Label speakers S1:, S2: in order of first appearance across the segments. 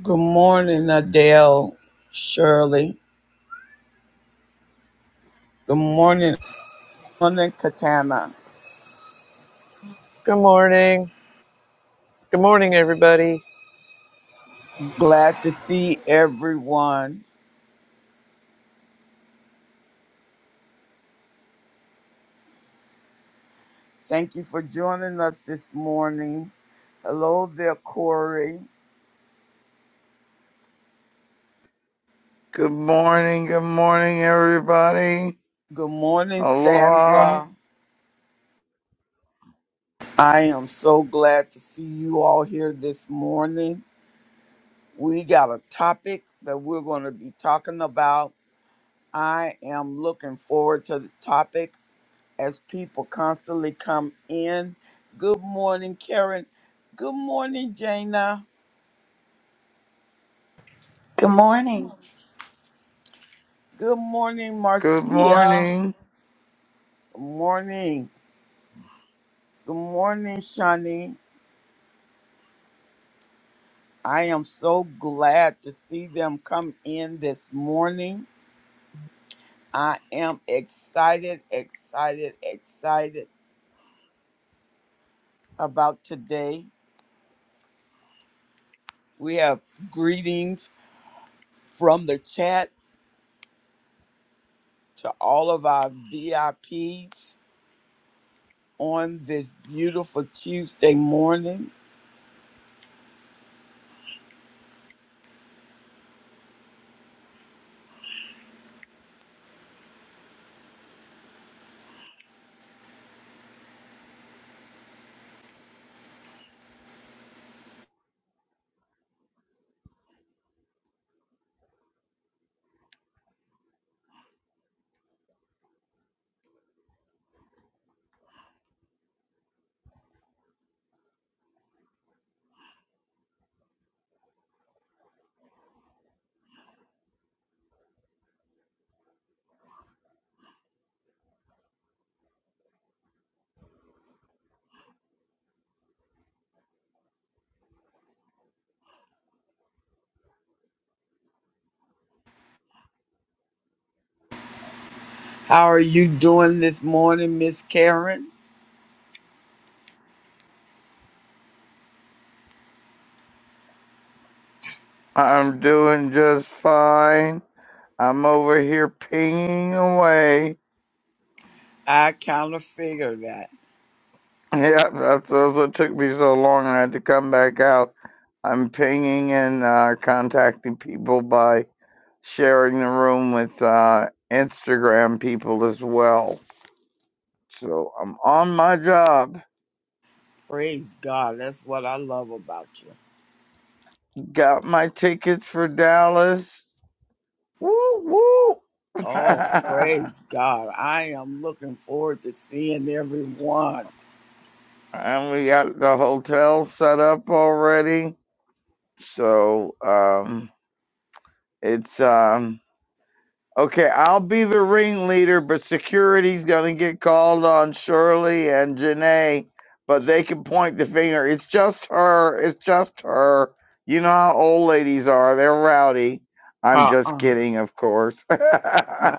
S1: Good morning, Adele Shirley. Good morning, morning, Katana.
S2: Good morning. Good morning, everybody.
S1: Glad to see everyone. Thank you for joining us this morning. Hello there, Corey.
S3: Good morning, good morning, everybody.
S1: Good morning,
S3: Aloha.
S1: Sandra. I am so glad to see you all here this morning. We got a topic that we're going to be talking about. I am looking forward to the topic. as people constantly come in. Good morning, Karen. Good morning, Jana.
S4: Good morning.
S1: Good morning,
S3: Good
S1: Marcia.
S3: morning.
S1: Good morning. Good morning, Shani. I am so glad to see them come in this morning. I am excited, excited, excited about today. We have greetings from the chat to all of our VIPs. on this beautiful Tuesday morning. How are you doing this morning, Miss Karen?
S3: I'm doing just fine. I'm over here pinging away.
S1: I kind of figure that.
S3: Yeah, that's, that's what took me so long. I had to come back out. I'm pinging and uh, contacting people by sharing the room with uh, Instagram people as well. So I'm on my job.
S1: Praise God. That's what I love about you.
S3: Got my tickets for Dallas Woo woo.
S1: Oh, praise God. I am looking forward to seeing everyone.
S3: and we got the hotel set up already. So um it's um Okay, I'll be the ringleader, but security's gonna get called on Shirley and Janae, but they can point the finger. It's just her. It's just her. You know how old ladies are. They're rowdy. I'm just
S1: Uh-uh.
S3: kidding, of course. but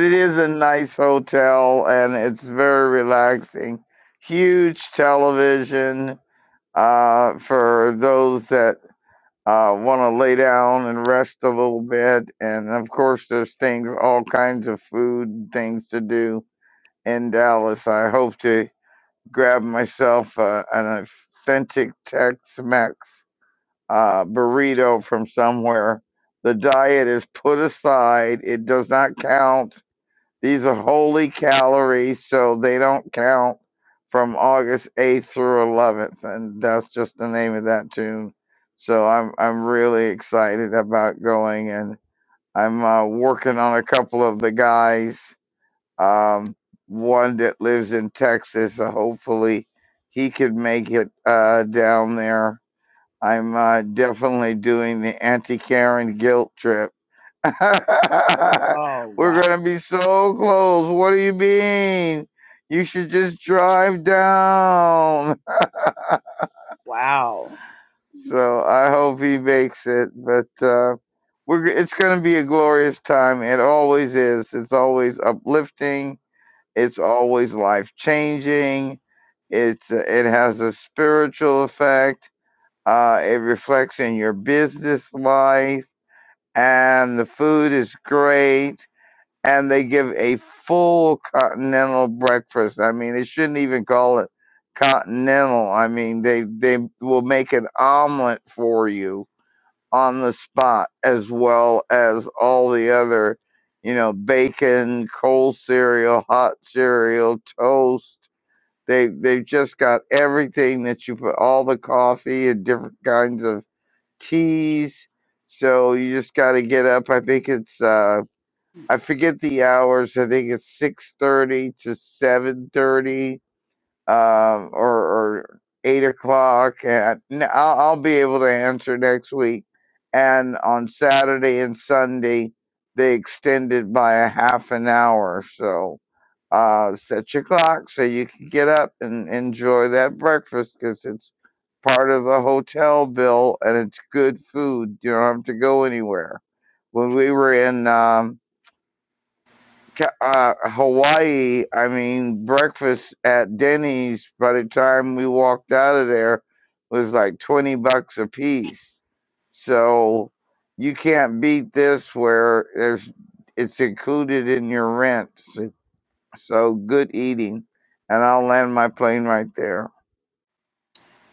S3: it is a nice hotel and it's very relaxing. Huge television uh, for those that uh, want to lay down and rest a little bit. And of course, there's things, all kinds of food and things to do in Dallas. I hope to grab myself uh, an authentic Tex Mex uh, burrito from somewhere. The diet is put aside, it does not count these are holy calories, so they don't count from August 8th through 11th, and that's just the name of that tune. So I'm I'm really excited about going, and I'm uh, working on a couple of the guys. Um, one that lives in Texas, so hopefully he could make it uh, down there. I'm uh, definitely doing the anti Karen guilt trip
S1: oh,
S3: We're
S1: wow.
S3: gonna be so close. What do you mean? You should just drive down.
S1: Wow.
S3: So I hope he makes it, but uh, we're g- it's gonna be a glorious time. It always is. It's always uplifting. It's always life changing. It's uh, it has a spiritual effect. Uh, it reflects in your business life, and the food is great and they give a full continental breakfast. I mean, they shouldn't even call it continental. I mean, they they will make an omelet for you on the spot, as well as all the other, you know, bacon, cold cereal, hot cereal, toast. They they've just got everything that you put all the coffee and different kinds of teas. So you just got to get up. I think it's uh I forget the hours. I think it's six thirty to seven thirty, um, or, or eight o'clock. And n- I'll, I'll be able to answer next week. And on Saturday and Sunday, they extended by a half an hour. So uh, set your clock so you can get up and enjoy that breakfast because it's part of the hotel bill and it's good food. You don't have to go anywhere. When we were in um, Ca- uh, Hawaii, I mean, breakfast at Denny's by the time we walked out of there was like 20 bucks a piece. So you can't beat this where there's it's included in your rent. So, so good eating. And I'll land my plane right there.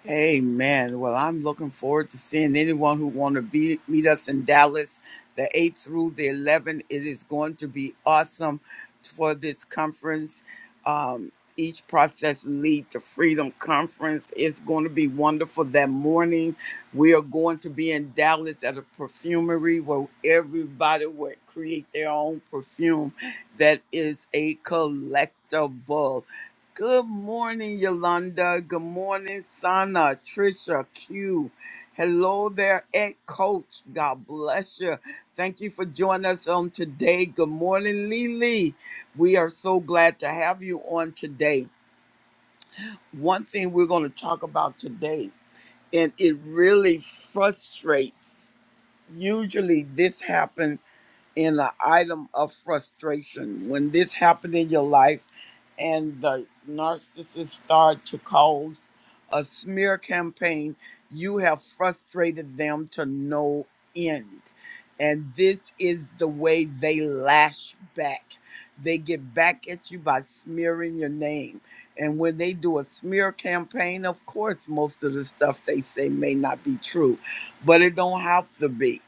S1: Amen. Well, I'm looking forward to seeing anyone who want to be, meet us in Dallas, the 8th through the 11th. It is going to be awesome for this conference. Um, each process lead to freedom conference. It's going to be wonderful that morning. We are going to be in Dallas at a perfumery where everybody will create their own perfume that is a collectible. Good morning, Yolanda. Good morning, Sana, Trisha, Q. Hello there, Ed Coach. God bless you. Thank you for joining us on today. Good morning, Lily. We are so glad to have you on today. One thing we're going to talk about today, and it really frustrates. Usually, this happens in an item of frustration when this happened in your life and the narcissist start to cause a smear campaign you have frustrated them to no end and this is the way they lash back they get back at you by smearing your name and when they do a smear campaign of course most of the stuff they say may not be true but it don't have to be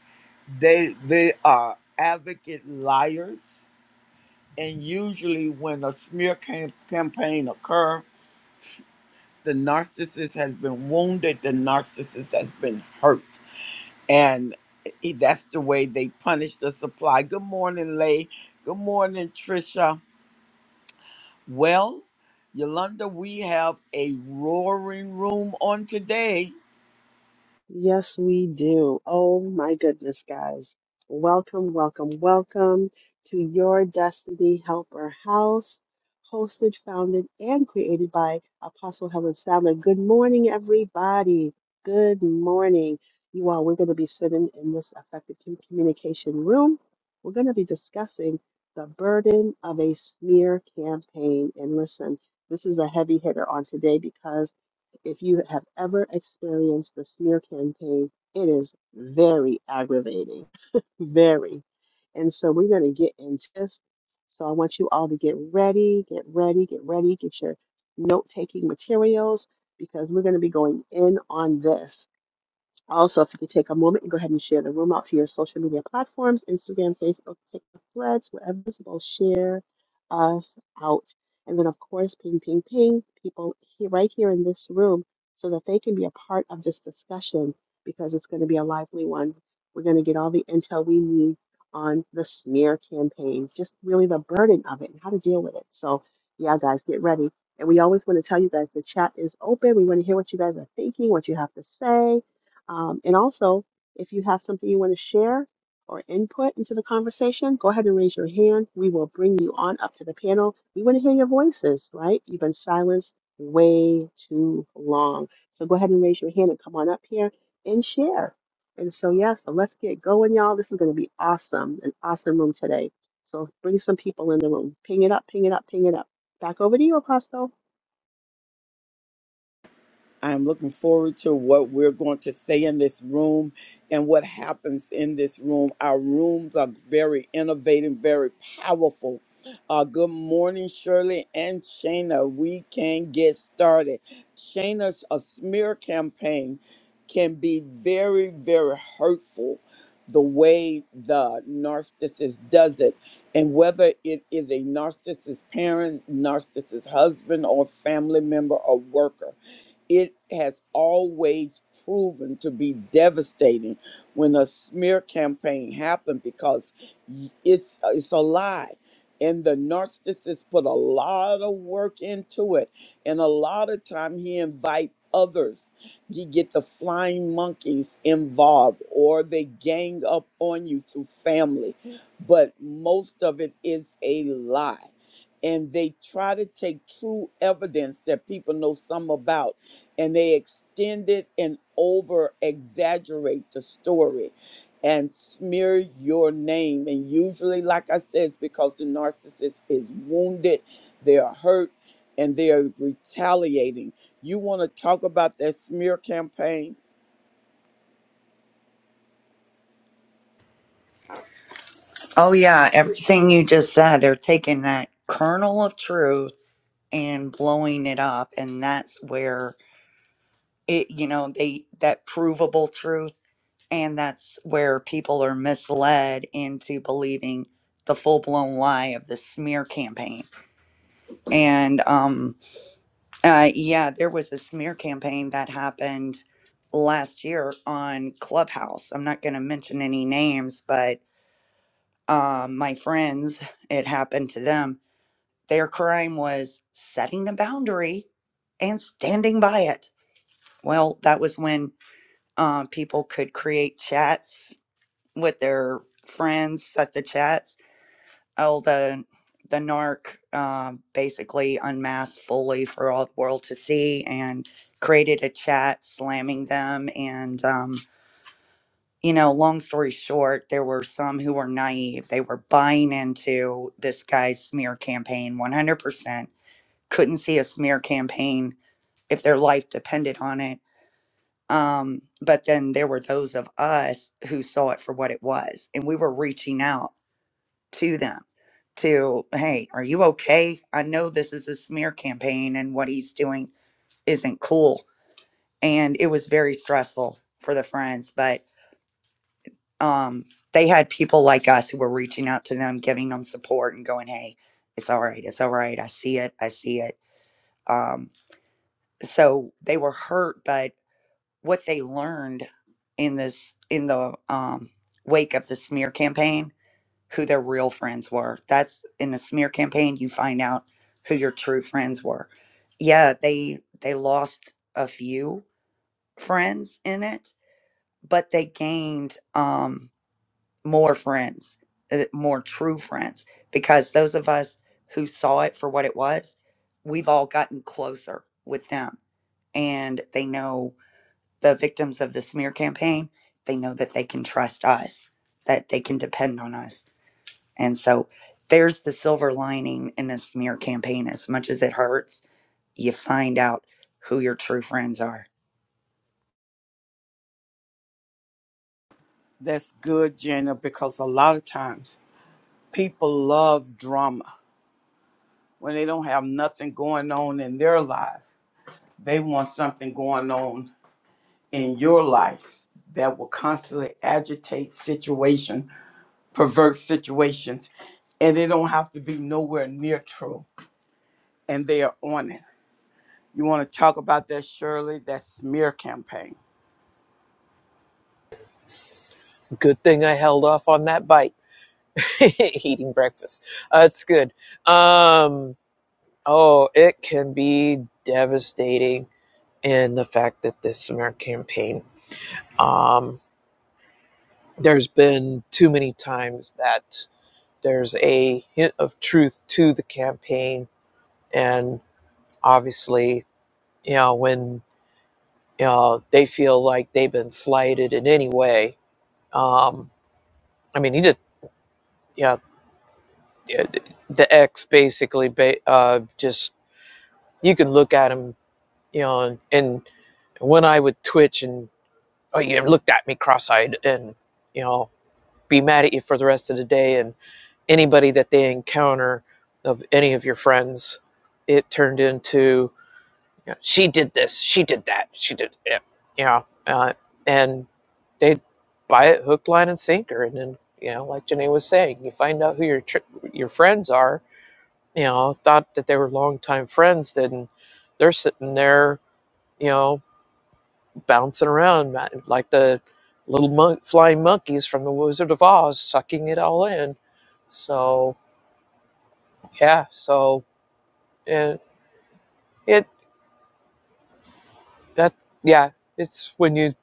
S1: they they are advocate liars, and usually when a smear cam- campaign occur, the narcissist has been wounded, the narcissist has been hurt, and i- that's the way they punish the supply. Good morning, Lay. Good morning, Trisha. Well, Yolanda, we have a roaring room on today.
S5: Yes, we do. Oh my goodness, guys. Welcome, welcome, welcome to Your Destiny Helper House, hosted, founded, and created by Apostle Helen Sadler. Good morning, everybody. Good morning. You all, we're going to be sitting in this effective com- communication room. We're going to be discussing the burden of a smear campaign. And listen, this is a heavy hitter on today because if you have ever experienced the smear campaign, it is very aggravating, very. And so we're going to get into this. So I want you all to get ready, get ready, get ready, get your note taking materials because we're going to be going in on this. Also, if you could take a moment and go ahead and share the room out to your social media platforms Instagram, Facebook, TikTok, Threads, wherever visible, share us out. And then, of course, ping, ping, ping people here, right here in this room so that they can be a part of this discussion because it's going to be a lively one. We're going to get all the intel we need on the smear campaign, just really the burden of it and how to deal with it. So, yeah, guys, get ready. And we always want to tell you guys the chat is open. We want to hear what you guys are thinking, what you have to say um, and also, if you have something you want to share or input into the conversation, go ahead and raise your hand. We will bring you on up to the panel. We want to hear your voices, right? You've been silenced way too long. So go ahead and raise your hand and come on up here and share. And so, yeah, so let's get going, y'all. This is going to be awesome, an awesome room today. So bring some people in the room. Ping it up, ping it up, ping it up. Back over to you, Apostle.
S1: I'm looking forward to what we're going to say in this room and what happens in this room. Our rooms are very innovative, very powerful. Uh, good morning, Shirley and Shayna. We can get started. Shayna's a smear campaign can be very, very hurtful the way the narcissist does it. And whether it is a narcissist parent, narcissist husband, or family member or worker it has always proven to be devastating when a smear campaign happened because it's it's a lie and the narcissist put a lot of work into it and a lot of time he invite others you get the flying monkeys involved or they gang up on you through family but most of it is a lie and they try to take true evidence that people know some about and they extend it and over exaggerate the story and smear your name. And usually, like I said, it's because the narcissist is wounded, they are hurt, and they are retaliating. You want to talk about that smear campaign?
S4: Oh, yeah, everything you just said, they're taking that kernel of truth and blowing it up. And that's where it, you know, they, that provable truth. And that's where people are misled into believing the full blown lie of the smear campaign. And, um, uh, yeah, there was a smear campaign that happened last year on Clubhouse. I'm not going to mention any names, but um, my friends, it happened to them. Their crime was setting a boundary and standing by it. Well, that was when uh, people could create chats with their friends, set the chats. Oh, the the narc um basically unmasked fully for all the world to see and created a chat slamming them and um, you know, long story short, there were some who were naive. They were buying into this guy's smear campaign 100%. Couldn't see a smear campaign if their life depended on it. Um, but then there were those of us who saw it for what it was. And we were reaching out to them to, hey, are you okay? I know this is a smear campaign and what he's doing isn't cool. And it was very stressful for the friends. But um, they had people like us who were reaching out to them, giving them support and going, hey, it's all right. It's all right. I see it. I see it. Um, so they were hurt, but what they learned in this, in the um, wake of the smear campaign, who their real friends were. That's in the smear campaign, you find out who your true friends were. Yeah, they, they lost a few friends in it, but they gained, Um, more friends, uh, more true friends, because those of us who saw it for what it was, we've all gotten closer with them. And they know the victims of the smear campaign, they know that they can trust us, that they can depend on us. And so there's the silver lining in a smear campaign. As much as it hurts, you find out who your true friends are.
S1: That's good, Jenna, because a lot of times people love drama when they don't have nothing going on in their lives. They want something going on in your life that will constantly agitate situation, pervert situations, and they don't have to be nowhere near true, and they are on it. You want to talk about that, Shirley? That smear campaign.
S2: Good thing I held off on that bite. Eating breakfast. Uh, it's good. Um, oh, it can be devastating in the fact that this summer campaign, um, there's been too many times that there's a hint of truth to the campaign. And obviously, you know, when you know, they feel like they've been slighted in any way, um, I mean, he just, yeah. the ex basically ba- uh, just you can look at him you know and, and when i would twitch and oh you looked at me cross-eyed and you know be mad at you for the rest of the day and anybody that they encounter of any of your friends it turned into you know, she did this she did that she did it, you know, uh, and they buy it hook line and sinker and then you know like Janae was saying you find out who your tr- your friends are you know, thought that they were longtime friends, and they're sitting there, you know, bouncing around like the little mon- flying monkeys from The Wizard of Oz, sucking it all in. So yeah, so and it that yeah, it's when you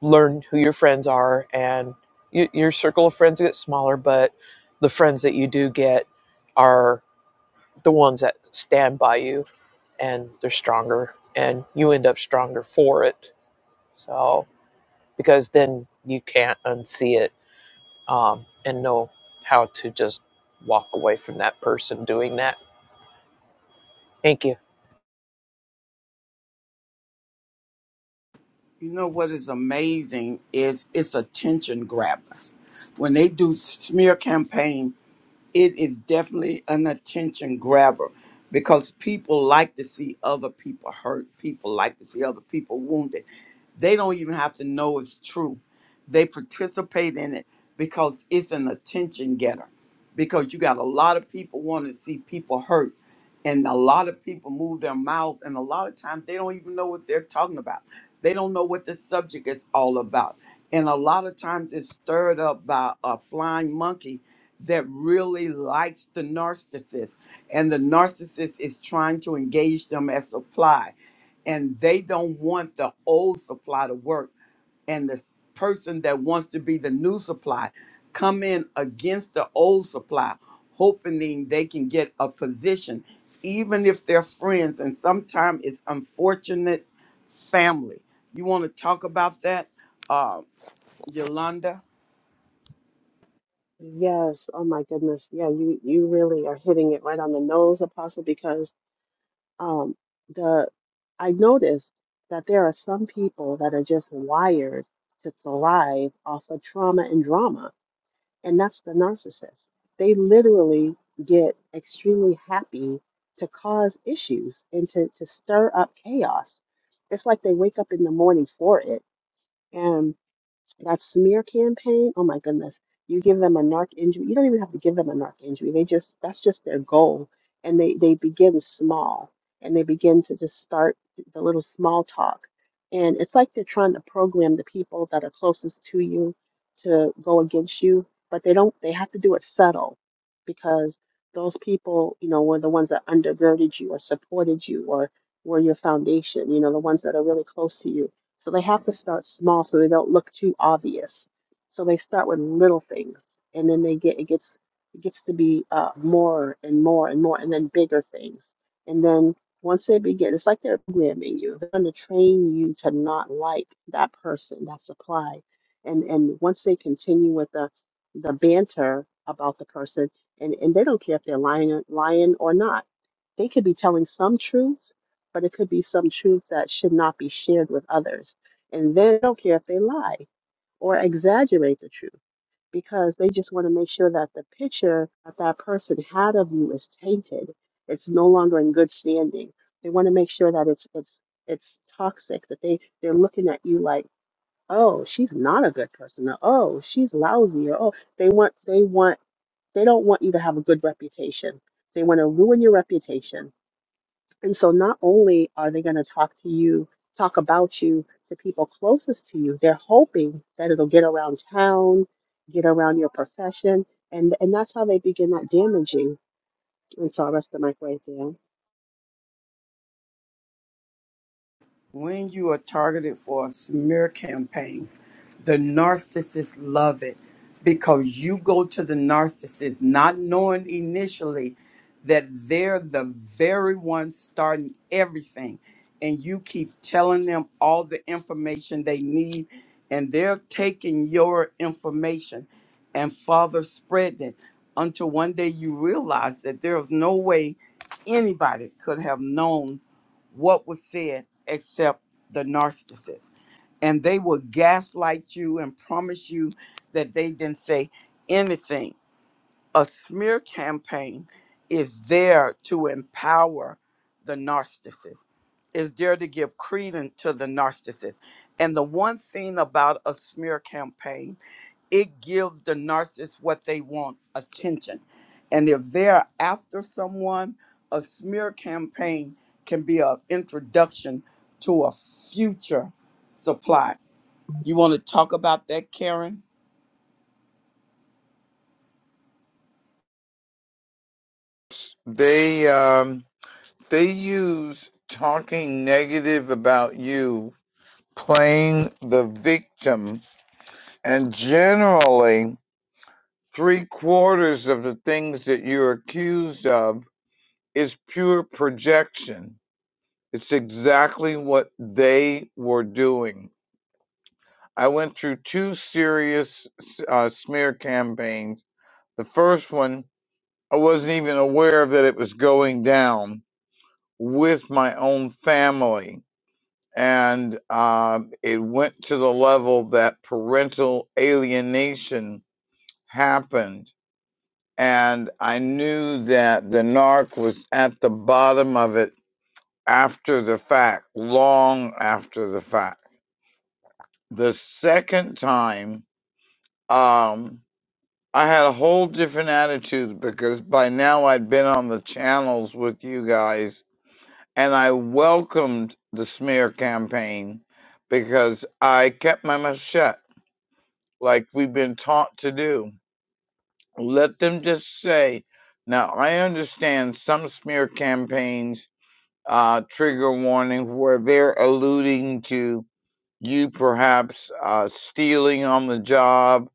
S2: learn who your friends are, and you, your circle of friends gets smaller, but the friends that you do get are the ones that stand by you, and they're stronger, and you end up stronger for it So, because then you can't unsee it um, and know how to just walk away from that person doing that. Thank you.
S1: You know what is amazing is it's attention grabber. When they do smear campaign it is definitely an attention grabber because people like to see other people hurt. People like to see other people wounded. They don't even have to know it's true. They participate in it because it's an attention getter. Because you got a lot of people want to see people hurt. And a lot of people move their mouths, and a lot of times they don't even know what they're talking about. They don't know what the subject is all about. And a lot of times it's stirred up by a flying monkey that really likes the narcissist and the narcissist is trying to engage them as supply and they don't want the old supply to work and the person that wants to be the new supply come in against the old supply hoping they can get a position even if they're friends and sometimes it's unfortunate family you want to talk about that uh, yolanda
S5: Yes. Oh my goodness. Yeah, you you really are hitting it right on the nose, Apostle, because um the I noticed that there are some people that are just wired to thrive off of trauma and drama, and that's the narcissist. They literally get extremely happy to cause issues and to, to stir up chaos. It's like they wake up in the morning for it and that smear campaign, oh my goodness, you give them a narc injury. You don't even have to give them a narc injury. They just that's just their goal. And they they begin small and they begin to just start the little small talk. And it's like they're trying to program the people that are closest to you to go against you, but they don't they have to do it subtle because those people, you know, were the ones that undergirded you or supported you or were your foundation, you know, the ones that are really close to you so they have to start small so they don't look too obvious. So they start with little things and then they get it gets it gets to be uh, more and more and more and then bigger things. And then once they begin, it's like they're programming you. They're going to train you to not like that person, that supply. And and once they continue with the the banter about the person, and, and they don't care if they're lying lying or not. They could be telling some truths but it could be some truth that should not be shared with others. And they don't care if they lie or exaggerate the truth because they just want to make sure that the picture that that person had of you is tainted. It's no longer in good standing. They want to make sure that it's it's it's toxic that they they're looking at you like, "Oh, she's not a good person." Or, "Oh, she's lousy." Or, "Oh, they want they want they don't want you to have a good reputation. They want to ruin your reputation and so not only are they going to talk to you, talk about you to people closest to you, they're hoping that it'll get around town, get around your profession, and and that's how they begin that damaging. And so I rest the mic right there.
S1: When you are targeted for a smear campaign, the narcissists love it because you go to the narcissist not knowing initially that they're the very one starting everything and you keep telling them all the information they need and they're taking your information and father spreading it until one day you realize that there's no way anybody could have known what was said except the narcissist. And they will gaslight you and promise you that they didn't say anything. A smear campaign is there to empower the narcissist, is there to give credence to the narcissist. And the one thing about a smear campaign it gives the narcissist what they want attention. And if they're after someone, a smear campaign can be an introduction to a future supply. You want to talk about that, Karen?
S3: They um they use talking negative about you, playing the victim, and generally Three quarters of the things that you're accused of is pure projection. It's exactly what they were doing. I went through two serious uh, smear campaigns. The first one, I wasn't even aware that it was going down with my own family. And um, it went to the level that parental alienation happened and I knew that the narc was at the bottom of it after the fact, long after the fact. The second time, um, I had a whole different attitude because by now I'd been on the channels with you guys and I welcomed the smear campaign because I kept my mouth shut like we've been taught to do. Let them just say, now I understand some smear campaigns uh, trigger warning where they're alluding to you perhaps uh, stealing on the job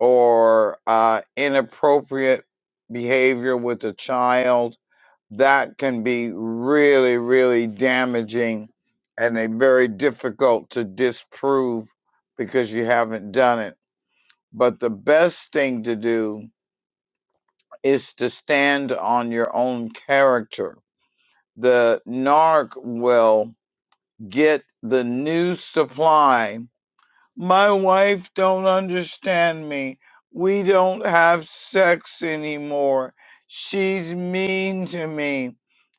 S3: or uh, inappropriate behavior with a child. That can be really, really damaging and a very difficult to disprove because you haven't done it. But the best thing to do is to stand on your own character. The narc will get the new supply. My wife don't understand me. We don't have sex anymore. She's mean to me.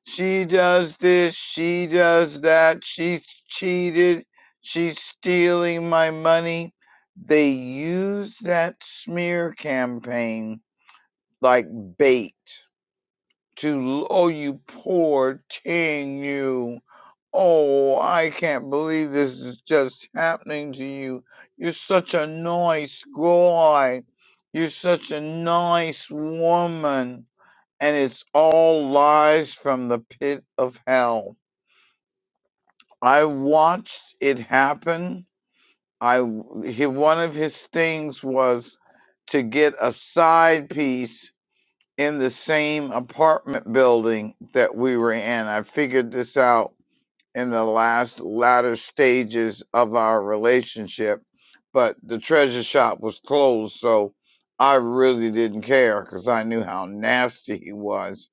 S3: She does this, she does that. She's cheated. She's stealing my money. They use that smear campaign like bait to oh you poor thing you oh i can't believe this is just happening to you you're such a nice guy you're such a nice woman and it's all lies from the pit of hell i watched it happen I, he, one of his things was to get a side piece in the same apartment building that we were in. I figured this out in the last latter stages of our relationship, but the treasure shop was closed, so I really didn't care because I knew how nasty he was.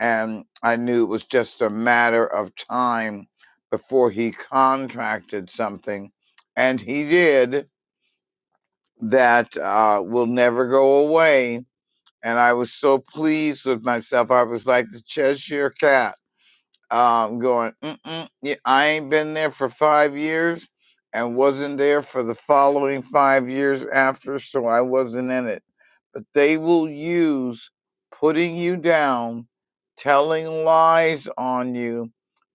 S3: And I knew it was just a matter of time before he contracted something. And he did that uh, will never go away and I was so pleased with myself. I was like the Cheshire Cat, um, going, Mm-mm, yeah, I ain't been there for five years and wasn't there for the following five years after, so I wasn't in it. But they will use putting you down, telling lies on you,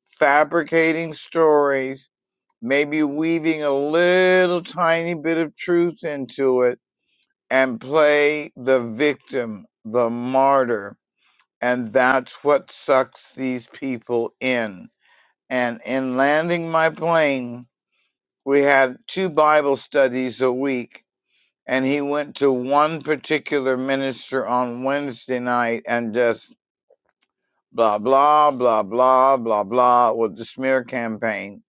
S3: fabricating stories, maybe weaving a little tiny bit of truth into it and play the victim, the martyr. And that's what sucks these people in. And in landing my plane, we had two Bible studies a week. And he went to one particular minister on Wednesday night and just blah, blah, blah, blah, blah, blah with the smear campaign.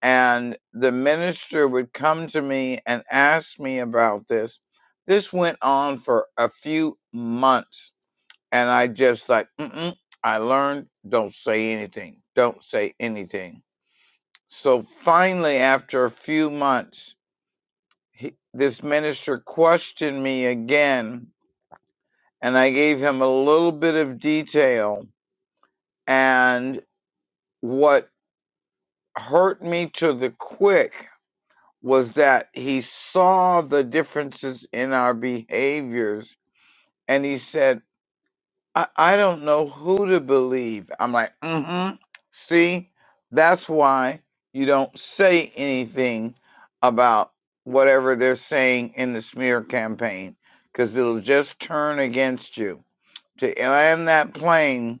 S3: And the minister would come to me and ask me about this. This went on for a few months And I just like, Mm-mm, I learned, don't say anything. Don't say anything. So finally, after a few months, he, this minister questioned me again, and I gave him a little bit of detail. And what hurt me to the quick was that he saw the differences in our behaviors. And he said, I, I don't know who to believe. I'm like, mm-hmm. See, that's why you don't say anything about whatever they're saying in the smear campaign, because it'll just turn against you. To land that plane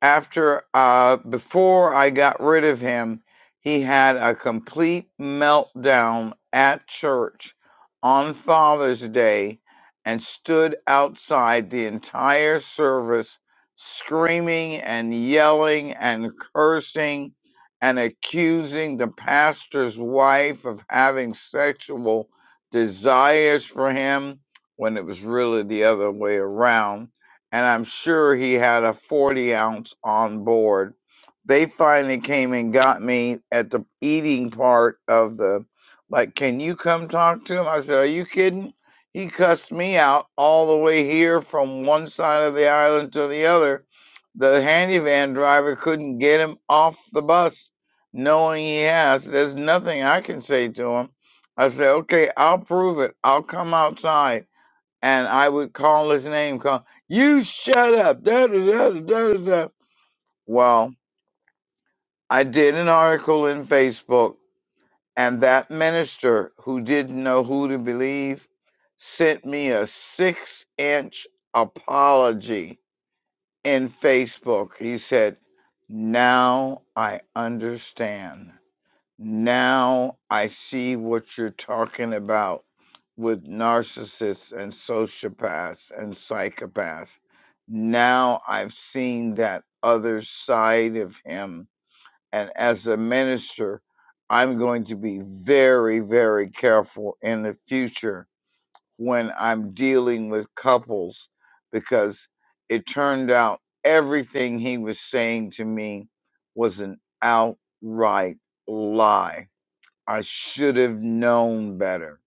S3: after uh before I got rid of him, he had a complete meltdown at church on Father's Day and stood outside the entire service screaming and yelling and cursing and accusing the pastor's wife of having sexual desires for him when it was really the other way around and I'm sure he had a 40 ounce on board. They finally came and got me at the eating part of the, like, can you come talk to him? I said, Are you kidding? He cussed me out all the way here from one side of the island to the other. The handy van driver couldn't get him off the bus, knowing he has. There's nothing I can say to him. I said, Okay, I'll prove it. I'll come outside and I would call his name, call you shut up. Da, da, da, da, da, da. da." Well, I did an article in Facebook, and that minister who didn't know who to believe sent me a six inch apology in Facebook. He said, Now I understand. Now I see what you're talking about with narcissists and sociopaths and psychopaths. Now I've seen that other side of him. And as a minister, I'm going to be very, very careful in the future when I'm dealing with couples because it turned out everything he was saying to me was an outright lie I should have known better.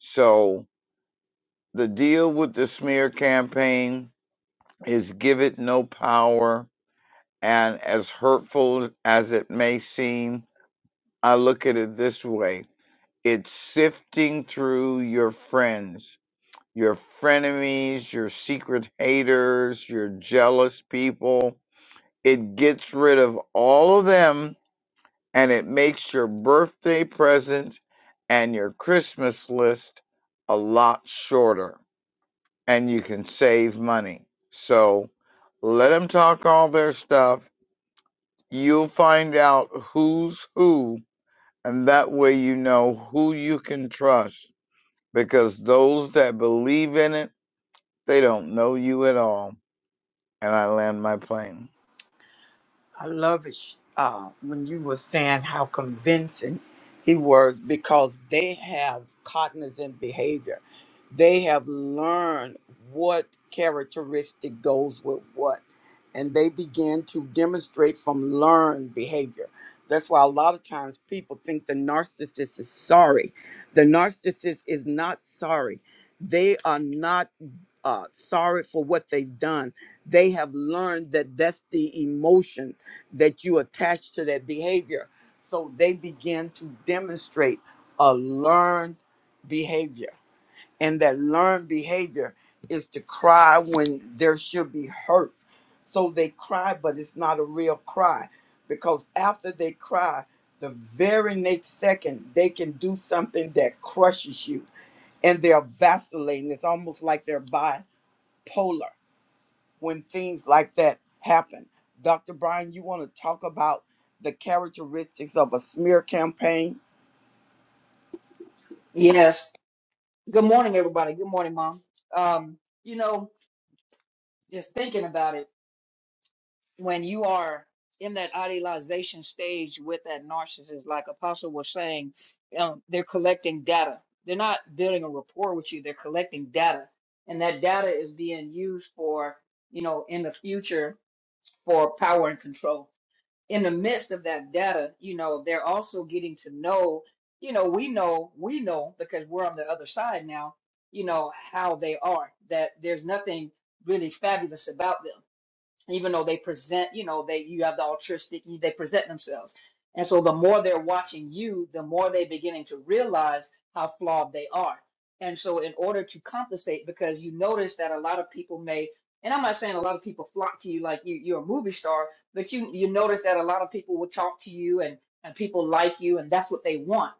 S3: So the deal with the smear campaign is give it no power. And as hurtful as it may seem, I look at it this way it's sifting through your friends, your frenemies, your secret haters, your jealous people. It gets rid of all of them and it makes your birthday present and your Christmas list a lot shorter and you can save money. So let them talk all their stuff. You'll find out who's who, and that way you know who you can trust because those that believe in it, they don't know you at all. And I land my plane.
S1: I love it sh- uh, when you were saying how convincing he was because they have cognizant behavior. They have learned what characteristic goes with what, and they begin to demonstrate from learned behavior. That's why a lot of times people think the narcissist is sorry. The narcissist is not sorry. They are not uh, sorry for what they've done. They have learned that that's the emotion that you attach to that behavior. So they begin to demonstrate a learned behavior. And that learned behavior is to cry when there should be hurt. So they cry, but it's not a real cry because after they cry, the very next second, they can do something that crushes you and they're vacillating. It's almost like they're bi bipolar when things like that happen. Dr. Brian, you want to talk about the characteristics of a smear campaign?
S6: Yes. Good morning, everybody. Good morning, Mom. Um, you know, just thinking about it, when you are in that idealization stage with that narcissist, like Apostle was saying, um, they're collecting data. They're not building a rapport with you, they're collecting data. And that data is being used for, you know, in the future for power and control in the midst of that data, you know, they're also getting to know, you know, we know, we know because we're on the other side now, you know, how they are, that there's nothing really fabulous about them even though they present, you know, they you have the altruistic, they present themselves. And so the more they're watching you, the more they're beginning to realize how flawed they are. And so in order to compensate, because you notice that a lot of people may, and I'm not saying a lot of people flock to you like you, you're a movie star, but you you notice that a lot of people will talk to you and, and people like you and that's what they want.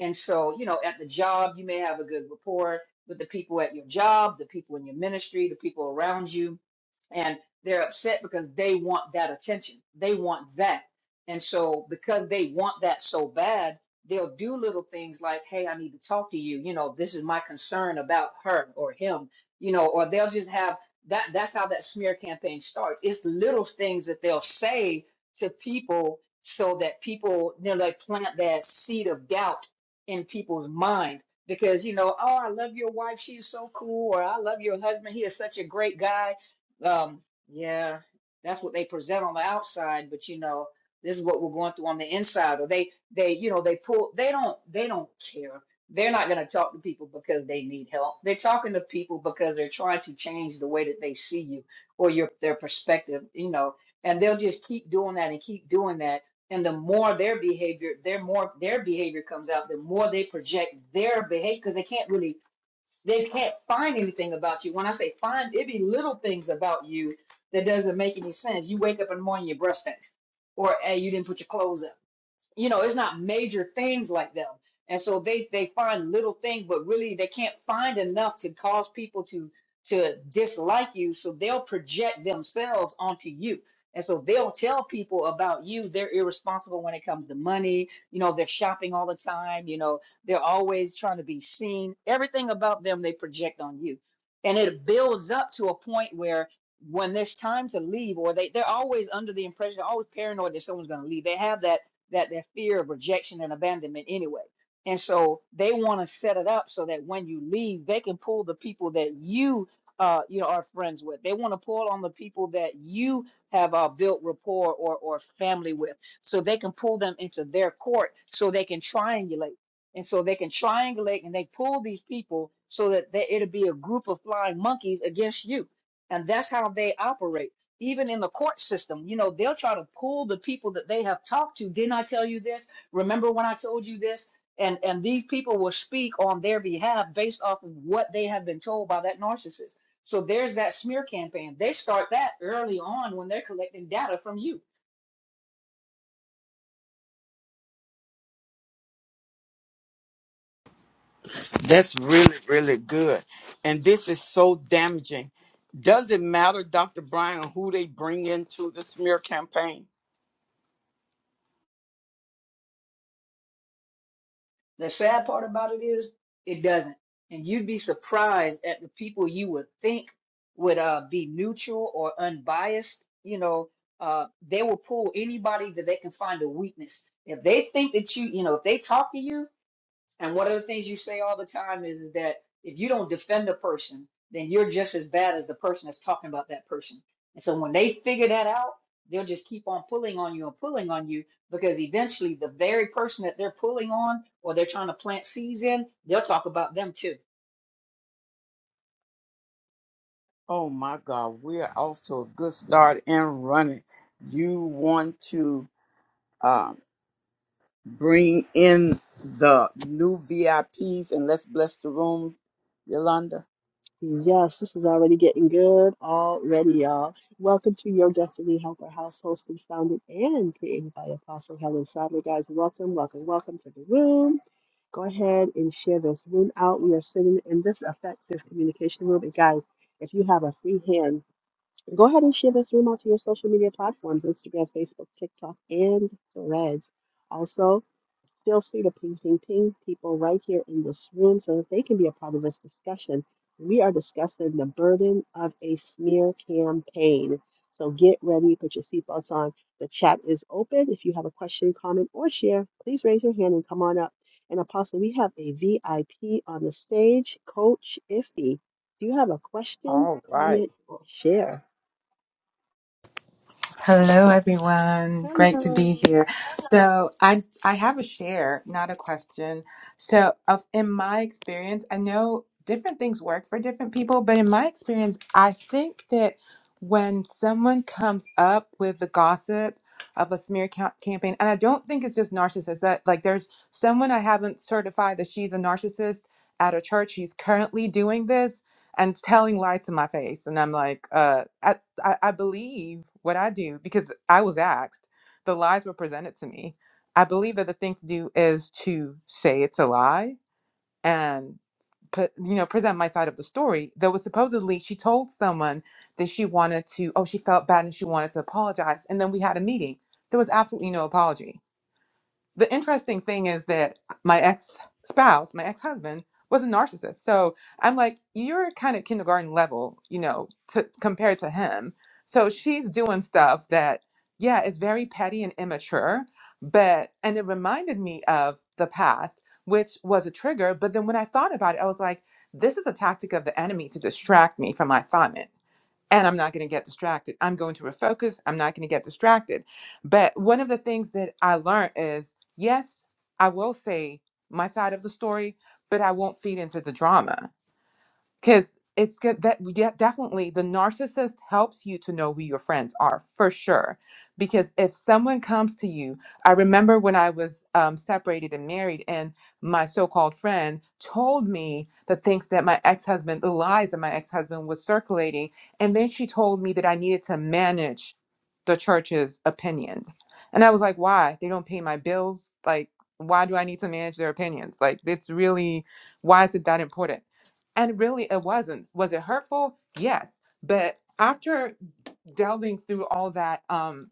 S6: And so, you know, at the job, you may have a good rapport with the people at your job, the people in your ministry, the people around you they're upset because they want that attention. They want that. And so because they want that so bad, they'll do little things like, "Hey, I need to talk to you. You know, this is my concern about her or him." You know, or they'll just have that that's how that smear campaign starts. It's little things that they'll say to people so that people, you know, they plant that seed of doubt in people's mind because you know, oh, I love your wife, she's so cool, or I love your husband, he is such a great guy Um, yeah, that's what they present on the outside, but you know, this is what we're going through on the inside. Or they, they, you know, they pull. They don't. They don't care. They're not going to talk to people because they need help. They're talking to people because they're trying to change the way that they see you or your their perspective. You know, and they'll just keep doing that and keep doing that. And the more their behavior, their more their behavior comes out, the more they project their behavior because they can't really they can't find anything about you. When I say find, it be little things about you that doesn't make any sense. You wake up in the morning, your breast stinks, or hey, you didn't put your clothes up you know, it's not major things like them. And so they they find little things, but really they can't find enough to cause people to to dislike you. So they'll project themselves onto you. And so they'll tell people about you. They're irresponsible when it comes to money. You know, they're shopping all the time. You know, they're always trying to be seen. Everything about them they project on you. And it builds up to a point where when there's time to leave, or they, they're always under the impression, always paranoid that someone's going to leave. They have that that that fear of rejection and abandonment anyway. And so they want to set it up so that when you leave, they can pull the people that you uh, you know are friends with. They want to pull on the people that you have uh, built rapport or or family with, so they can pull them into their court, so they can triangulate. And so they can triangulate and they pull these people so that they, it'll be a group of flying monkeys against you. And that's how they operate even in the court system, you know, they'll try to pull the people that they have talked to. Didn't I tell you this? Remember when I told you this? And and these people will speak on their behalf based off of what they have been told by that narcissist. So there's that smear campaign. They start that early on when they're collecting data from you.
S1: That's really, really good. And this is so damaging. Does it matter, Dr. Brian, who they bring into the smear campaign?
S6: The sad part about it is it doesn't. And you'd be surprised at the people you would think would uh, be neutral or unbiased. You know, uh, they will pull anybody that they can find a weakness. If they think that you, you know, if they talk to you and one of the things you say all the time is, is that if you don't defend a person, then you're just as bad as the person that's talking about that person. And so when they figure that out, they'll just keep on pulling on you and pulling on you because eventually the very person that they're pulling on or they're trying to plant seeds in, they'll talk about them too.
S1: Oh my God, we are off to a good start and running. You want to um, bring in the new VIPs and let's bless the room, Yolanda?
S5: Yes, this is already getting good already, y'all. Welcome to Your Destiny Helper House, hosted, founded, and created by Apostle Helen Sadler. Guys, welcome, welcome, welcome to the room. go ahead and share this room out. We are sitting in this effective communication room. And guys, if you have a free hand, go ahead and share this room out to your social media platforms Instagram, Facebook, TikTok, and Threads. Also, feel free to ping, ping, ping people right here in this room so that they can be a part of this discussion. We are discussing the burden of a smear campaign. So get ready, put your seatbelts on. The chat is open. If you have a question, comment, or share, please raise your hand and come on up. And Apostle, we have a VIP on the stage, Coach Iffy. Do you have a question,
S1: All right.
S5: comment, or share?
S7: Hello, everyone. Great to be
S5: Hello.
S7: here. So, I I have a share, not a question. So, of in my experience, I know different things work for different people, but in my experience, I think that when someone comes up with the gossip of a smear ca- campaign, and I don't think it's just narcissists. That like, there's someone I haven't certified that she's a narcissist at a church. She's currently doing this and telling lies to my face, and I'm like, uh, I, I believe what I do because I was asked. The lies were presented to me. I believe that the thing to do is to say it's a lie and put, you know, present my side of the story. There was supposedly she told someone that she wanted to, oh, she felt bad and she wanted to apologize. And then we had a meeting. There was absolutely no apology the interesting thing is that my ex spouse, my ex husband, was a narcissist. So I'm like, you're kind of kindergarten level, you know, to compared to him. So she's doing stuff that, yeah, is very petty and immature, but and it reminded me of the past, which was a trigger. But then when I thought about it, I was like, this is a tactic of the enemy to distract me from my assignment and I'm not going to get distracted. I'm going to refocus. I'm not going to get distracted. But one of the things that I learned is yes, I will say my side of the story, but I won't feed into the drama because it's good that yeah, definitely the narcissist helps you to know who your friends are for sure because if someone comes to you i remember when i was um, separated and married and my so-called friend told me the things that my ex-husband the lies that my ex-husband was circulating and then she told me that i needed to manage the church's opinions and i was like why they don't pay my bills like why do i need to manage their opinions like it's really why is it that important and really, it wasn't. Was it hurtful? Yes. But after delving through all that um,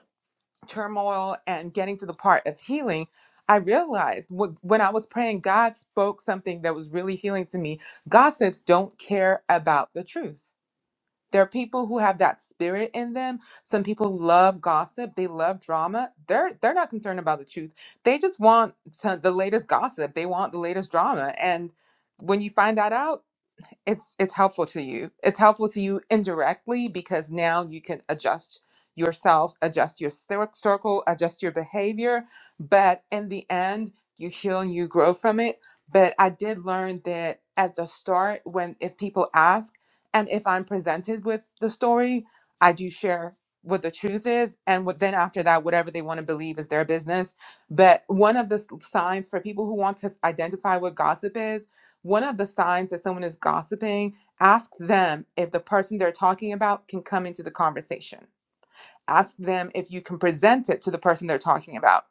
S7: turmoil and getting to the part of healing, I realized wh- when I was praying, God spoke something that was really healing to me. Gossips don't care about the truth. There are people who have that spirit in them. Some people love gossip. They love drama. They're they're not concerned about the truth. They just want to- the latest gossip. They want the latest drama. And when you find that out, it's it's helpful to you. It's helpful to you indirectly because now you can adjust yourselves, adjust your cir- circle, adjust your behavior. But in the end, you heal and you grow from it. But I did learn that at the start, when if people ask and if I'm presented with the story, I do share what the truth is, and what, then after that, whatever they want to believe is their business. But one of the s- signs for people who want to identify what gossip is one of the signs that someone is gossiping, ask them if the person they're talking about can come into the conversation. Ask them if you can present it to the person they're talking about.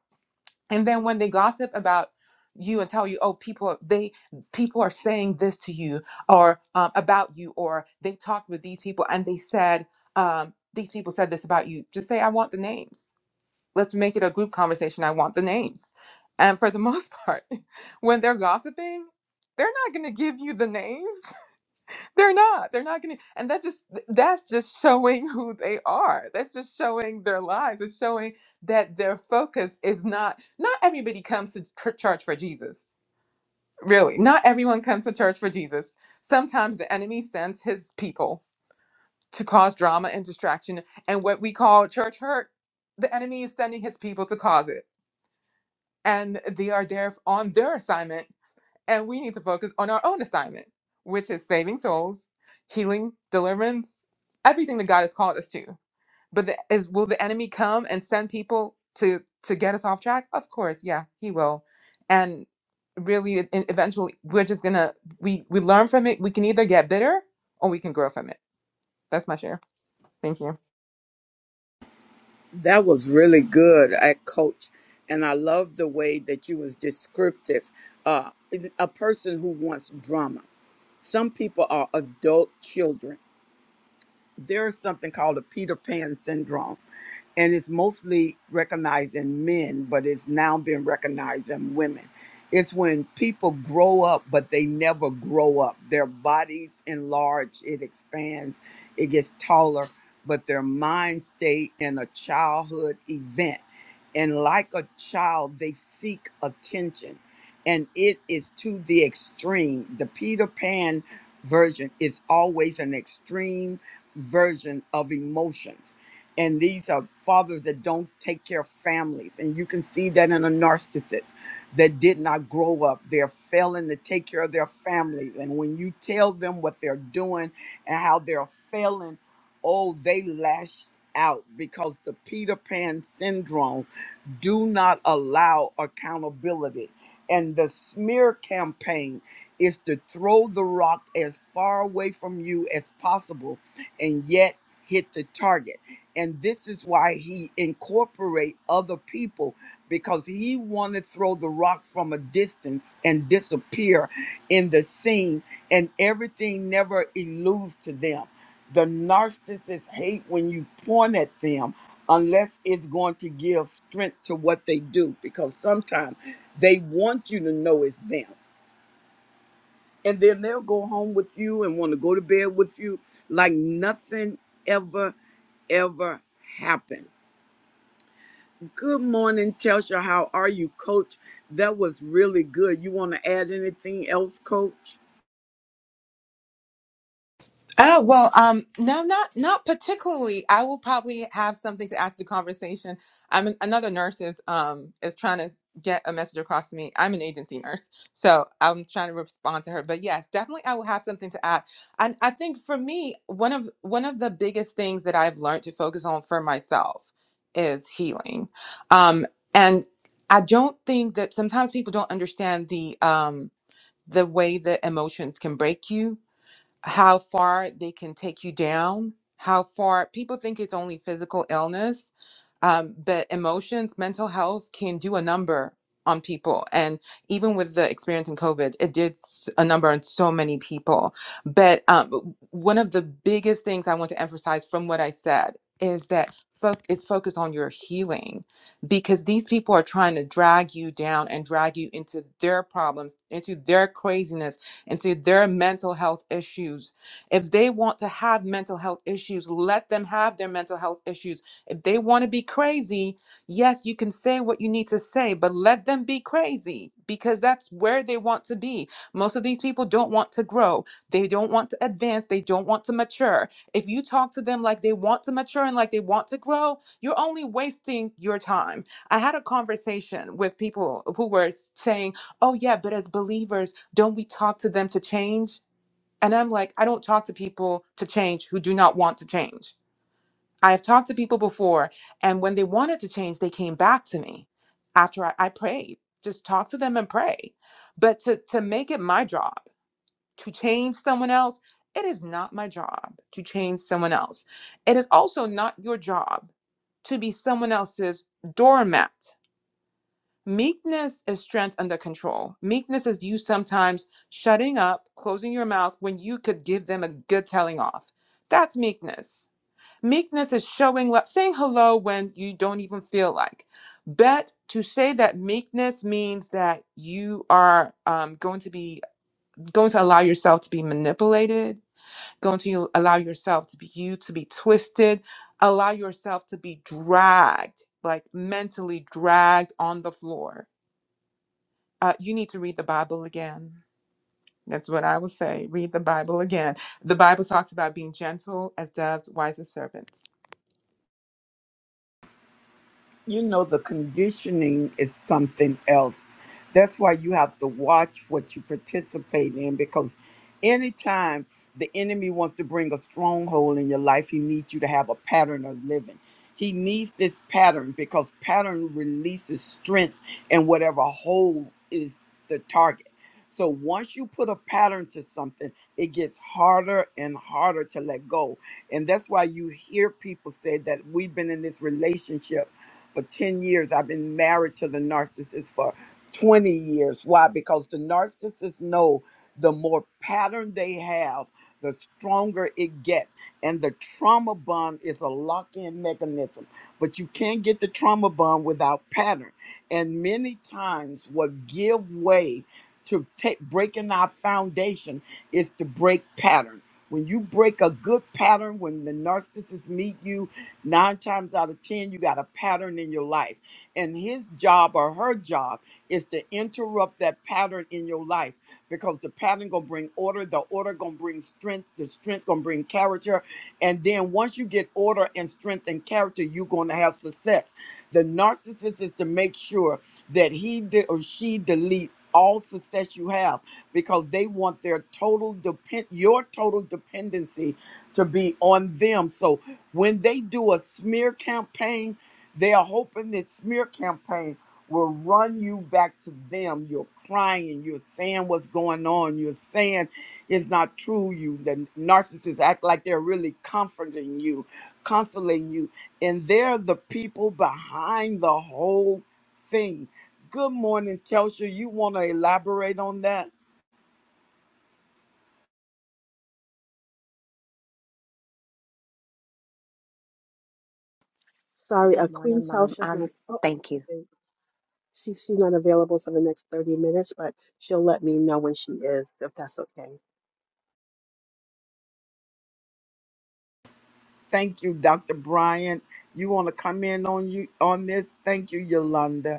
S7: And then when they gossip about you and tell you, oh, people they people are saying this to you or um, about you, or they talked with these people and they said um, these people said this about you. Just say, I want the names let's make it a group conversation. I want the names. And for the most part, when they're gossiping, they're not going to give you the names. They're not. They're not going to. And that just that's just showing who they are. That's just showing their lives. It's showing that their focus is not not everybody comes to ch- church for Jesus. Really. Not everyone comes to church for Jesus. Sometimes the enemy sends his people to cause drama and distraction and what we call church hurt. The enemy is sending his people to cause it and they are there on their assignment, and we need to focus on our own assignment, which is saving souls, healing, deliverance, everything that God has called us to. But the, is will the enemy come and send people to to get us off track? Of course, yeah, he will, and really, e- eventually, we're just gonna we we learn from it. We can either get bitter or we can grow from it. That's my share. Thank you.
S1: That was really good, uh, Coach, and I love the way that you was descriptive. Uh, a person who wants drama. Some people are adult children there's something called a Peter Pan syndrome, and it's mostly recognized in men, but it's now being recognized in women. It's when people grow up, but they never grow up. Their bodies enlarge, it expands, it gets taller, but their mind stay in a childhood event and like a child they seek attention and it is to the extreme the peter pan version is always an extreme version of emotions and these are fathers that don't take care of families and you can see that in a narcissist that did not grow up they're failing to take care of their families and when you tell them what they're doing and how they're failing oh they lashed out because the peter pan syndrome do not allow accountability. And the smear campaign is to throw the rock as far away from you as possible and yet hit the target. And this is why he incorporate other people because he wanted to throw the rock from a distance and disappear in the scene, and everything never eludes to them. The narcissists hate when you point at them unless it's going to give strength to what they do, because sometimes they want you to know it's them. And then they'll go home with you and want to go to bed with you like nothing ever, ever happened Good morning, Telsha. How are you, Coach? That was really good. You want to add anything else, Coach?
S7: Oh, well, um, no, not not particularly. I will probably have something to add to the conversation. I'm an, another nurse is um is trying to get a message across to me. I'm an agency nurse, so I'm trying to respond to her. But yes, definitely, I will have something to add. And I think for me, one of one of the biggest things that I've learned to focus on for myself is healing. Um, and I don't think that sometimes people don't understand the um the way that emotions can break you how far they can take you down, how far people think it's only physical illness, um, but emotions, mental health can do a number on people. And even with the experience in COVID, it did s- a number on so many people. But um, one of the biggest things I want to emphasize from what I said is that fo- is focus on your healing because these people are trying to drag you down and drag you into their problems, into their craziness, into their mental health issues. If they want to have mental health issues, let them have their mental health issues if they want to be crazy, yes, you can say what you need to say, but let them be crazy because that's where they want to be. Most of these people don't want to grow. They don't want to advance. They don't want to mature. If you talk to them like they want to mature and like they want to grow, you're only wasting your time. I had a conversation with people who were saying, oh, yeah, but as believers, don't we talk to them to change? And I'm like, I don't talk to people to change who do not want to change. I have talked to people before, and when they wanted to change, they came back to me after I, I prayed. Just talk to them and pray. But to, to make it my job to change someone else, it is not my job to change someone else. It is also not your job to be someone else's doormat. Meekness is strength under control. Meekness is you sometimes shutting up, closing your mouth when you could give them a good telling off. That's meekness Meekness is showing up, saying hello when you don't even feel like. But to say that meekness means that you are um, going to be going to allow yourself to be manipulated, going to allow yourself to be you to be twisted, allow yourself to be dragged, like mentally dragged on the floor. Uh, you need to read the Bible again. That's what I would say. Read the Bible again. The Bible talks about being gentle as doves, wise as serpents
S1: you know the conditioning is something else that's why you have to watch what you participate in because anytime the enemy wants to bring a stronghold in your life he needs you to have a pattern of living he needs this pattern because pattern releases strength in whatever hole is the target so once you put a pattern to something it gets harder and harder to let go and that's why you hear people say that we've been in this relationship for 10 years. I've been married to the narcissist for 20 years. Why? Because the narcissists know the more pattern they have, the stronger it gets. And the trauma bond is a lock in mechanism. But you can't get the trauma bond without pattern. And many times, what give way to take, breaking our foundation is to break pattern. When you break a good pattern, when the narcissists meet you, Nine times out of 10, you got a pattern in your life. And his job or her job is to interrupt that pattern in your life because the pattern going to bring order. The order going to bring strength. The strength going to bring character. And then once you get order and strength and character, you're going to have success. The narcissist is to make sure that he de- or she delete all success you have because they want their total depend your total dependency to be on them. So when they do a smear campaign, they are hoping this smear campaign will run you back to them. You're crying, you're saying what's going on, you're saying it's not true. You the narcissists act like they're really comforting you, consoling you, and they're the people behind the whole thing. Good morning, Telsha. You want to elaborate on that?
S5: Sorry,
S8: Good
S5: a Queen
S8: morning, Mom.
S5: Telsha's
S8: Um,
S5: not. Oh,
S8: thank you.
S5: She's she's not available for the next 30 minutes, but she'll let me know when she is, if that's okay.
S1: Thank you, Dr. Bryant. You want to come in on you on this? Thank you, Yolanda.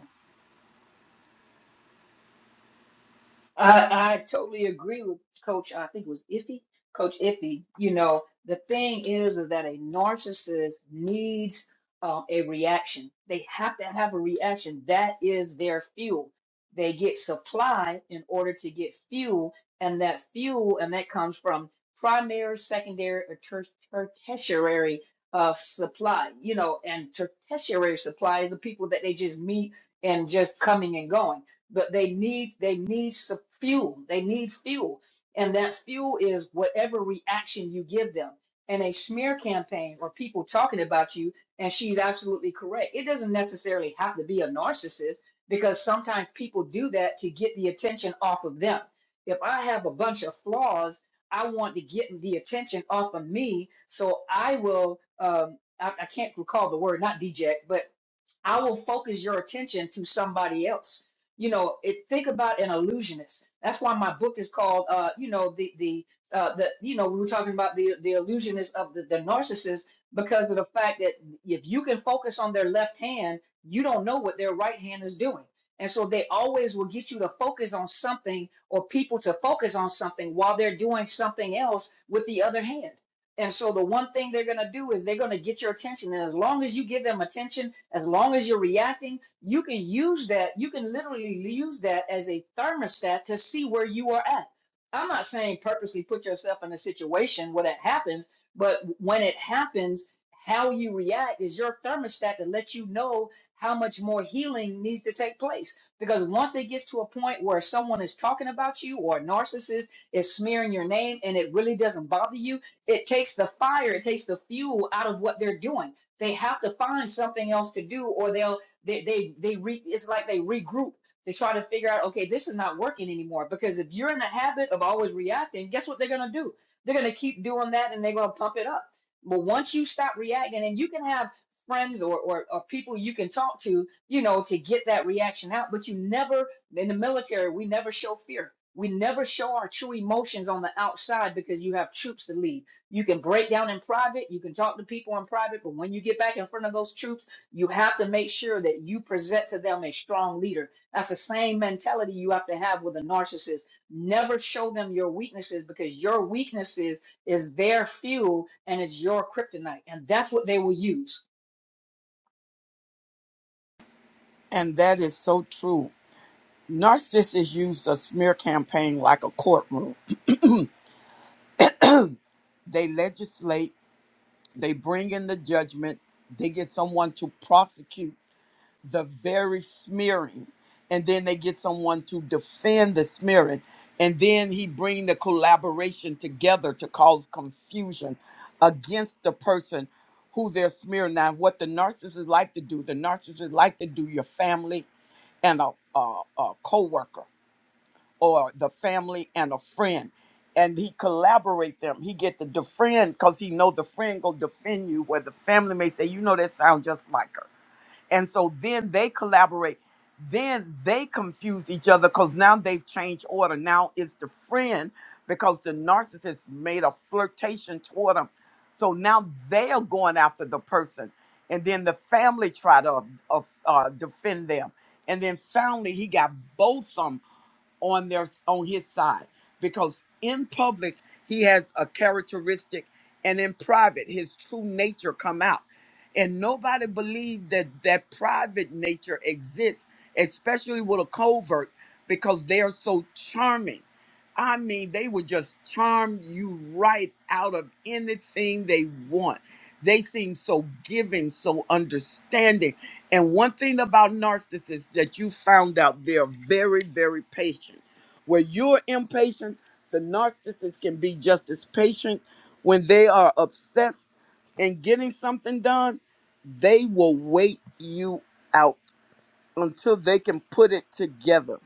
S6: I, I totally agree with Coach. I think it was Iffy, Coach Iffy. You know, the thing is, is that a narcissist needs um, a reaction. They have to have a reaction. That is their fuel. They get supply in order to get fuel, and that fuel, and that comes from primary, secondary, or ter- ter- tertiary uh, supply. You know, and ter- tertiary supply is the people that they just meet and just coming and going but they need they need some fuel they need fuel and that fuel is whatever reaction you give them and a smear campaign or people talking about you and she's absolutely correct it doesn't necessarily have to be a narcissist because sometimes people do that to get the attention off of them if i have a bunch of flaws i want to get the attention off of me so i will um, I, I can't recall the word not deject but I will focus your attention to somebody else. You know, it, think about an illusionist. That's why my book is called, uh, you know, the the uh, the you know we were talking about the the illusionist of the, the narcissist because of the fact that if you can focus on their left hand, you don't know what their right hand is doing, and so they always will get you to focus on something or people to focus on something while they're doing something else with the other hand. And so the one thing they're going to do is they're going to get your attention. And as long as you give them attention, as long as you're reacting, you can use that. You can literally use that as a thermostat to see where you are at. I'm not saying purposely put yourself in a situation where that happens, but when it happens, how you react is your thermostat to let you know how much more healing needs to take place. Because once it gets to a point where someone is talking about you or a narcissist is smearing your name and it really doesn't bother you, it takes the fire, it takes the fuel out of what they're doing. They have to find something else to do, or they'll they they they re, it's like they regroup. They try to figure out, okay, this is not working anymore. Because if you're in the habit of always reacting, guess what they're gonna do? They're gonna keep doing that, and they're gonna pump it up. But once you stop reacting, and you can have friends or, or or people you can talk to, you know, to get that reaction out. But you never in the military, we never show fear. We never show our true emotions on the outside because you have troops to lead you can break down in private, you can talk to people in private, but when you get back in front of those troops, you have to make sure that you present to them a strong leader. That's the same mentality you have to have with a narcissist. Never show them your weaknesses because your weaknesses is their fuel and is your kryptonite. And that's what they will use.
S1: And that is so true. Narcissists use a smear campaign like a courtroom. They legislate, they bring in the judgment, they get someone to prosecute the very smearing, and then they get someone to defend the smearing. And then he bring the collaboration together to cause confusion against the person who they're smearing. Now, what the narcissist like to do, the narcissist like to do your family and a, a, a co or the family and a friend and he collaborate them he get to defriend because he know the friend gonna defend you where the family may say you know that sound just like her and so then they collaborate then they confuse each other because now they've changed order now it's the friend because the narcissist made a flirtation toward them so now they are going after the person and then the family try to uh, uh, defend them and then finally he got both of 'em on their on his side because in public he has a characteristic and in private his true nature come out and nobody believed that that private nature exists especially with a covert because they're so charming i mean they would just charm you right out of anything they want they seem so giving so understanding and one thing about narcissists that you found out, they're very, very patient. Where you're impatient, the narcissist can be just as patient. When they are obsessed in getting something done, they will wait you out until they can put it together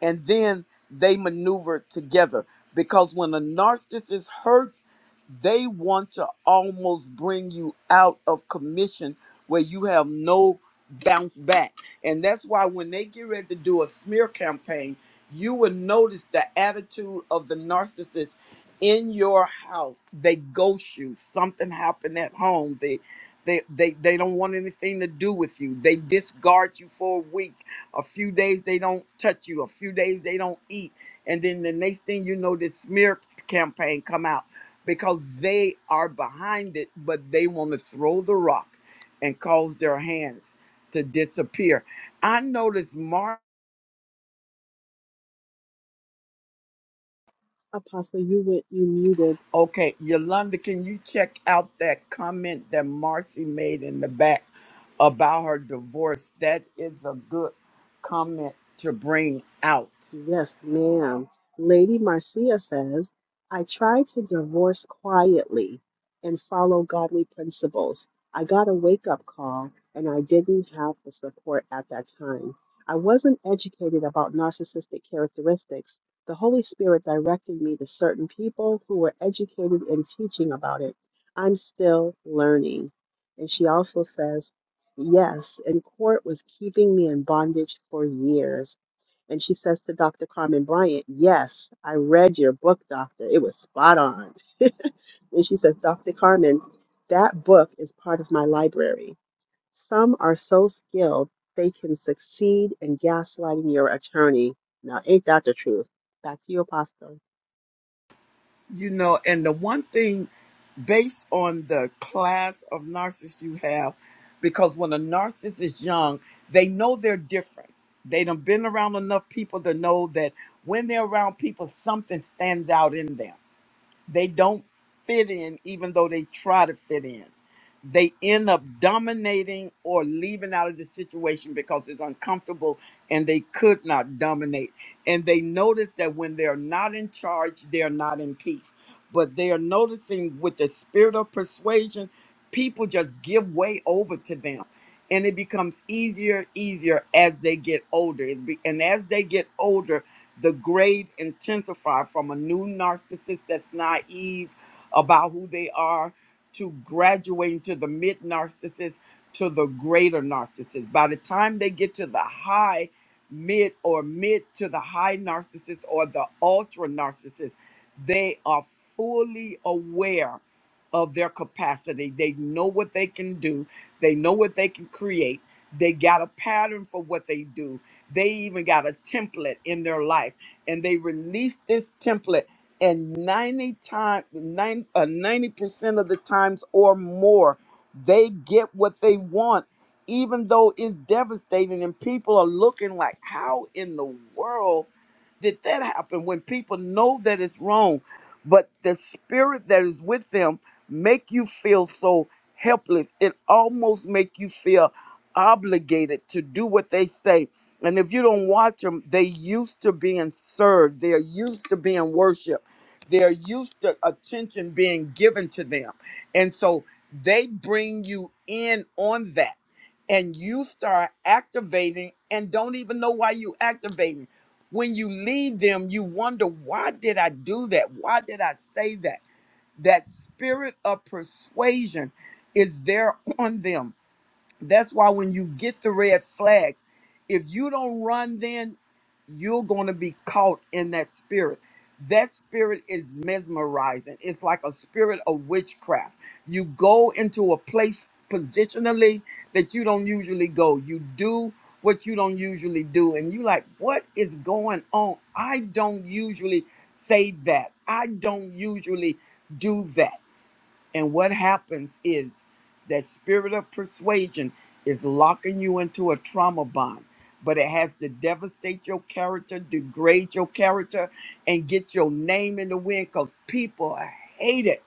S1: and then they maneuver together because when a narcissist is hurt they want to almost bring you out of commission where you have no bounce back and that's why when they get ready to do a smear campaign you will notice the attitude of the narcissist in your house they ghost you something happened at home They. They, they they don't want anything to do with you. They discard you for a week. A few days they don't touch you. A few days they don't eat. And then the next thing you know, this smear campaign come out because they are behind it, but they want to throw the rock and cause their hands to disappear. I noticed Mark.
S5: Apostle, you would you muted.
S1: Okay, Yolanda, can you check out that comment that Marcy made in the back about her divorce? That is a good comment to bring out.
S5: Yes, ma'am. Lady Marcia says, I tried to divorce quietly and follow godly principles. I got a wake up call and I didn't have the support at that time. I wasn't educated about narcissistic characteristics. The Holy Spirit directed me to certain people who were educated in teaching about it. I'm still learning. And she also says, Yes, and court was keeping me in bondage for years. And she says to Dr. Carmen Bryant, Yes, I read your book, doctor. It was spot on. and she says, Dr. Carmen, that book is part of my library. Some are so skilled they can succeed in gaslighting your attorney. Now, ain't that the truth? Back to you, Apostle.
S1: You know, and the one thing based on the class of narcissists you have, because when a narcissist is young, they know they're different. They done been around enough people to know that when they're around people, something stands out in them They don't fit in, even though they try to fit in. They end up dominating or leaving out of the situation because it's uncomfortable and they could not dominate. And they notice that when they're not in charge, they're not in peace. But they are noticing with the spirit of persuasion, people just give way over to them and it becomes easier easier as they get older It be- and as they get older the grade intensify from a new narcissist that's naive about who they are to graduating to the mid narcissist to the greater narcissist by the time they get to the high mid or mid to the high narcissist or the ultra narcissist they are fully aware of their capacity. They know what they can do, they know what they can create. They got a pattern for what they do. They even got a template in their life, and they release this template. And 90 time, nine, uh, 90% of the times or more, they get what they want, even though it's devastating. And people are looking like, how in the world did that happen? When people know that it's wrong, but the spirit that is with them make you feel so helpless. It almost make you feel obligated to do what they say. And if you don't watch them, they used to being served. They're used to being worshiped. They're used to attention being given to them. And so they bring you in on that. And you start activating and don't even know why you activating. When you leave them, you wonder, why did I do that? Why did I say that? That spirit of persuasion is there on them that's why when you get the red flags, if you don't run, then you're going to be caught in that spirit. That spirit is mesmerizing. It's like a spirit of witchcraft. You go into a place positionally that you don't usually go. You do what you don't usually do. And you like, what is going on? I don't usually say that. I don't usually do that. And what happens is that spirit of persuasion is locking you into a trauma bond, but it has to devastate your character, degrade your character, and get your name in the wind because people hate it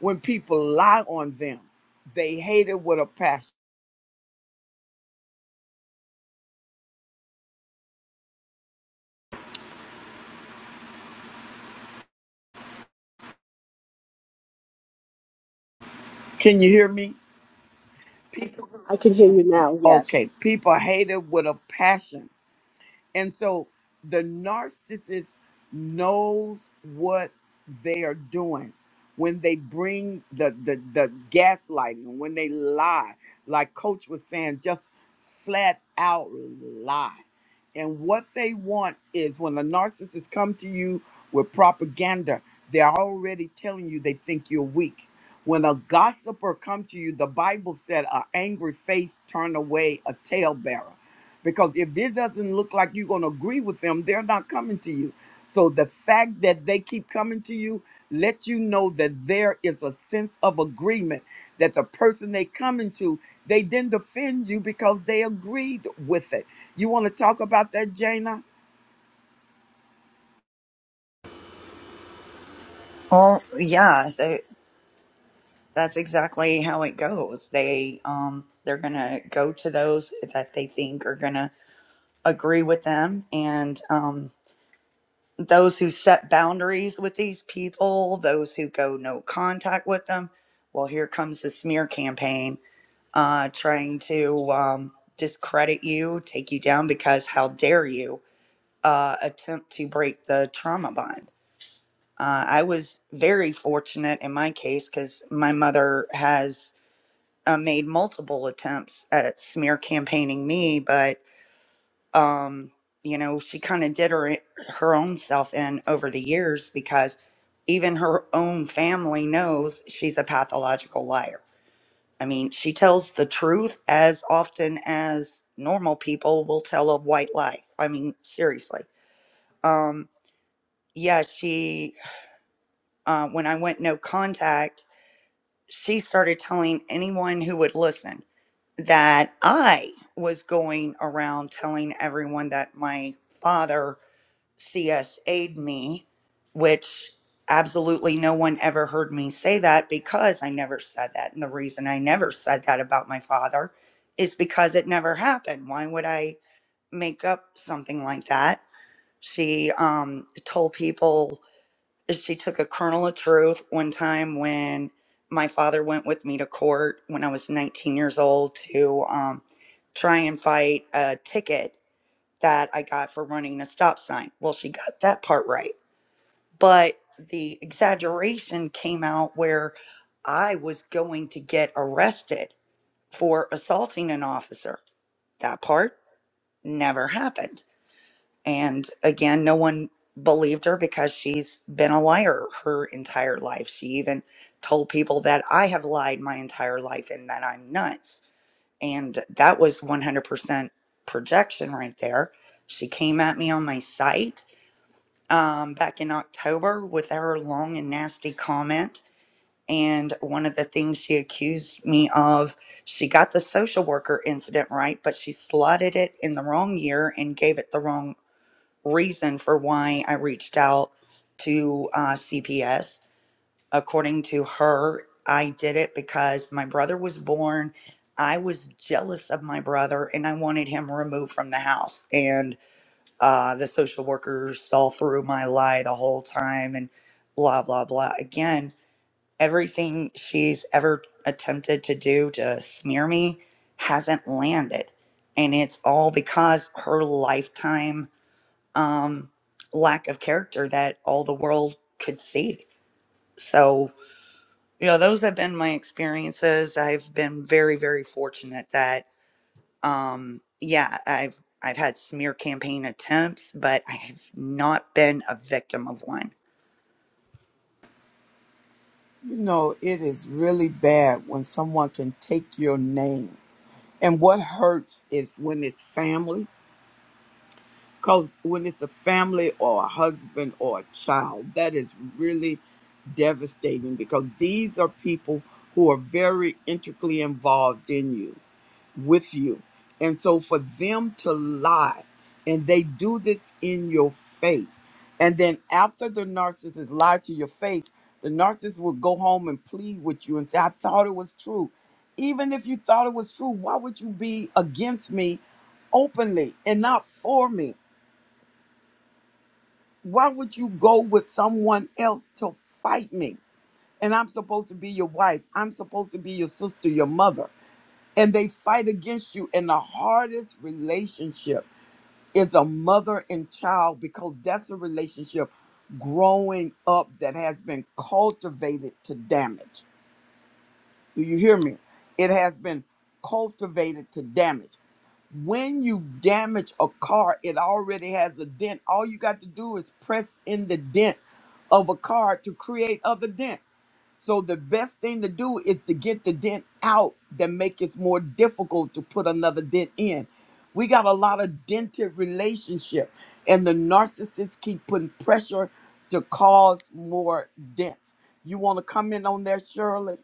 S1: when people lie on them. They hate it with a passion. Can you hear me? People,
S5: I can hear you now. Yes,
S1: okay, people hate it with a passion And so the narcissist knows what they are doing when they bring the, the, the gaslighting, when they lie, like Coach was saying, just flat out lie. And what they want is when a narcissist come to you with propaganda, they're already telling you they think you're weak when a gossiper come to you, the Bible said, "An angry face turn away a talebearer," because if it doesn't look like you're going to agree with them, they're not coming to you. So the fact that they keep coming to you let you know that there is a sense of agreement that the person they coming to, they didn't offend you because they agreed with it. You want to talk about that, Jana?
S4: Well, yeah, that's exactly how it goes. They um they're gonna go to those that they think are gonna agree with them, and um those who set boundaries with these people, those who go no contact with them. Well, here comes the smear campaign, uh, trying to um, discredit you, take you down because how dare you uh, attempt to break the trauma bond. Uh, I was very fortunate in my case because my mother has uh, made multiple attempts at smear campaigning me, but um, you know she kind of did her her own self in over the years because even her own family knows she's a pathological liar. I mean, she tells the truth as often as normal people will tell a white lie. I mean, seriously. Um, yeah, she uh, when I went no contact, she started telling anyone who would listen. that I was going around telling everyone that my father CSA'd me, which absolutely no one ever heard me say that because I never said that. And the reason I never said that about my father is because it never happened. Why would I make up something like that? She um, told people she took a kernel of truth one time when my father went with me to court when I was 19 years old to um, try and fight a ticket that I got for running a stop sign. Well, she got that part right. But the exaggeration came out where I was going to get arrested for assaulting an officer. That part never happened and again, no one believed her because she's been a liar her entire life. She even told people that I have lied my entire life and that I'm nuts. And that was 100% projection right there. She came at me on my site um, back in October with her long and nasty comment. And one of the things she accused me of, she got the social worker incident right, but she slotted it in the wrong year and gave it the wrong reason for why I reached out to uh, CPS. According to her, I did it because my brother was born. I was jealous of my brother and I wanted him removed from the house. And uh, the social worker saw through my lie the whole time and blah, blah, blah. Again, everything she's ever attempted to do to smear me hasn't landed. And it's all because her lifetime um, lack of character that all the world could see. So, you know, those have been my experiences. I've been very, very fortunate that, um, yeah, I've I've had smear campaign attempts, but I have not been a victim of one.
S1: You know, it is really bad when someone can take your name And what hurts is when it's family, because when it's a family or a husband or a child, that is really devastating because these are people who are very intricately involved in you with you. And so for them to lie, and they do this in your face. And then after the narcissist lied to your face, the narcissist will go home and plead with you and say, I thought it was true. Even if you thought it was true, why would you be against me openly and not for me? Why would you go with someone else to fight me? And I'm supposed to be your wife. I'm supposed to be your sister, your mother and they fight against you. And the hardest relationship is a mother and child because that's a relationship growing up that has been cultivated to damage. Do you hear me? It has been cultivated to damage. When you damage a car, it already has a dent. All you got to do is press in the dent of a car to create other dents. So the best thing to do is to get the dent out that make it more difficult to put another dent in. We got a lot of dented relationship and the narcissists keep putting pressure to cause more dents. You want to comment on that, Shirley?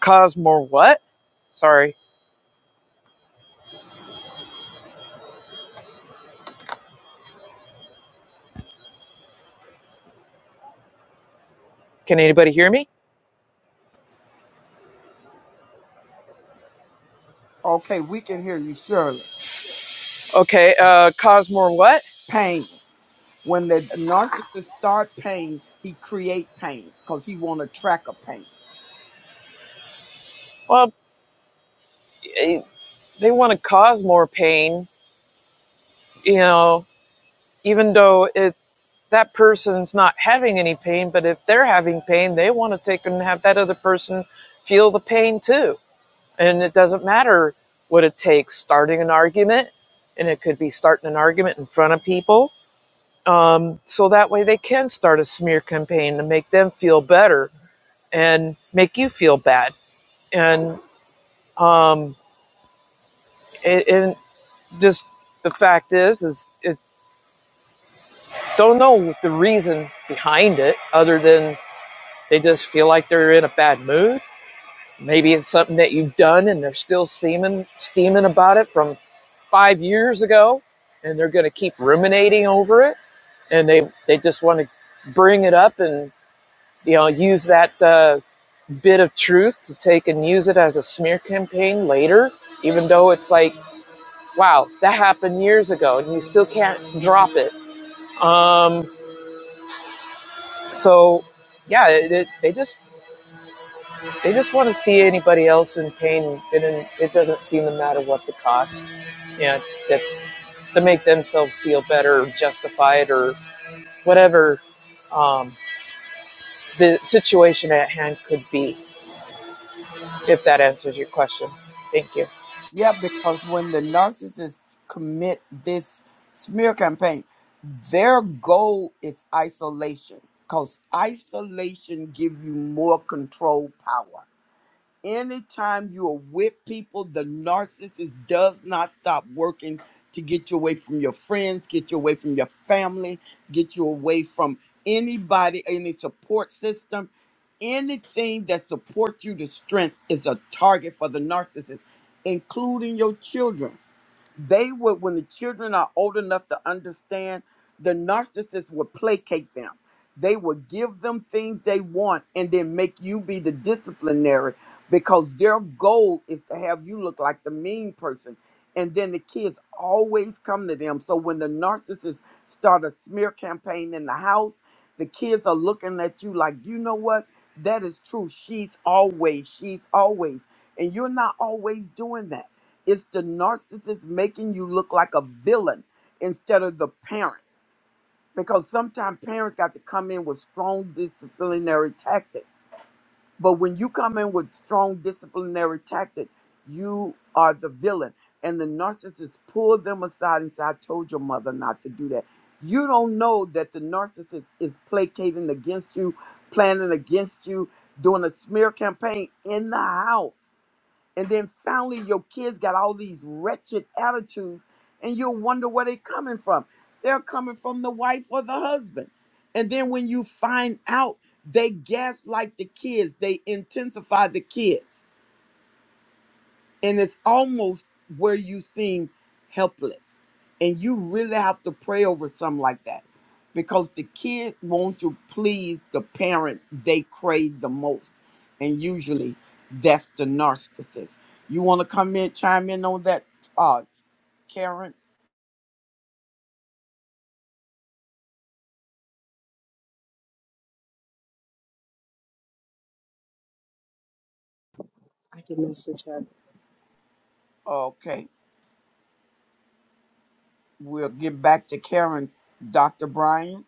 S2: Cause more what? Sorry. Can anybody hear me?
S1: Okay, we can hear you surely.
S2: Okay. Uh, cause more what?
S1: Pain. When the narcissist start pain, he create pain because he want to track a pain.
S2: Well, eh, they want to cause more pain, you know, even though it that person's not having any pain, but if they're having pain, they want to take and have that other person feel the pain too And it doesn't matter what it takes starting an argument, and it could be starting an argument in front of people. Um, so that way they can start a smear campaign to make them feel better and make you feel bad. And um, it, and just the fact is, is it don't know the reason behind it other than they just feel like they're in a bad mood Maybe it's something that you've done and they're still steaming, steaming about it from five years ago and they're going to keep ruminating over it and they, they just want to bring it up and you know use that uh, bit of truth to take and use it as a smear campaign later even though it's like wow that happened years ago and you still can't drop it um, so yeah it, it, they just They just want to see anybody else in pain, and it doesn't seem to matter what the cost. Yeah, that, to make themselves feel better, or justify it, or whatever um, the situation at hand could be. If that answers your question, thank you.
S1: Yeah, because when the narcissists commit this smear campaign, their goal is isolation because isolation give you more control power. anytime you are with people, the narcissist does not stop working to get you away from your friends, get you away from your family, get you away from anybody, any support system. Anything that supports you to strength is a target for the narcissist, including your children. They would, when the children are old enough to understand, the narcissist would placate them. They would give them things they want and then make you be the disciplinary because their goal is to have you look like the mean person. And then the kids always come to them. So when the narcissist start a smear campaign in the house, the kids are looking at you like, you know what? That is true. She's always, she's always. And you're not always doing that it's the narcissist making you look like a villain instead of the parent. Because sometimes parents got to come in with strong disciplinary tactics. But when you come in with strong disciplinary tactics, you are the villain. And the narcissist pulled them aside and said, I told your mother not to do that. You don't know that the narcissist is placating against you, planning against you, doing a smear campaign in the house and then finally, your kids got all these wretched attitudes, and you'll wonder where they're coming from. They're coming from the wife or the husband. And then when you find out, they gaslight the kids, they intensify the kids and it's almost where you seem helpless and you really have to pray over something like that because the kid wants to please the parent they crave the most and usually that's the narcissist you want to come in chime in on that uh karen
S5: I can message her.
S1: okay we'll get back to karen dr brian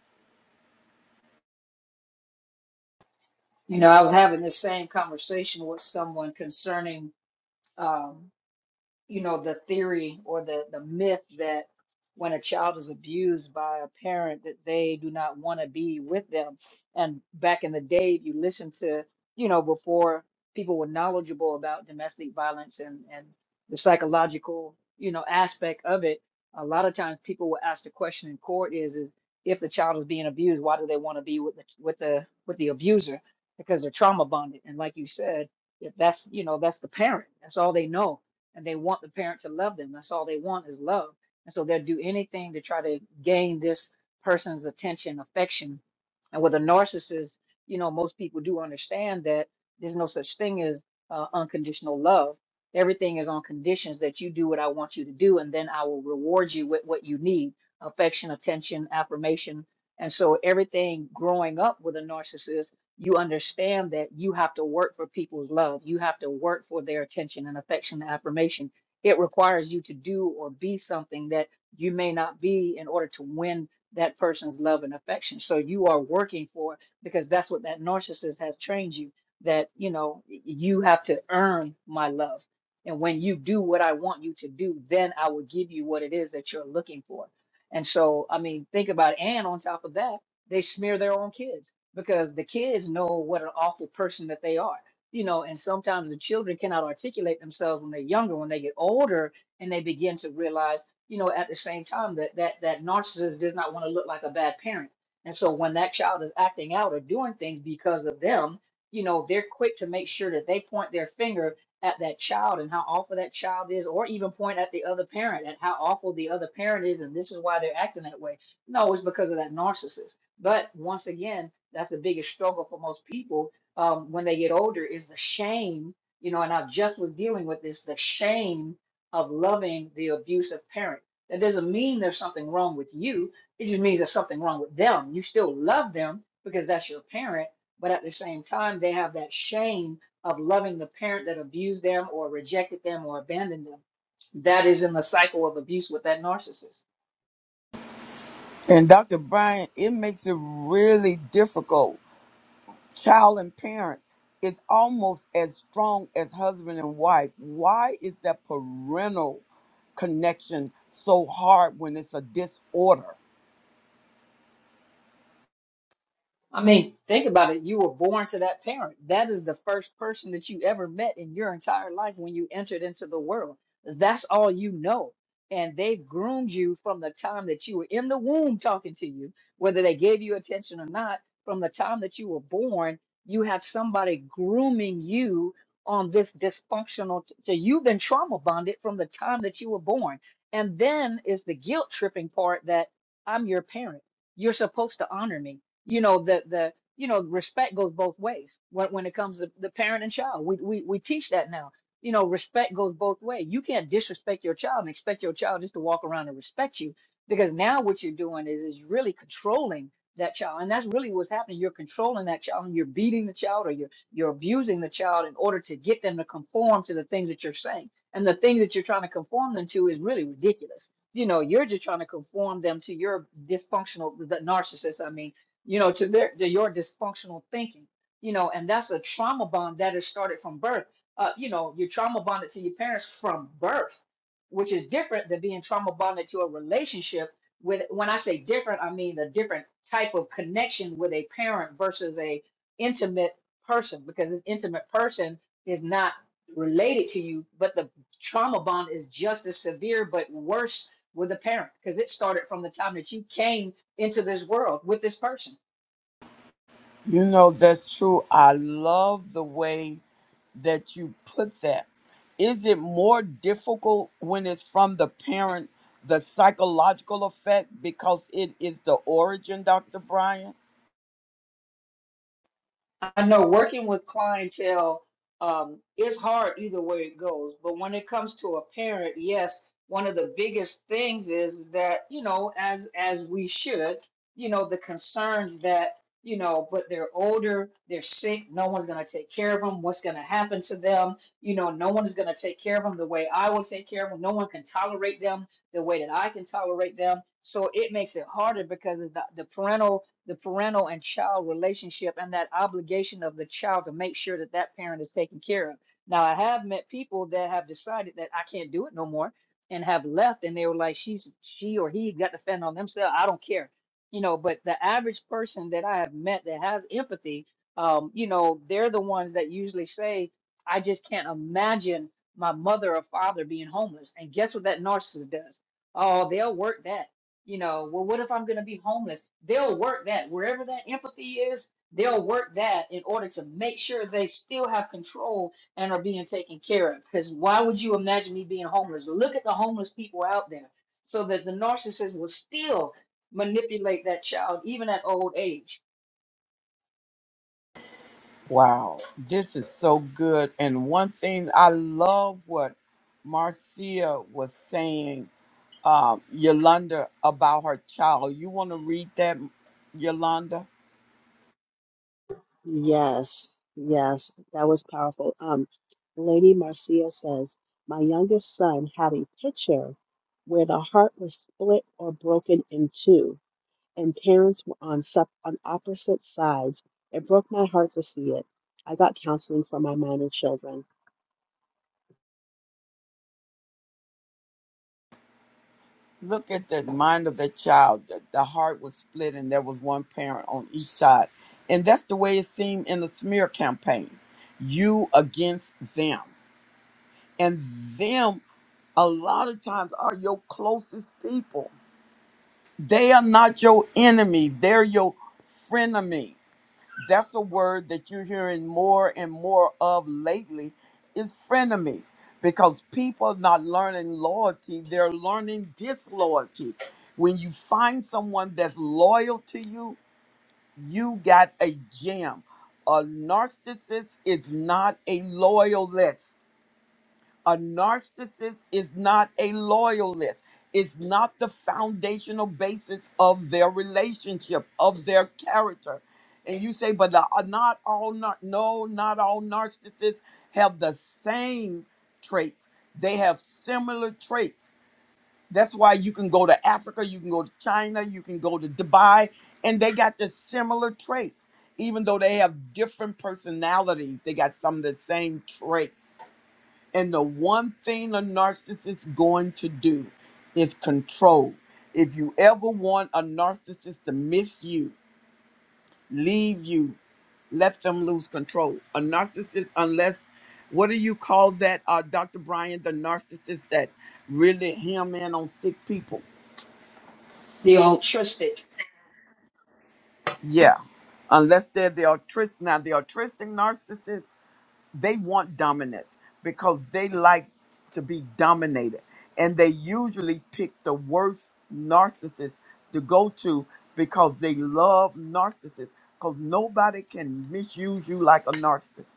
S6: You know, I was having this same conversation with someone concerning um, you know, the theory or the, the myth that when a child is abused by a parent that they do not want to be with them. And back in the day, if you listen to, you know, before people were knowledgeable about domestic violence and, and the psychological, you know, aspect of it, a lot of times people will ask the question in court is, is if the child is being abused, why do they want to be with the, with the, with the abuser? Because they're trauma bonded. And like you said, if that's, you know, that's the parent, that's all they know and they want the parent to love them. That's all they want is love. And so they'll do anything to try to gain this person's attention, affection. And with a narcissist, you know, most people do understand that there's no such thing as uh, unconditional love. Everything is on conditions that you do what I want you to do, and then I will reward you with what you need affection, attention, affirmation. And so everything growing up with a narcissist you understand that you have to work for people's love. You have to work for their attention and affection and affirmation. It requires you to do or be something that you may not be in order to win that person's love and affection. So you are working for it because that's what that narcissist has trained you that, you know, y- you have to earn my love. And when you do what I want you to do, then I will give you what it is that you're looking for. And so, I mean, think about it. And on top of that, they smear their own kids because the kids know what an awful person that they are. You know, and sometimes the children cannot articulate themselves when they're younger. When they get older and they begin to realize, you know, at the same time that that that narcissist does not want to look like a bad parent. And so when that child is acting out or doing things because of them, you know, they're quick to make sure that they point their finger at that child and how awful that child is, or even point at the other parent at how awful the other parent is, and this is why they're acting that way. No, it's because of that narcissist. But once again, that's the biggest struggle for most people um, when they get older is the shame, you know, and I just was dealing with this, the shame of loving the abusive parent. That doesn't mean there's something wrong with you. It just means there's something wrong with them. You still love them because that's your parent, but at the same time, they have that shame of loving the parent that abused them or rejected them or abandoned them. That is in the cycle of abuse with that narcissist
S1: and dr brian it makes it really difficult child and parent is almost as strong as husband and wife. Why is that parental connection so hard when it's a disorder?
S6: I mean, think about it. You were born to that parent. That is the first person that you ever met in your entire life when you entered into the world. That's all you know. And they've groomed you from the time that you were in the womb talking to you, whether they gave you attention or not, from the time that you were born, you have somebody grooming you on this dysfunctional. t- so you've been trauma bonded from the time that you were born. And then is the guilt tripping part that I'm your parent. You're supposed to honor me you know the the you know respect goes both ways when when it comes to the parent and child we we we teach that now you know respect goes both ways you can't disrespect your child and expect your child just to walk around and respect you because now what you're doing is is really controlling that child and that's really what's happening you're controlling that child and you're beating the child or you're you're abusing the child in order to get them to conform to the things that you're saying and the things that you're trying to conform them to is really ridiculous you know you're just trying to conform them to your dysfunctional the narcissist i mean you know, to their to your dysfunctional thinking, you know, and that's a trauma bond that is started from birth. Uh, you know, you're trauma bonded to your parents from birth, which is different than being trauma bonded to a relationship. With when I say different, I mean a different type of connection with a parent versus a intimate person, because an intimate person is not related to you, but the trauma bond is just as severe but worse with a parent because it started from the time that you came into this world with this person.
S1: You know, that's true. I love the way that you put that. Is it more difficult when it's from the parent, the psychological effect, because it is the origin, Dr. Bryant?
S6: I know working with clientele um, is hard either way it goes, but when it comes to a parent, yes, one of the biggest things is that you know, as as we should, you know, the concerns that you know, but they're older, they're sick, no one's gonna take care of them. What's gonna happen to them? You know, no one's gonna take care of them the way I will take care of them. No one can tolerate them the way that I can tolerate them. So it makes it harder because the, the parental the parental and child relationship and that obligation of the child to make sure that that parent is taken care of. Now, I have met people that have decided that I can't do it no more and have left, and they were like, she's she or he got to fend on themselves. I don't care, you know. But the average person that I have met that has empathy, um, you know, they're the ones that usually say, I just can't imagine my mother or father being homeless. And guess what that narcissist does? Oh, they'll work that you know, well, what if I'm going to be homeless? They'll work that wherever that empathy is, they'll work that in order to make sure they still have control and are being taken care of. Because why would you imagine me being homeless? Look at the homeless people out there, so that the narcissist will still manipulate that child, even at old age.
S1: Wow, this is so good. And one thing I love what Marcia was saying, um, Yolanda, about her child. You want to read that, Yolanda?
S5: Yes, yes, that was powerful. Um, Lady Marcia says, My youngest son had a picture where the heart was split or broken in two, and parents were on sep on opposite sides. It broke my heart to see it. I got counseling for my minor children.
S1: Look at the mind of the child. The, the heart was split, and there was one parent on each side. And that's the way it seemed in the smear campaign you against them. And them, a lot of times, are your closest people They are not your enemy, they're your frenemies. That's a word that you're hearing more and more of lately is frenemies because people are not learning loyalty, they're learning disloyalty. When you find someone that's loyal to you, you got a gem. A narcissist is not a loyalist. A narcissist is not a loyalist. It's not the foundational basis of their relationship, of their character. And you say, but uh, not all, nar- no, not all narcissists have the same traits. They have similar traits. That's why you can go to Africa, you can go to China, you can go to Dubai, and they got the similar traits, even though they have different personalities. They got some of the same traits and the one thing a narcissist is going to do is control. If you ever want a narcissist to miss you, leave you, let them lose control. A narcissist, unless, what do you call that, uh, Dr. Brian, the narcissist that really hem in on sick people?
S6: The altruistic,
S1: Yeah. Unless they're the autistic, now the autistic narcissist, they want dominance because they like to be dominated and they usually pick the worst narcissist to go to because they love narcissists because nobody can misuse you like a narcissist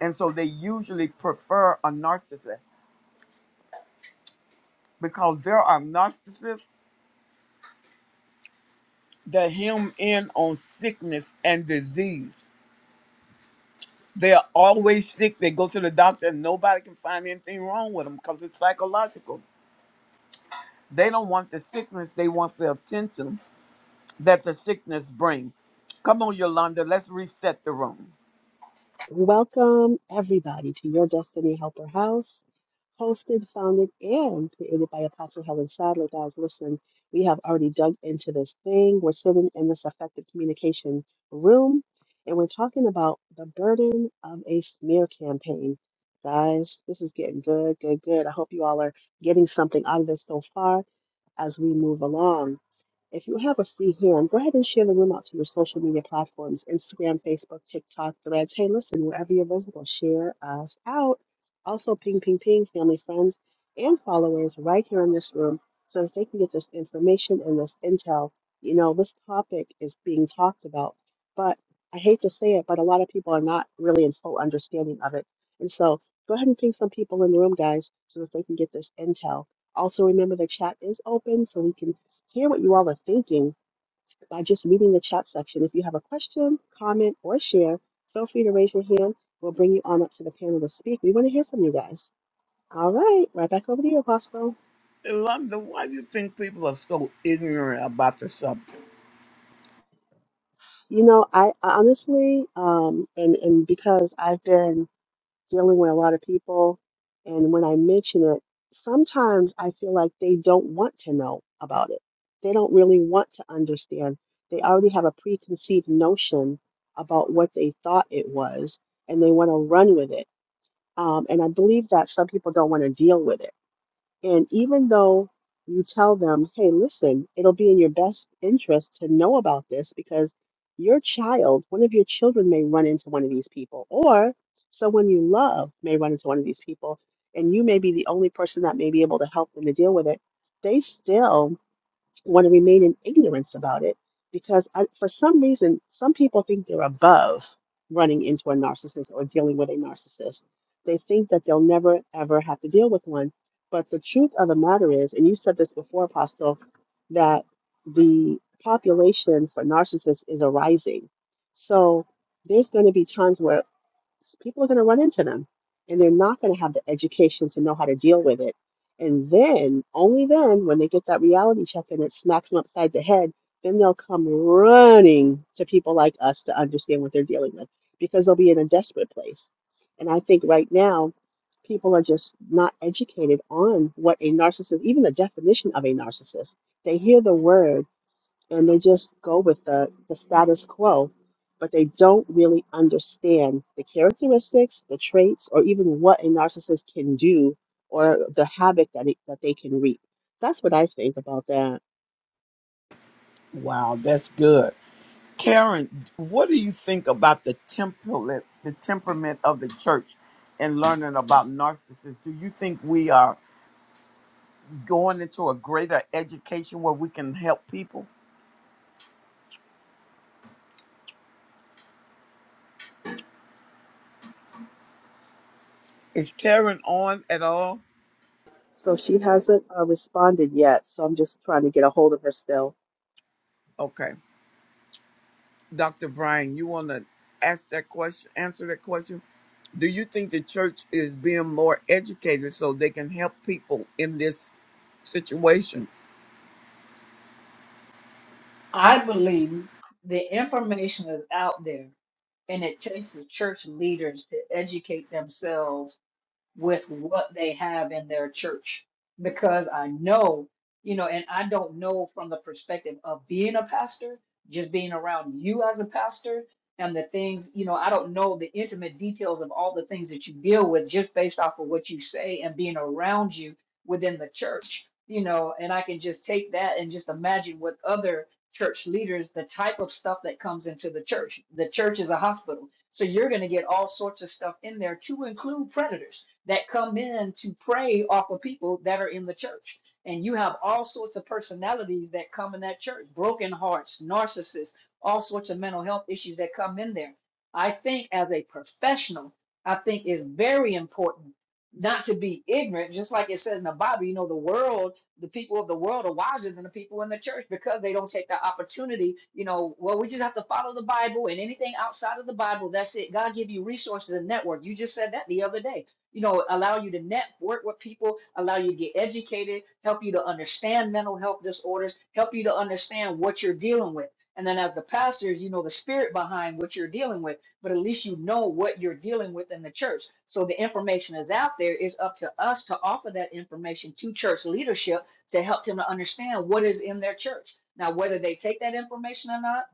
S1: and so they usually prefer a narcissist because there are narcissists that hem in on sickness and disease they are always sick they go to the doctor and nobody can find anything wrong with them because it's psychological They don't want the sickness, they want the attention that the sickness bring. Come on, Yolanda, let's reset the room.
S5: Welcome, everybody, to your Destiny Helper House. hosted, founded, and created by Apostle Helen Sadler. Guys, listen, we have already dug into this thing. We're sitting in this effective communication room, and we're talking about the burden of a smear campaign. Guys, this is getting good, good, good. I hope you all are getting something out of this so far as we move along. If you have a free hand, go ahead and share the room out to your social media platforms Instagram, Facebook, TikTok, Threads. Hey, listen, wherever you're visible, share us out. Also, ping, ping, ping, family, friends, and followers right here in this room so that they can get this information and this intel. You know, this topic is being talked about, but I hate to say it, but a lot of people are not really in full understanding of it. And so go ahead and ping some people in the room, guys, so that they can get this intel. Also, remember the chat is open so we can hear what you all are thinking by just reading the chat section. If you have a question, comment, or share, feel free to raise your hand. We'll bring you on up to the panel to speak. We want to hear from you guys. All right, right back over to you, Apostle.
S1: Yolanda, why do you think people are so ignorant about the subject?
S5: You know, I, I honestly, um, and and because I've been dealing with a lot of people. And when I mention it, sometimes I feel like they don't want to know about it. They don't really want to understand. They already have a preconceived notion about what they thought it was, and they want to run with it. Um, and I believe that some people don't want to deal with it and even though you tell them, hey, listen, it'll be in your best interest to know about this because your child, one of your children may run into one of these people, or someone you love may run into one of these people, and you may be the only person that may be able to help them to deal with it. They still want to remain in ignorance about it because I, for some reason, some people think they're above running into a narcissist or dealing with a narcissist. They think that they'll never, ever have to deal with one. But the truth of the matter is, and you said this before, Apostle, that the population for narcissists is arising. So there's going to be times where people are going to run into them and they're not going to have the education to know how to deal with it. And then, only then, when they get that reality check and it smacks them upside the head, then they'll come running to people like us to understand what they're dealing with because they'll be in a desperate place. And I think right now, people are just not educated on what a narcissist, even the definition of a narcissist. They hear the word and they just go with the, the status quo, but they don't really understand the characteristics, the traits, or even what a narcissist can do or the havoc that, it, that they can reap. That's what I think about that.
S1: Wow, that's good. Karen, what do you think about the temperament, the temperament of the church and learning about narcissists? Do you think we are going into a greater education where we can help people? Is Karen on at all?
S5: So she hasn't uh, responded yet, so I'm just trying to get a hold of her still.
S1: Okay. Dr. Brian, you want to ask that question, answer that question? Do you think the church is being more educated so they can help people in this situation?
S6: I believe the information is out there, and it takes the church leaders to educate themselves with what they have in their church because I know, you know, and I don't know from the perspective of being a pastor, just being around you as a pastor and the things, you know, I don't know the intimate details of all the things that you deal with just based off of what you say and being around you within the church, you know, and I can just take that and just imagine what other church leaders, the type of stuff that comes into the church. The church is a hospital. So you're going to get all sorts of stuff in there to include predators that come in to prey off of people that are in the church. And you have all sorts of personalities that come in that church broken hearts, narcissists, all sorts of mental health issues that come in there. I think as a professional, I think it's very important not to be ignorant, just like it says in the Bible, you know, the world, the people of the world are wiser than the people in the church because they don't take the opportunity, you know, well, we just have to follow the Bible and anything outside of the Bible, that's it. God give you resources and network. You just said that the other day you know, allow you to network with people, allow you to get educated, help you to understand mental health disorders, help you to understand what you're dealing with. And then as the pastors, you know the spirit behind what you're dealing with, but at least you know what you're dealing with in the church. So the information is out there. It's up to us to offer that information to church leadership to help them to understand what is in their church. Now, whether they take that information or not,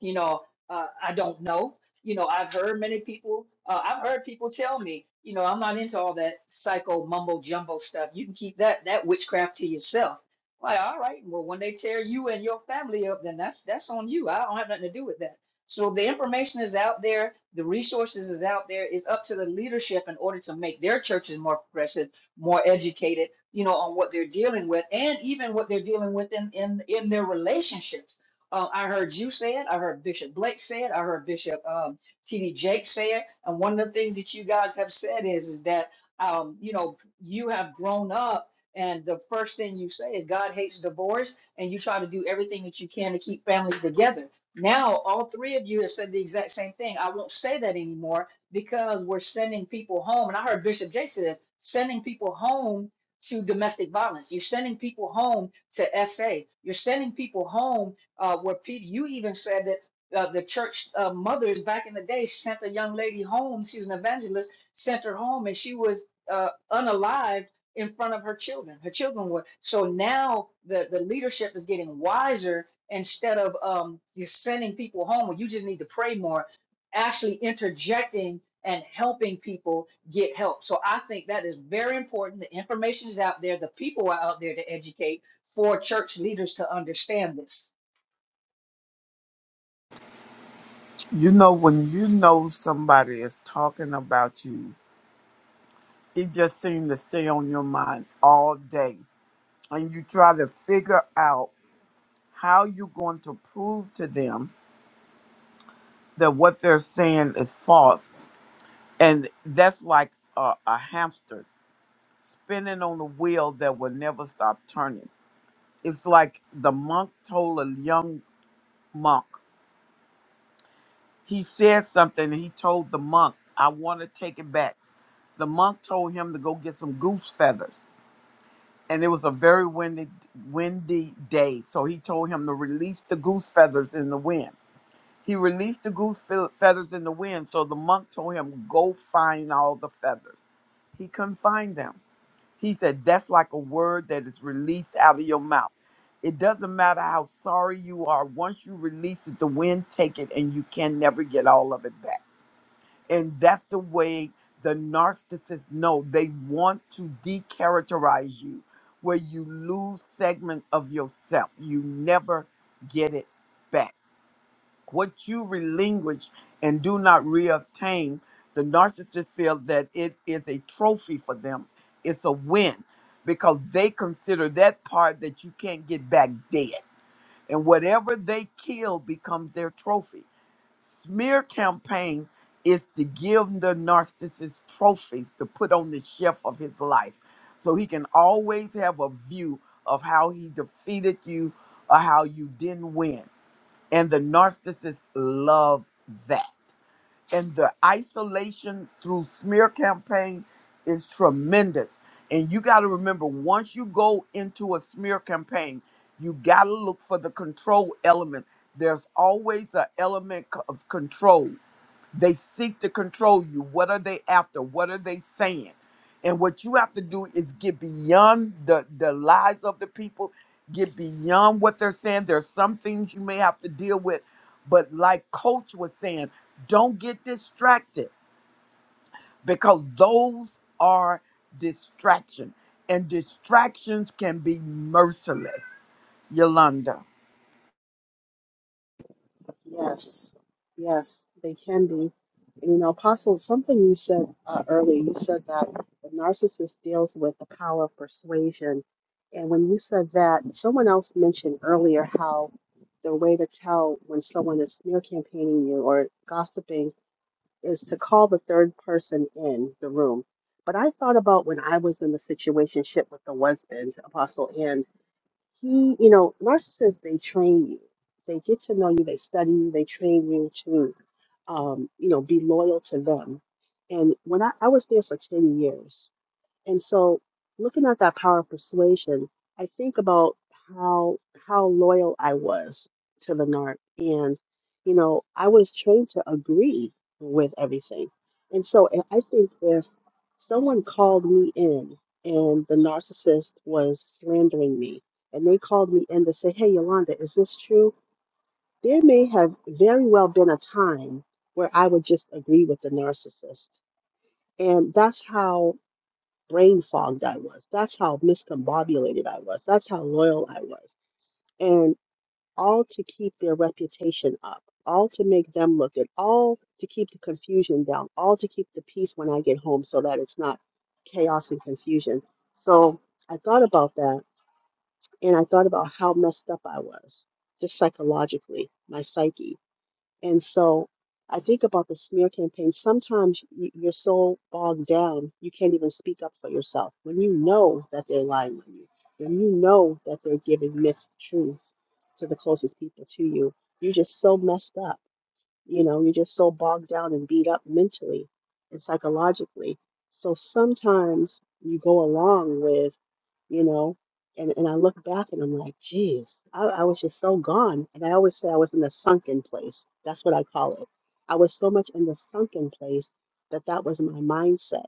S6: you know, uh, I don't know you know, I've heard many people, uh, I've heard people tell me, you know, I'm not into all that psycho mumbo jumbo stuff. You can keep that that witchcraft to yourself. Like, all right, well, when they tear you and your family up, then that's that's on you. I don't have nothing to do with that. So the information is out there, the resources is out there. It's up to the leadership in order to make their churches more progressive, more educated, you know, on what they're dealing with, and even what they're dealing with in in, in their relationships uh, I heard you say it. I heard Bishop Blake say it. I heard Bishop um, T.D. Jakes say it. And one of the things that you guys have said is, is that um, you know you have grown up, and the first thing you say is God hates divorce, and you try to do everything that you can to keep families together. Now, all three of you have said the exact same thing. I won't say that anymore because we're sending people home. And I heard Bishop Jay say this sending people home to domestic violence. You're sending people home to SA. You're sending people home uh, where people, you even said that uh, the church uh, mothers back in the day sent a young lady home. She was an evangelist, sent her home, and she was uh, unalived in front of her children. Her children were. So now the, the leadership is getting wiser instead of um, just sending people home when you just need to pray more, actually interjecting and helping people get help. So I think that is very important. The information is out there, the people are out there to educate for church leaders to understand this.
S1: You know, when you know somebody is talking about you, it just seems to stay on your mind all day. And you try to figure out how you're going to prove to them that what they're saying is false. And that's like a, a hamster. spinning on a wheel that will never stop turning. It's like the monk told a young monk. He said something and he told the monk, I want to take it back. The monk told him to go get some goose feathers. And it was a very windy, windy day. So he told him to release the goose feathers in the wind. He released the goose fe- feathers in the wind. So the monk told him, Go find all the feathers. He couldn't find them. He said, That's like a word that is released out of your mouth. It doesn't matter how sorry you are. Once you release it, the wind take it and you can never get all of it back. And that's the way the narcissists know they want to decharacterize you, where you lose segment of yourself. You never get it back what you relinquish and do not reobtain, the narcissist feel that it is a trophy for them. It's a win because they consider that part that you can't get back dead. And whatever they kill becomes their trophy. Smear campaign is to give the narcissist trophies to put on the shelf of his life so he can always have a view of how he defeated you or how you didn't win and the narcissists love that. And the isolation through smear campaign is tremendous. And you got to remember once you go into a smear campaign, you got to look for the control element. There's always an element c- of control. They seek to control you. What are they after? What are they saying? And what you have to do is get beyond the, the lies of the people, get beyond what they're saying. There's some things you may have to deal with. But like Coach was saying, don't get distracted because those are distraction. And distractions can be merciless. Yolanda.
S5: Yes, yes, they can be. And, you know, Apostle, something you said uh, earlier, you said that the narcissist deals with the power of persuasion. And when you said that, someone else mentioned earlier how the way to tell when someone is smear campaigning you or gossiping is to call the third person in the room. But I thought about when I was in the situationship with the husband, Apostle Ann he, you know, narcissists, they train you. They get to know you, they study you, they train you to, um, you know, be loyal to them. And when I, I was there for 10 years, and so looking at that power of persuasion, I think about how how loyal I was to the narc. And, you know, I was trained to agree with everything. And so I I think if someone called me in and the narcissist was slandering me and they called me in to say, Hey Yolanda, is this true? There may have very well been a time where I would just agree with the narcissist. And that's how brain fogged I was. That's how miscombobulated I was. That's how loyal I was. And all to keep their reputation up, all to make them look good, all to keep the confusion down, all to keep the peace when I get home so that it's not chaos and confusion. So I thought about that and I thought about how messed up I was, just psychologically, my psyche. And so I think about the smear campaign. Sometimes y- you're so bogged down, you can't even speak up for yourself. When you know that they're lying on you, when you know that they're giving myth truths to the closest people to you, you're just so messed up. You know, you're just so bogged down and beat up mentally and psychologically. So sometimes you go along with you know. And and I look back and I'm like, geez, I, I was just so gone. And I always say I was in the sunken place. That's what I call it. I was so much in the sunken place that that was my mindset.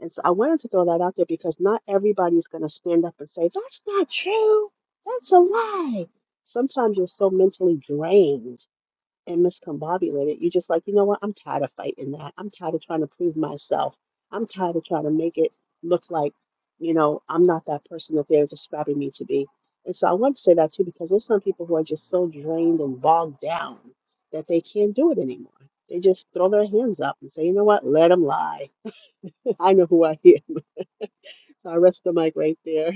S5: And so I wanted to throw that out there because not everybody's going to stand up and say, that's not true. That's a lie. Sometimes you're so mentally drained and miscombobulated. You're just like, you know what? I'm tired of fighting that. I'm tired of trying to prove myself. I'm tired of trying to make it look like, you know, I'm not that person that they're describing me to be. And so I want to say that too, because there's some people who are just so drained and bogged down that they can't do it anymore. They just throw their hands up and say, you know what? Let them lie. I know who I am. So I rest the mic right there.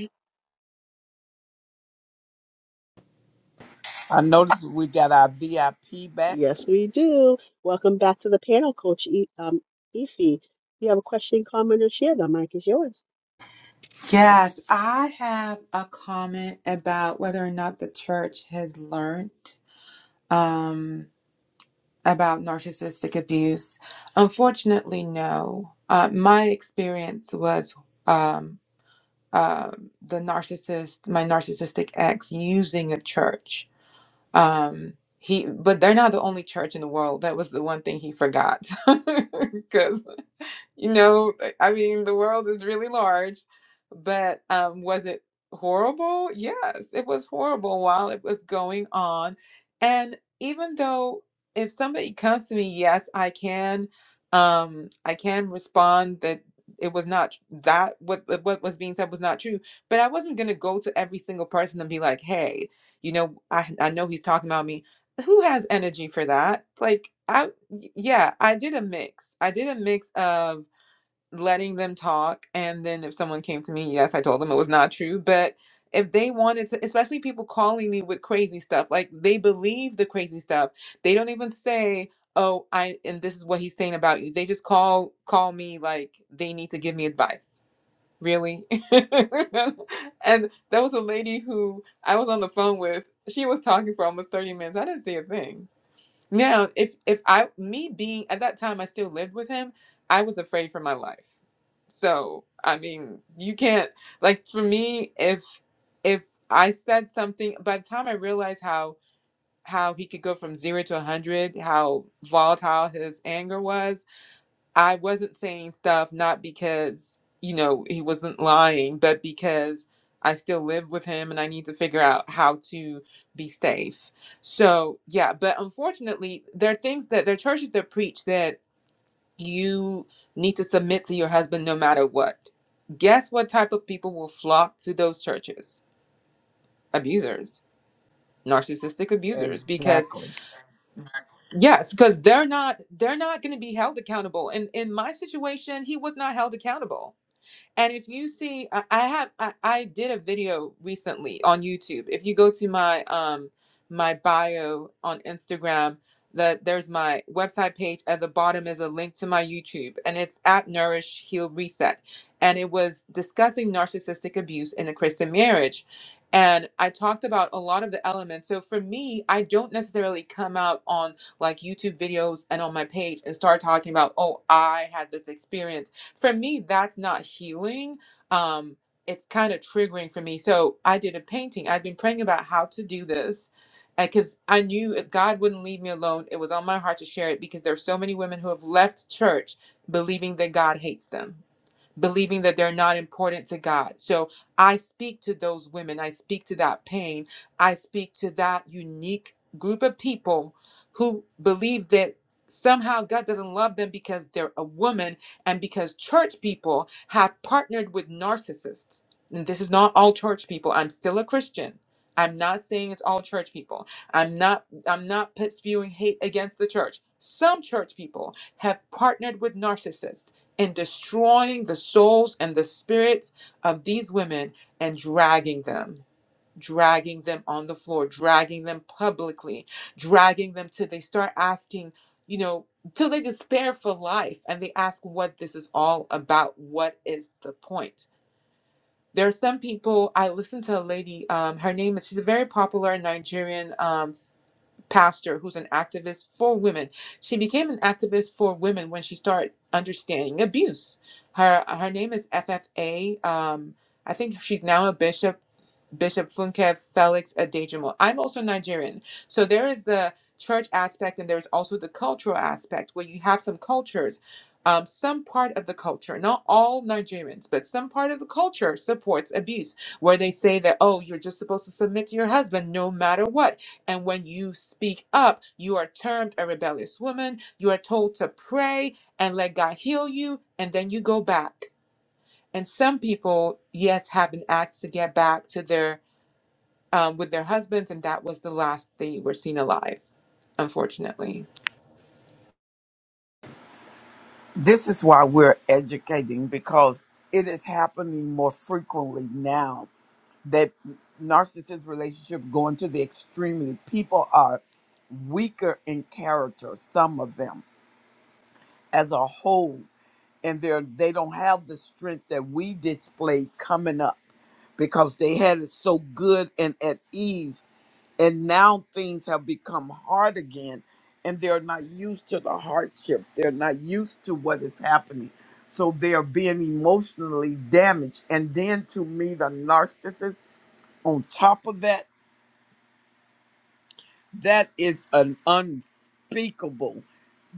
S1: I noticed we got our VIP back.
S5: Yes, we do. Welcome back to the panel, Coach e- um, Ify. If you have a question, comment, or share, the mic is yours.
S7: Yes, I have a comment about whether or not the church has learned um, about narcissistic abuse. Unfortunately, no. Uh, my experience was um, uh, the narcissist, my narcissistic ex, using a church. Um, he, but they're not the only church in the world. That was the one thing he forgot, because. You know, eh, I mean, the world is really large, but um, was it horrible? Yes, it was horrible while it was going on. And even though if somebody comes to me, yes, I can, um, I can respond that it was not tr- that what what what was being said was not true. But I wasn't gonna go to every single person and be like, hey, you know, I I know he's talking about me who has energy for that? Like I y- yeah, I did a mix. I did a mix of letting them talk and then if someone came to me yes i told them it was not true but if they wanted to especially people calling me with crazy stuff like they believe the crazy stuff they don't even say oh i and this is what he's saying about you they just call call me like they need to give me advice really and there was a lady who i was on the phone with she was talking for almost 30 minutes i didn't say a thing now, if if I me being at that time I still lived with him, I was afraid for my life. So, I mean, you can't like for me if if I said something by the time I realized how how he could go from 0 to a 100, how volatile his anger was, I wasn't saying stuff not because, you know, he wasn't lying, but because I still live with him and I need to figure out how to be safe. So, yeah, but unfortunately, there are things that there are churches that preach that you need to submit to your husband no matter what. Guess what type of people will flock to those churches? Abusers, narcissistic abusers because
S1: Exactly.
S7: yes, because they're not they're not going to be held accountable. And in my situation, he was not held accountable And if you see, I, I have I, I did a video recently on YouTube. If you go to my um my bio on Instagram, that there's my website page. At the bottom is a link to my YouTube, and it's at Nourish Heal Reset. And it was discussing narcissistic abuse in a Christian marriage. And I talked about a lot of the elements. So for me, I don't necessarily come out on like YouTube videos and on my page and start talking about, oh, I had this experience for me that's not healing um it's kind of triggering for me so i did a painting i'd been praying about how to do this because i knew it- god wouldn't leave me alone it was on my heart to share it because there are so many women who have left church believing that god hates them believing that they're not important to God. So I speak to those women. I speak to that pain. I speak to that unique group of people who believe that somehow God doesn't love them because they're a woman and because church people have partnered with narcissists. And this is not all church people. I'm still a Christian. I'm not saying it's all church people. I'm not I'm not put- spewing hate against the church. Some church people have partnered with narcissists in destroying the souls and the spirits of these women and dragging them dragging them on the floor dragging them publicly dragging them till they start asking you know till they despair for life and they ask what this is all about what is the point there are some people i listened to a lady um, her name is she's a very popular nigerian um, pastor who's an activist for women. She became an activist for women when she started understanding abuse. Her her name is FFA. Um, I think she's now a bishop, Bishop Funke Felix Adejimo. I'm also Nigerian, so there is the church aspect and there's also the cultural aspect where you have some cultures. Um, some part of the culture, not all Nigerians, but some part of the culture supports abuse, where they say that, oh, you're just supposed to submit to your husband no matter what and when you speak up, you are termed a rebellious woman. You are told to pray and let God heal you, and then you go back. And some people, yes, have an axe to get back to their um, with their husbands, and that was the last they were seen alive, unfortunately.
S1: This is why we're educating because it is happening more frequently now that narcissist relationship going to the extremely people are weaker in character some of them as a whole and they're they don't have the strength that we displayed coming up because they had it so good and at ease and now things have become hard again and they're not used to the hardship they're not used to what is happening so they are being emotionally damaged and then to me the narcissist on top of that that is an unspeakable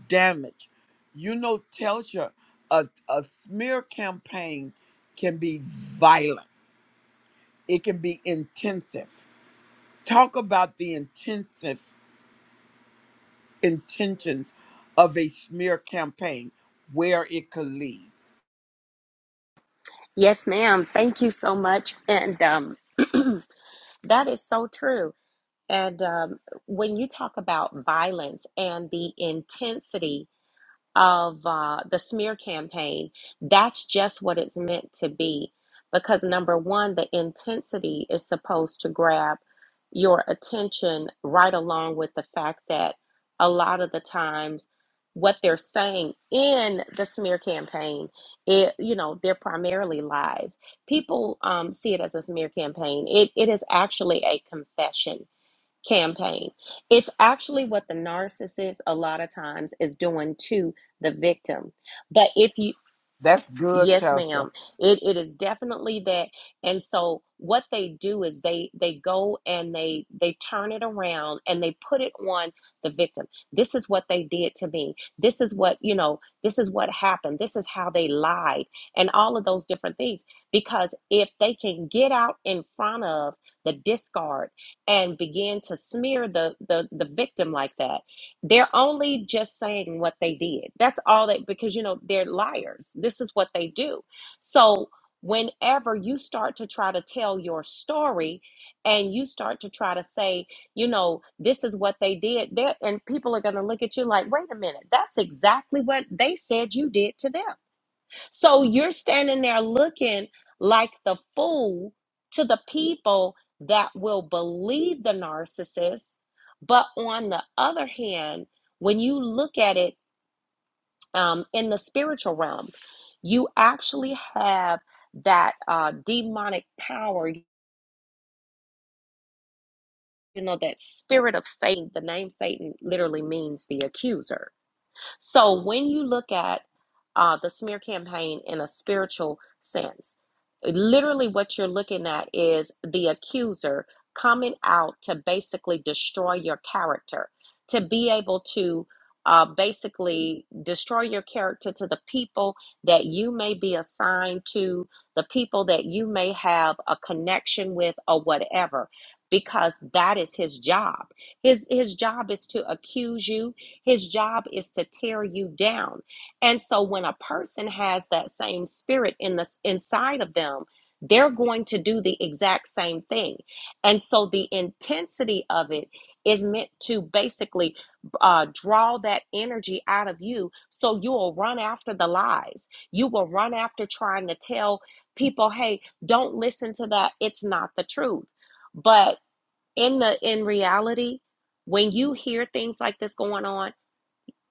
S1: damage you know telsha a, a smear campaign can be violent it can be intensive talk about the intensive intentions of a smear campaign where it could lead.
S8: Yes, ma'am. Thank you so much. And um, that is so true. And um, when you talk about violence and the intensity of uh, the smear campaign, that's just what it's meant to be. Because number one, the intensity is supposed to grab your attention right along with the fact that a lot of the times what they're saying in the smear campaign it you know they're primarily lies people um, see it as a smear campaign it, it is actually a confession campaign. It's actually what the narcissist a lot of times is doing to the victim. But if you
S1: That's good,
S8: Yes,
S1: Tasha.
S8: ma'am. It it is definitely that. And so what they do is they they go and they they turn it around and they put it on the victim. This is what they did to me. This is what, you know, this is what happened. This is how they lied and all of those different things because if they can get out in front of the discard and begin to smear the the the victim like that they're only just saying what they did. That's all that, because, you know, they're liars. This is what they do. So, whenever you start to try to tell your story and you start to try to say, you know, this is what they did, there, and people are going to look at you like, wait a minute, that's exactly what they said you did to them. So you're standing there looking like the fool to the people that will believe the narcissist. But on the other hand, when you look at it um, in the spiritual realm, you actually have that uh, demonic power, you know, that spirit of Satan. The name Satan literally means the accuser So when you look at uh, the smear campaign in a spiritual sense, literally what you're looking at is the accuser coming out to basically destroy your character, to be able to uh, basically destroy your character to the people that you may be assigned to, the people that you may have a connection with, or whatever. Because that is his job. His his job is to accuse you his job is to tear you down. And so when a person has that same spirit in the inside of them, they're going to do the exact same thing. And so the intensity of it is meant to basically uh, draw that energy out of you. So you will run after the lies. You will run after trying to tell people, hey, don't listen to that. It's not the truth. But in the in reality, when you hear things like this going on,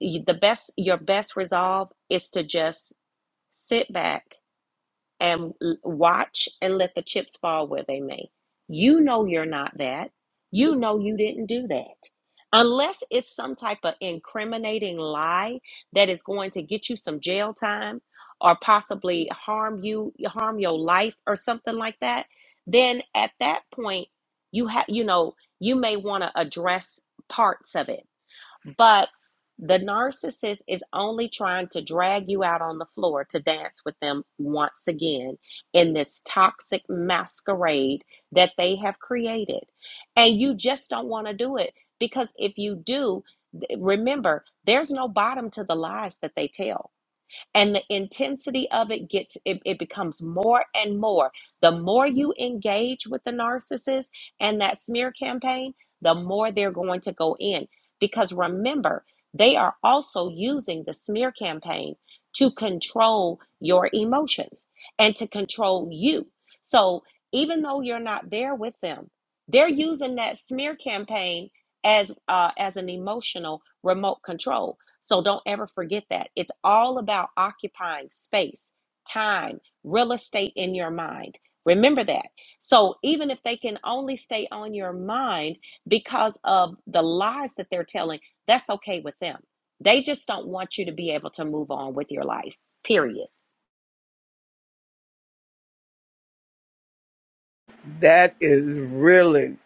S8: y- the best your best resolve is to just sit back and l- watch and let the chips fall where they may you know you're not that you know you didn't do that unless it's some type of incriminating lie that is going to get you some jail time or possibly harm you harm your life or something like that then at that point you have you know you may want to address parts of it but the narcissist is only trying to drag you out on the floor to dance with them once again in this toxic masquerade that they have created. And you just don't want to do it because if you do, remember, there's no bottom to the lies that they tell and the intensity of it gets it, it becomes more and more the more you engage with the narcissist and that smear campaign the more they're going to go in because remember they are also using the smear campaign to control your emotions and to control you so even though you're not there with them they're using that smear campaign as uh, as an emotional remote control so don't ever forget that. It's all about occupying space, time, real estate in your mind. Remember that. So even if they can only stay on your mind because of the lies that they're telling, that's okay with them. They just don't want you to be able to move on with your life, period.
S1: That is really,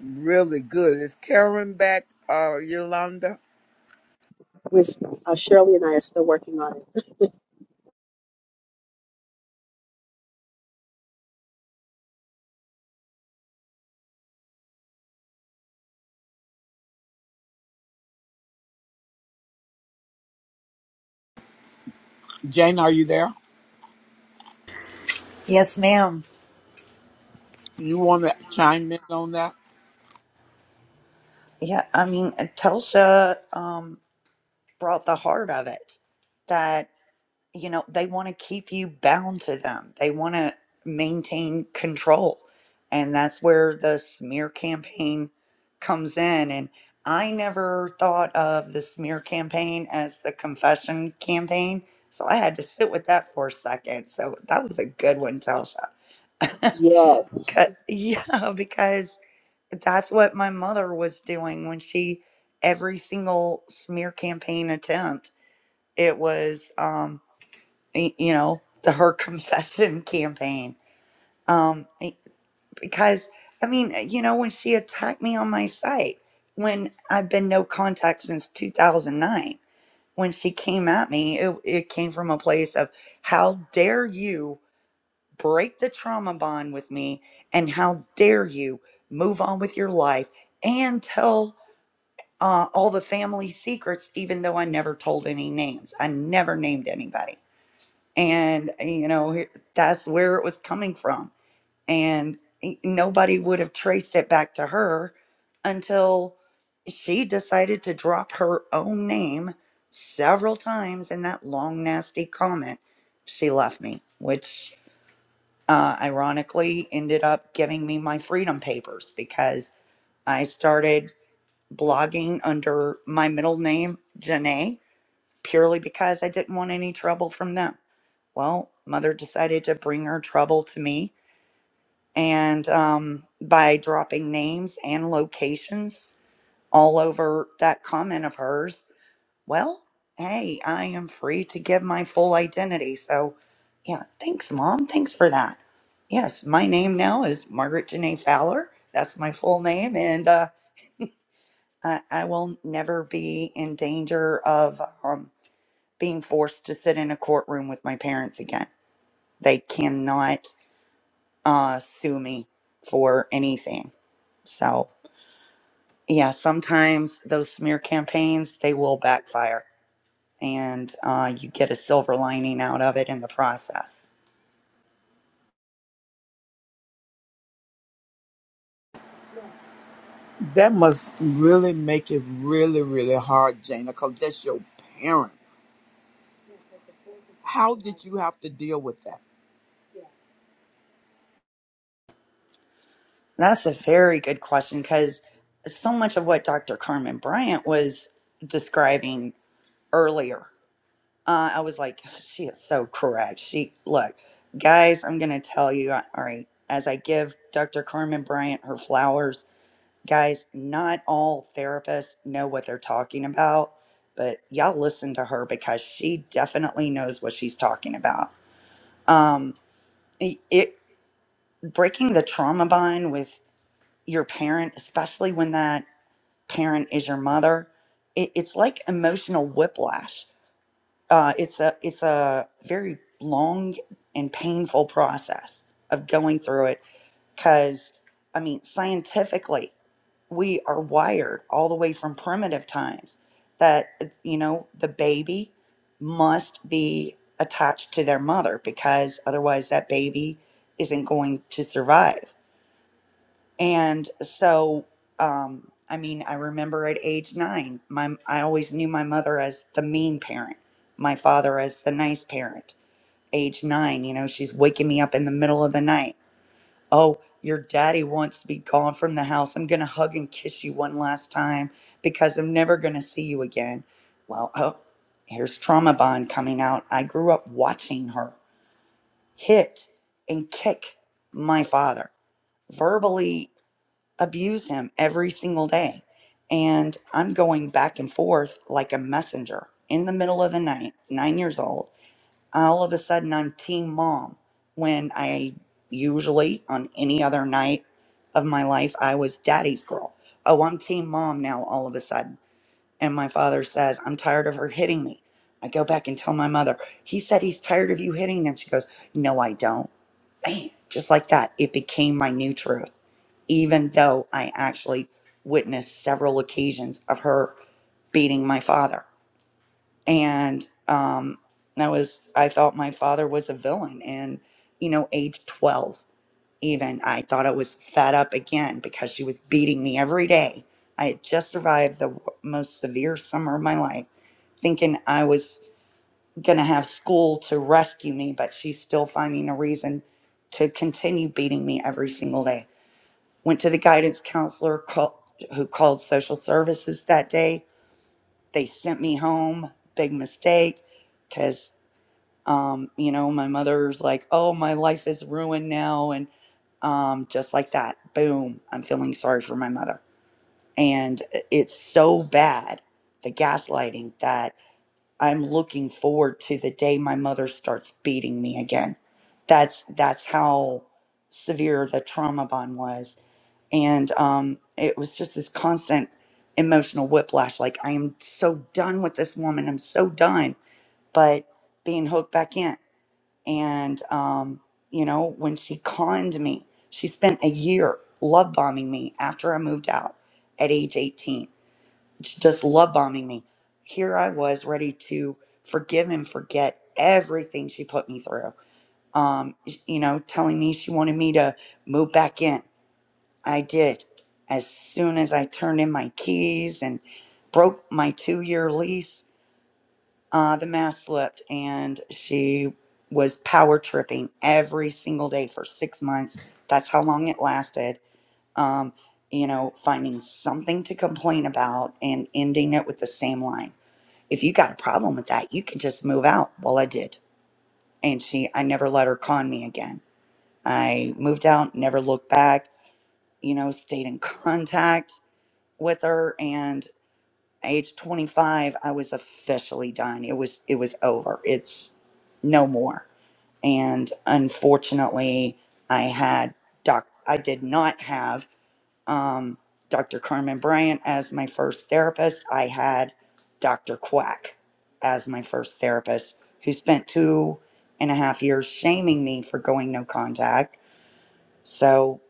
S1: really good. Is Karen back, uh, Yolanda?
S5: Which uh, Shirley and I are still working on it.
S1: Jane, are you there?
S4: Yes, ma'am.
S1: You want to chime in on that?
S4: Yeah, I mean, Telsha um, brought the heart of it. that. you know, they want to keep you bound to them. They want to maintain control. And that's where the smear campaign comes in. And I never thought of the smear campaign as the confession campaign. So I had to sit with that for a second. So that was a good one, Telsha.
S5: Yes.
S4: 'Cause- Yeah, because that's what my mother was doing when she, every single smear campaign attempt, it was. um, y- you know, the her confession campaign. Um, I- because I mean, eh, you know, when she attacked me on my site, when I've been no contact since 2009, when she came at me, it, it came from a place of how dare you break the trauma bond with me, and how dare you move on with your life and tell uh, all the family secrets, even though I never told any names. I never named anybody and you know that's where it was coming from and nobody would have traced it back to her until she decided to drop her own name several times in that long nasty comment she left me which uh, ironically ended up giving me my freedom papers because i started blogging under my middle name janae purely because i didn't want any trouble from them well, mother decided to bring her trouble to me, and um, by dropping names and locations all over that comment of hers, well, hey, I am free to give my full identity. So, yeah, thanks, mom. Thanks for that. Yes, my name now is Margaret Janae Fowler. That's my full name, and uh, I, I will never be in danger of um, being forced to sit in a courtroom with my parents again. They cannot uh, sue me for anything. So yeah, sometimes those smear campaigns they will backfire, and uh, you get a silver lining out of it in the process.
S1: That must really make it really, really hard, Jana, because that's your parents. How did you have to deal with that?
S4: That's a very good question because so much of what Dr. Carmen Bryant was describing earlier, uh, I was like, she is so correct. She look, guys, I'm gonna tell you. All right, as I give Dr. Carmen Bryant her flowers Guys, not all therapists know what they're talking about, but y'all listen to her because she definitely knows what she's talking about. Um, it it- breaking the trauma bind with your parent, especially when that parent is your mother, it, it's like emotional whiplash. Uh, it's a it's a very long and painful process of going through it because I mean scientifically we are wired all the way from primitive times that uh, you know the baby must be attached to their mother because otherwise that baby isn't going to survive and so um i mean i remember at age 9 my i always knew my mother as the mean parent my father as the nice parent age 9 you know she's waking me up in the middle of the night Oh, your daddy wants to be gone from the house. I'm going to hug and kiss you one last time because I'm never going to see you again. Well, oh, here's trauma bond coming out. I grew up watching her hit and kick my father, verbally abuse him every single day. And I'm going back and forth like a messenger in the middle of the night, nine years old all of a sudden I'm team mom when I usually on any other night of my life I was daddy's girl. Oh, I'm team mom now all of a sudden. And my father says, I'm tired of her hitting me. I go back and tell my mother, he said he's tired of you hitting him. She goes, No, I don't. Bam, just like that. It became my new truth, even though I actually witnessed several occasions of her beating my father and um, I was I thought my father was a villain, and you know, age twelve, even I thought I was fed up again because she was beating me every day. I had just survived the w- most severe summer of my life, thinking I was gonna have school to rescue me, but she's still finding a reason to continue beating me every single day. Went to the guidance counselor called, who called social services that day. They sent me home. Big mistake, 'cause um, you know, my mother's like, "Oh, my life is ruined now," and um, just like that, boom, I'm feeling sorry for my mother, and uh, it's so bad the gaslighting that I'm looking forward to the day my mother starts beating me again. That's that's how severe the trauma bond was, and um, it was just this constant emotional whiplash. Like I am so done with this woman. I'm so done, but being hooked back in. And, um, you know, when she conned me, she spent a year love bombing me after I moved out at age 18, j- just love bombing me. Here I was ready to forgive and forget everything she put me through. Um, y- you know, telling me she wanted me to move back in. I did. As soon as I turned in my keys and broke my two year lease, uh, the mask slipped and she was power tripping every single day for six months. That's how long it lasted. Um, you know, finding something to complain about and ending it with the same line. If you got a problem with that, you can just move out. Well, I did. And she, I never let her con me again. I moved out, never looked back, you know, stayed in contact with her. and age 25 i was officially done it was it was over it's no more and unfortunately i had doc i did not have um, dr carmen bryant as my first therapist i had dr quack as my first therapist who spent two and a half years shaming me for going no contact so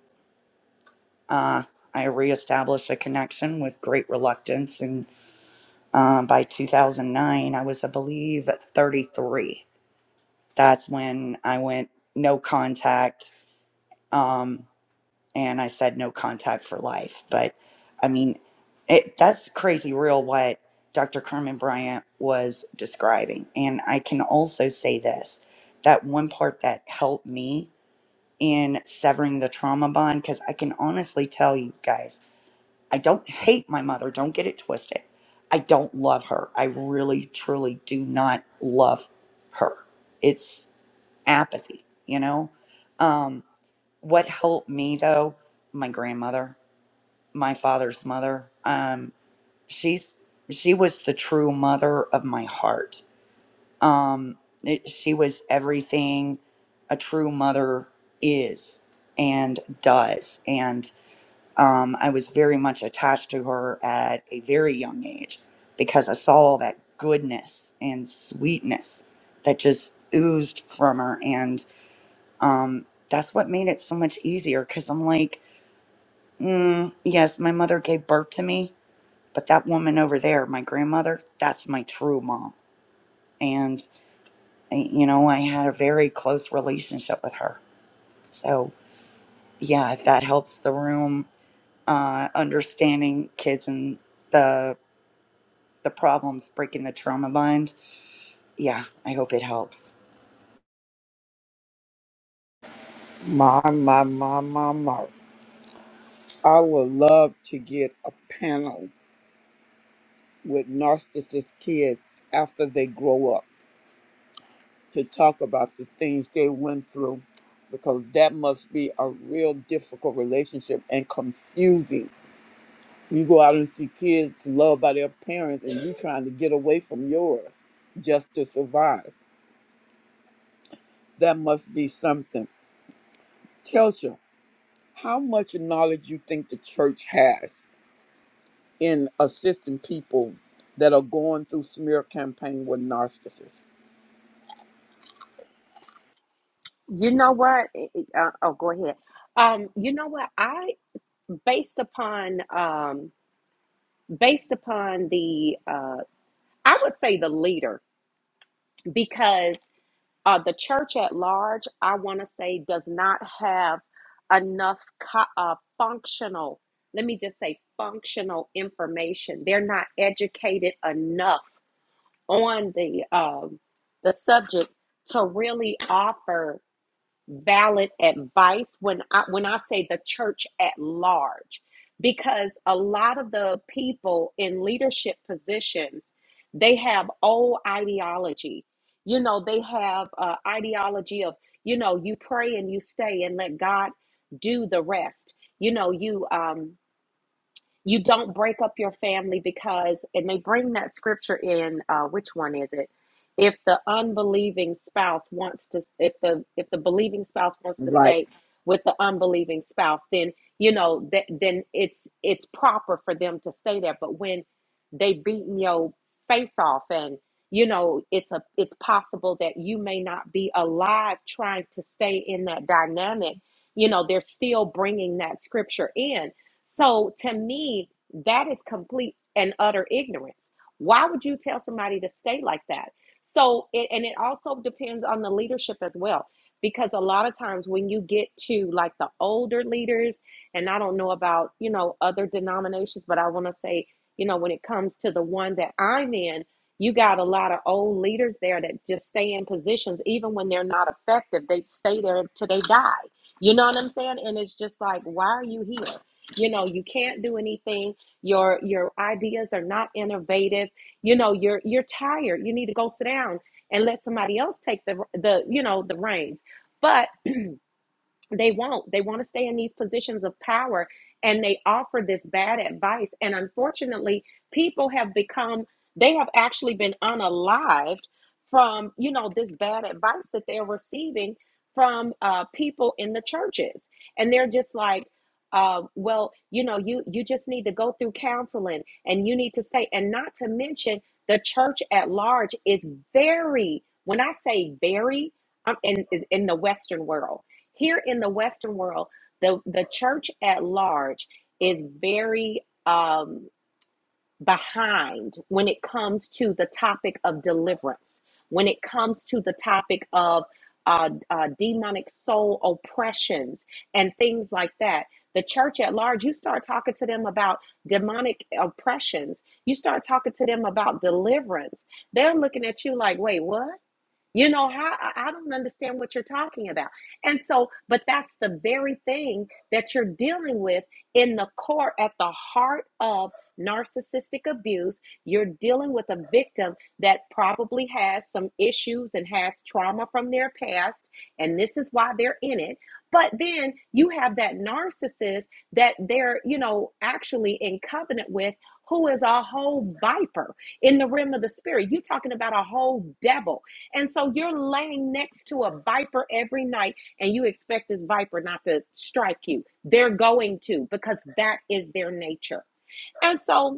S4: uh, i reestablished a connection with great reluctance Um, by 2009, I was, I believe, 33. That's when I went no contact, um, and I said no contact for life. But I mean, it, that's crazy real what Dr. Carmen Bryant was describing. And I can also say this that one part that helped me in severing the trauma bond, because I can honestly tell you guys. I don't hate my mother. Don't get it twisted. I don't love her. I really, truly do not love her. It's apathy, you know? Um, what helped me though, my grandmother, my father's mother, um, she's, she was the true mother of my heart. Um, it, she was everything a true mother is and does. and. Um, I was very much attached to her at a very young age because I saw all that goodness and sweetness that just oozed from her. And um, that's what made it so much easier because I'm like, mm, yes, my mother gave birth to me, but that woman over there, my grandmother, that's my true mom. And, I- you know, I had a very close relationship with her. So, yeah, if that helps the room, uh, understanding kids and the the problems breaking the trauma bind. Yeah, I hope it helps.
S1: My, my, my, my, my. I would love to get a panel with narcissist kids after they grow up to talk about the things they went through because that must be a real difficult relationship and confusing. You go out and see kids loved by their parents and you trying to get away from yours just to survive. That must be something. Telsha, how much knowledge you think the church has in assisting people that are going through smear campaign with narcissists?
S8: You know what? It- it- Uh, oh, go ahead. Um, you know what? I, based upon, um, based upon the, uh, I would say the leader, because uh, the church at large, I want to say, does not have enough co- uh, functional, let me just say, functional information. They're not educated enough on the um, the subject to really offer valid advice when I when I say the church at large because a lot of the people in leadership positions they have old ideology you know they have uh, ideology of you know you pray and you stay and let God do the rest you know you um you don't break up your family because, and they bring that scripture in. Uh, which one is it? If the unbelieving spouse wants to, if the if the believing spouse wants to
S1: Right.
S8: stay with the unbelieving spouse, then you know that then it's it's proper for them to stay there. But when they beating your face off and you know it's a it's possible that you may not be alive trying to stay in that dynamic you know they're still bringing that scripture in so to me, that is complete and utter ignorance. Why would you tell somebody to stay like that? So, it, and it also depends on the leadership as well. Because a lot of times when you get to like the older leaders, and I don't know about, you know, other denominations, but I want to say, you know, when it comes to the one that I'm in, you got a lot of old leaders there that just stay in positions, even when they're not effective, they stay there till they die. You know what I'm saying? And it's just like, why are you here? you know you can't do anything your your ideas are not innovative you know you're you're tired you need to go sit down and let somebody else take the the you know the reins but they won't they want to stay in these positions of power and they offer this bad advice and unfortunately people have become they have actually been unalived from you know this bad advice that they're receiving from uh, people in the churches and they're just like uh, well you know you you just need to go through counseling and you need to stay and not to mention the church at large is very when i say very I'm in in the Western world here in the Western world, the, the church at large is very um, behind when it comes to the topic of deliverance, when it comes to the topic of uh, uh, demonic soul oppressions and things like that. The church at large, you start talking to them about demonic oppressions, you start talking to them about deliverance. They're looking at you like, wait, what? You know how I I don't understand what you're talking about. And so, but that's the very thing that you're dealing with in the core at the heart of narcissistic abuse. You're dealing with a victim that probably has some issues and has trauma from their past, and this is why they're in it. But then you have that narcissist that they're, you know, actually in covenant with who is a whole viper in the realm of the spirit. You're talking about a whole devil and so you're laying next to a viper every night, and you expect this viper not to strike you. They're going to because that is their nature. And so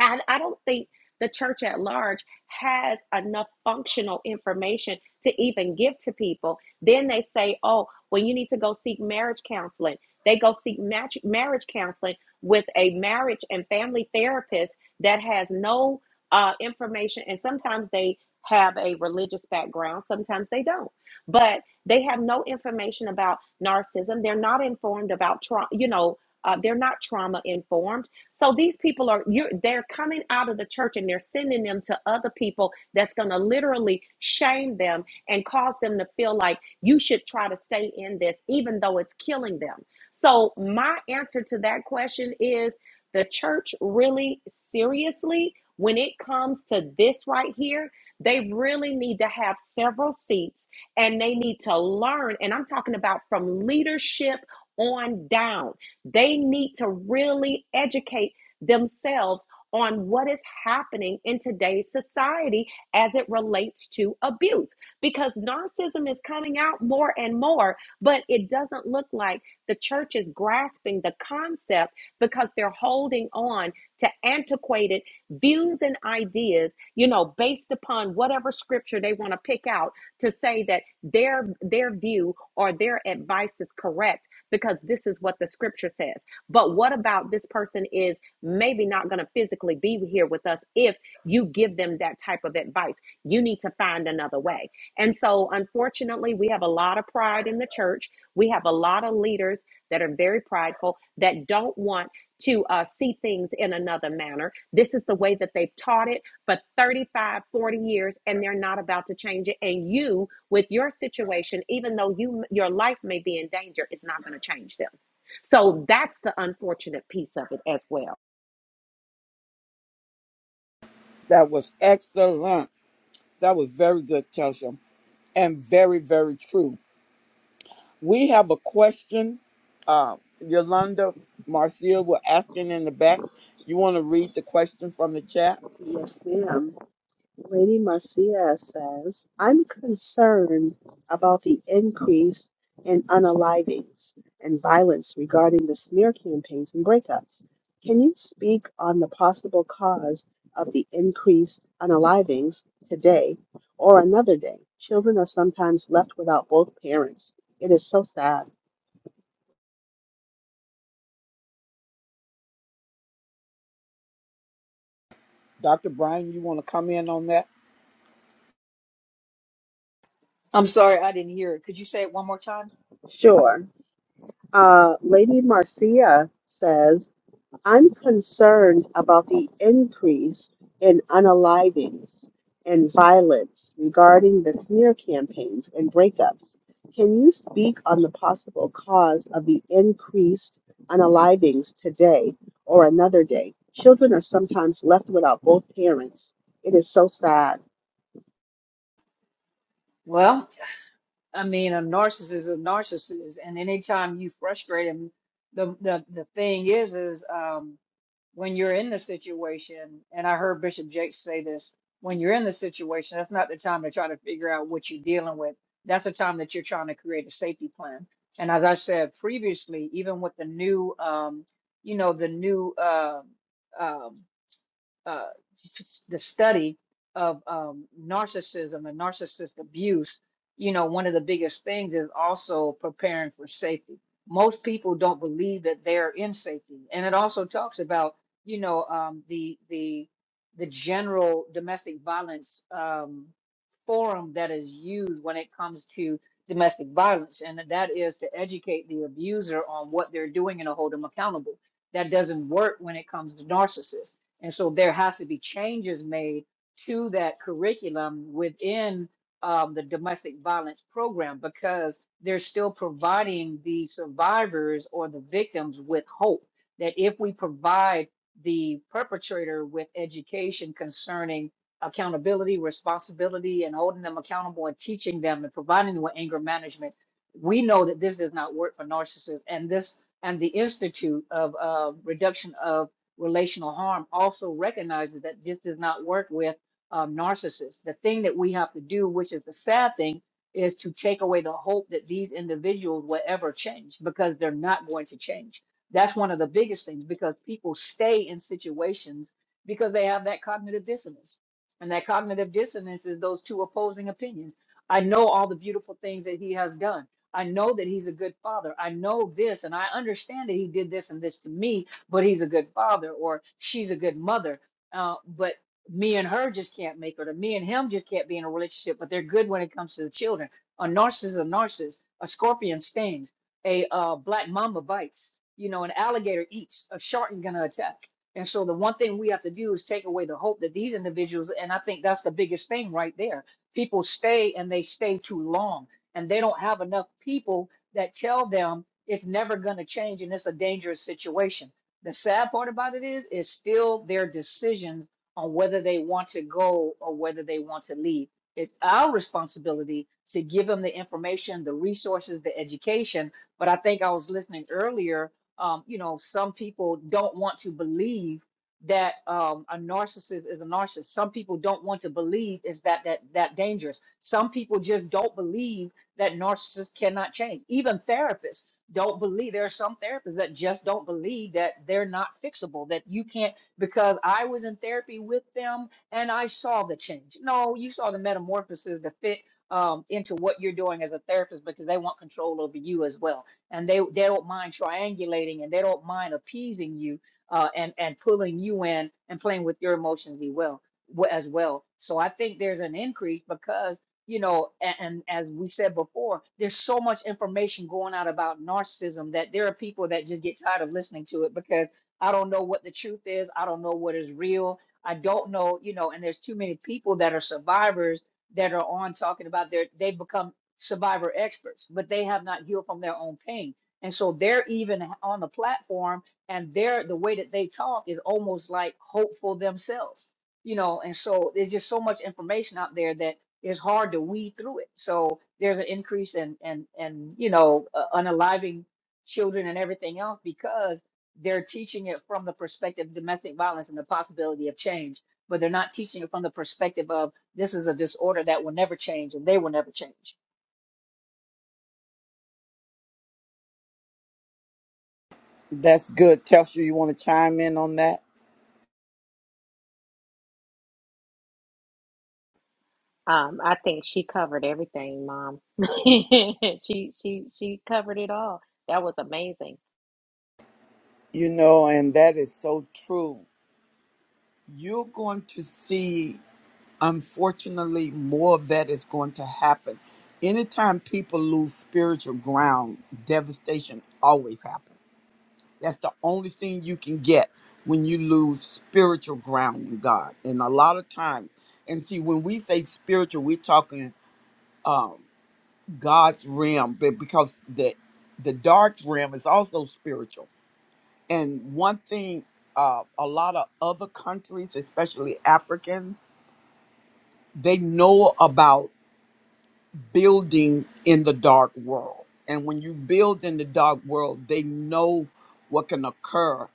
S8: I, I don't think the church at large has enough functional information to even give to people. Then they say, oh, well, you need to go seek marriage counseling. They go seek match, marriage counseling with a marriage and family therapist that has no uh, information. And sometimes they have a religious background, sometimes they don't. But they have no information about narcissism. They're not informed about trauma, you know, uh, they're not trauma informed so these people are you're they're coming out of the church and they're sending them to other people that's going to literally shame them and cause them to feel like you should try to stay in this even though it's killing them. So my answer to that question is the church really seriously when it comes to this right here, they really need to have several seats and they need to learn. And I'm talking about from leadership on down. They need to really educate themselves on what is happening in today's society as it relates to abuse because narcissism is coming out more and more, but it doesn't look like the church is grasping the concept because they're holding on to antiquated views and ideas, you know, based upon whatever scripture they want to pick out to say that their their view or their advice is correct because this is what the scripture says. But what about this person is maybe not going to physically be here with us if you give them that type of advice. You need to find another way. And so, unfortunately, we have a lot of pride in the church. We have a lot of leaders that are very prideful that don't want to uh, see things in another manner. This is the way that they've taught it for 35, 40 years, and they're not about to change it. And you, with your situation, even though you your life may be in danger, it's not going to change them. So that's the unfortunate piece of it as well.
S1: That was excellent. That was very good, Telsha, and very, very true. We have a question. Uh, Yolanda Marcia were asking in the back. You want to read the question from the chat?
S5: Yes, ma'am. Lady Marcia says, I'm concerned about the increase in unalivings and violence regarding the smear campaigns and breakups. Can you speak on the possible cause of the increased unalivings today or another day? Children are sometimes left without both parents. It is so sad.
S1: Dr. Brian, you want to come in on that?
S6: I'm sorry, I didn't hear it. Could you say it one more time?
S5: Sure. Uh, Lady Marcia says, I'm concerned about the increase in unalivings and violence regarding the smear campaigns and breakups. Can you speak on the possible cause of the increased unalivings today or another day? Children are sometimes left without both parents. It is so sad.
S6: Well, I mean, a narcissist is a narcissist, and anytime you frustrate him, the the the thing is, is um, when you're in the situation, and I heard Bishop Jakes say this, when you're in the situation, that's not the time to try to figure out what you're dealing with. That's the time that you're trying to create a safety plan. And as I said previously, even with the new, um, you know, the new. uh, um uh, the study of um, narcissism and narcissist abuse, you know, one of the biggest things is also preparing for safety. Most people don't believe that they're in safety, and it also talks about, you know, um, the the the general domestic violence um, forum that is used when it comes to domestic violence, and that is to educate the abuser on what they're doing and to hold them accountable. That doesn't work when it comes to narcissists and so there has to be changes made to that curriculum within um, the domestic violence program because they're still providing the survivors or the victims with hope that if we provide the perpetrator with education concerning accountability, responsibility, and holding them accountable and teaching them and providing them with anger management, we know that this does not work for narcissists. And this and the Institute of uh, Reduction of relational harm also recognizes that this does not work with um, narcissists. The thing that we have to do, which is the sad thing, is to take away the hope that these individuals will ever change because they're not going to change. That's one of the biggest things because people stay in situations because they have that cognitive dissonance. And that cognitive dissonance is those two opposing opinions. I know all the beautiful things that he has done. I know that he's a good father. I know this, and I understand that he did this and this to me but he's a good father or she's a good mother. Uh, but me and her just can't make it, or me and him just can't be in a relationship. But they're good when it comes to the children. A narcissist is a narcissist. A scorpion stings. A uh, black mamba bites. You know, an alligator eats. A shark is going to attack. And so the one thing we have to do is take away the hope that these individuals, and I think that's the biggest thing right there. People stay and they stay too long, and they don't have enough people that tell them it's never going to change and it's a dangerous situation. The sad part about it is, it's still their decisions on whether they want to go or whether they want to leave. It's our responsibility to give them the information, the resources, the education. But I think I was listening earlier. Um, you know, some people don't want to believe that um, a narcissist is a narcissist. Some people don't want to believe is that that that dangerous. Some people just don't believe that narcissists cannot change. Even therapists don't believe there are some therapists that just don't believe that they're not fixable that you can't because i was in therapy with them and i saw the change no you saw the metamorphosis to fit um, into what you're doing as a therapist because they want control over you as well and they they don't mind triangulating and they don't mind appeasing you uh, and and pulling you in and playing with your emotions as well as well so i think there's an increase because you know and, and as we said before there's so much information going out about narcissism that there are people that just get tired of listening to it because i don't know what the truth is i don't know what is real i don't know you know and there's too many people that are survivors that are on talking about their they've become survivor experts but they have not healed from their own pain and so they're even on the platform and they're the way that they talk is almost like hopeful themselves you know and so there's just so much information out there that it's hard to weed through it. So there's an increase in and and you know uh, unaliving children and everything else because they're teaching it from the perspective of domestic violence and the possibility of change, but they're not teaching it from the perspective of this is a disorder that will never change and they will never change.
S1: That's good, Telsha. You want to chime in on that?
S8: Um, I think she covered everything, Mom. she she she covered it all. That was amazing.
S1: You know, and that is so true. You're going to see, unfortunately, more of that is going to happen. Anytime people lose spiritual ground, devastation always happens That's the only thing you can get when you lose spiritual ground in God. And a lot of time, and see, when we say spiritual, we're talking um, God's realm, but because the the dark realm is also spiritual. And one thing, uh, a lot of other countries, especially Africans, they know about. building in the dark world. And when you build in the dark world, they know what can occur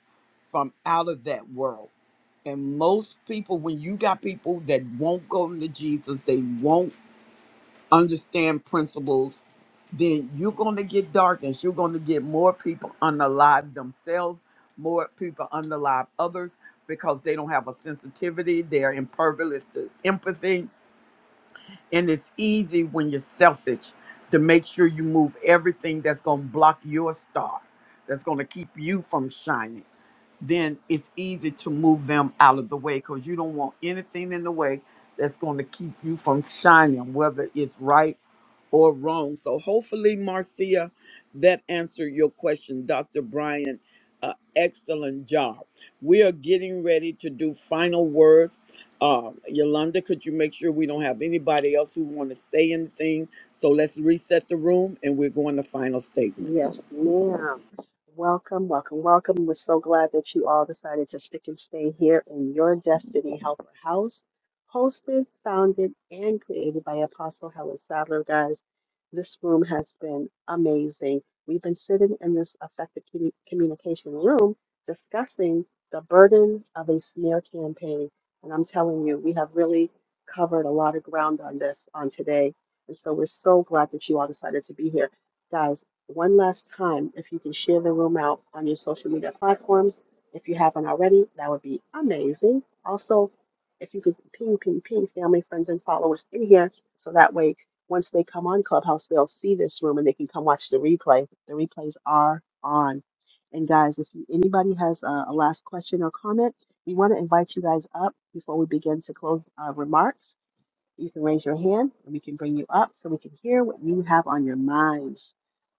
S1: from out of that world. And most people, when you got people that won't go into Jesus, they won't understand principles, then you're going to get darkness. You're going to get more people unalive themselves, more people unalive others because they don't have a sensitivity. They're impervious to empathy and it's easy when you're selfish to make sure you move everything that's going to block your star, that's going to keep you from shining then it's easy to move them out of the way because you don't want anything in the way that's going to keep you from shining, whether it's right or wrong. So, hopefully, Marcia, that answered your question, Dr. Brian. Uh, excellent job. We are getting ready to do final words. Uh, Yolanda, could you make sure we don't have anybody else who want to say anything? So let's reset the room and we're going to final statements.
S5: Yes, ma'am. Welcome, welcome, welcome. We're so glad that you all decided to stick and stay here in your Destiny Helper House, hosted, founded, and created by Apostle Helen Sadler. Guys, this room has been amazing. We've been sitting in this effective commu- communication room discussing the burden of a smear campaign. And I'm telling you, we have really covered a lot of ground on this on today. And so we're so glad that you all decided to be here. Guys, one last time, if you can share the room out on your social media platforms, if you haven't already, that would be amazing. Also, if you could ping, ping, ping family, friends, and followers in here, so that way, once they come on Clubhouse, they'll see this room and they can come watch the replay. The replays are on. And guys, if you, anybody has a, a last question or comment, we want to invite you guys up before we begin to close uh, remarks. You can raise your hand and we can bring you up so we can hear what you have on your minds.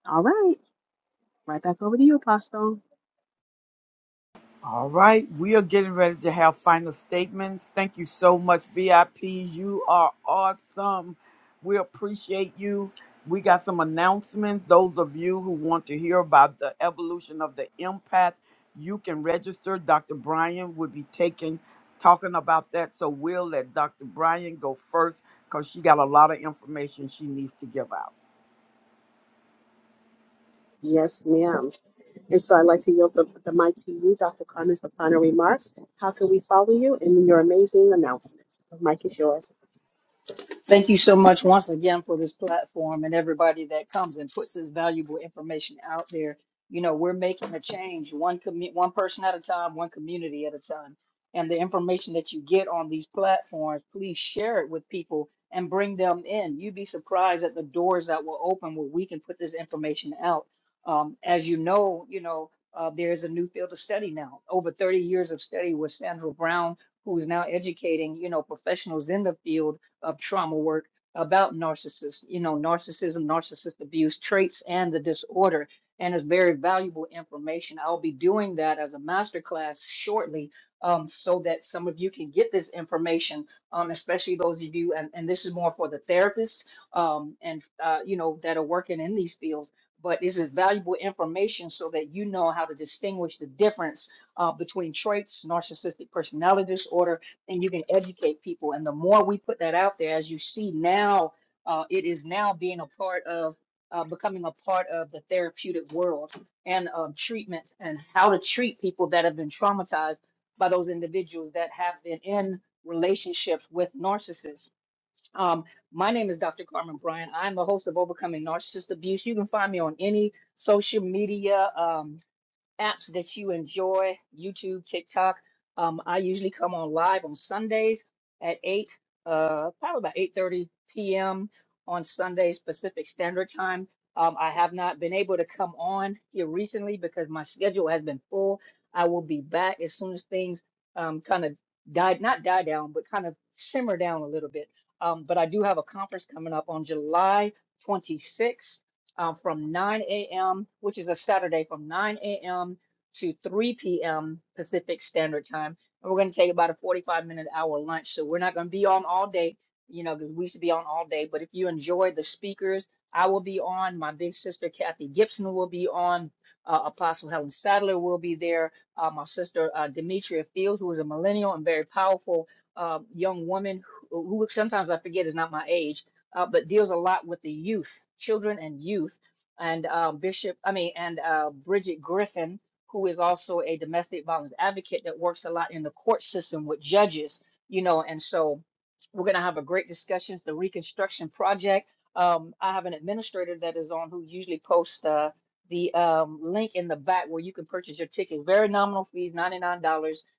S5: All right, right back over to you, Apostle.
S1: All right, we are getting ready to have final statements. Thank you so much, VIPs. You are awesome. We appreciate you. We got some announcements. Those of you who want to hear about the evolution of the empath, you can register. Dr. Brian will be taking talking about that. So we'll let Dr. Brian go first because she got a lot of information she needs to give out.
S5: Yes, ma'am. And so I'd like to yield the, the mic to you, Dr. Carmen, for final remarks. How can we follow you in your amazing announcements? The mic is yours.
S6: Thank you so much once again for this platform and everybody that comes and puts this valuable information out there. You know, we're making a change one commu- one person at a time, one community at a time. And the information that you get on these platforms, please share it with people and bring them in. You'd be surprised at the doors that will open where we can put this information out. Um, as you know, you know, uh, there is a new field of study now. Over 30 years of study with Sandra Brown, who's now educating, you know, professionals in the field of trauma work about narcissism, you know, narcissism, narcissist abuse traits, and the disorder. And it's very valuable information. I'll be doing that as a masterclass shortly um, so that some of you can get this information, um, especially those of you, and, and this is more for the therapists um, and, uh, you know, that are working in these fields. But this is valuable information so that you know how to distinguish the difference uh, between traits, narcissistic personality disorder, and you can educate people. And the more we put that out there, as you see now, uh, it is now being a part of uh, becoming a part of the therapeutic world and um, treatment and how to treat people that have been traumatized by those individuals that have been in relationships with narcissists. Um, my name is Dr. Carmen Bryan. I'm the host of Overcoming Narcissist Abuse. You can find me on any social media. um, apps that you enjoy, YouTube, TikTok. Um, I usually come on live on Sundays at 8, uh, probably about 8.30 p.m. on Sundays Pacific Standard Time. Um, I have not been able to come on here recently because my schedule has been full. I will be back as soon as things um, kind of die, not die down, but kind of simmer down a little bit. Um, but I do have a conference coming up on July 26th uh, from 9 a.m., which is a Saturday, from 9 a.m. to 3 p.m. Pacific Standard Time. And we're going to take about a 45 minute hour lunch. So we're not going to be on all day, you know, because we should be on all day. But if you enjoyed the speakers, I will be on. My big sister, Kathy Gibson, will be on. Uh, Apostle Helen Sadler will be there. Uh, my sister, uh, Demetria Fields, who is a millennial and very powerful uh, young woman who, who sometimes I forget is not my age uh, but deals a lot with the youth, children and youth. And um, Bishop, I mean, and uh, Bridget Griffin, who is also a domestic violence advocate that works a lot in the court system with judges, you know. And so we're going to have a great discussion. It's the Reconstruction Project. Um, I have an administrator that is on who usually posts uh, the um, link in the back where you can purchase your ticket. Very nominal fees, $99,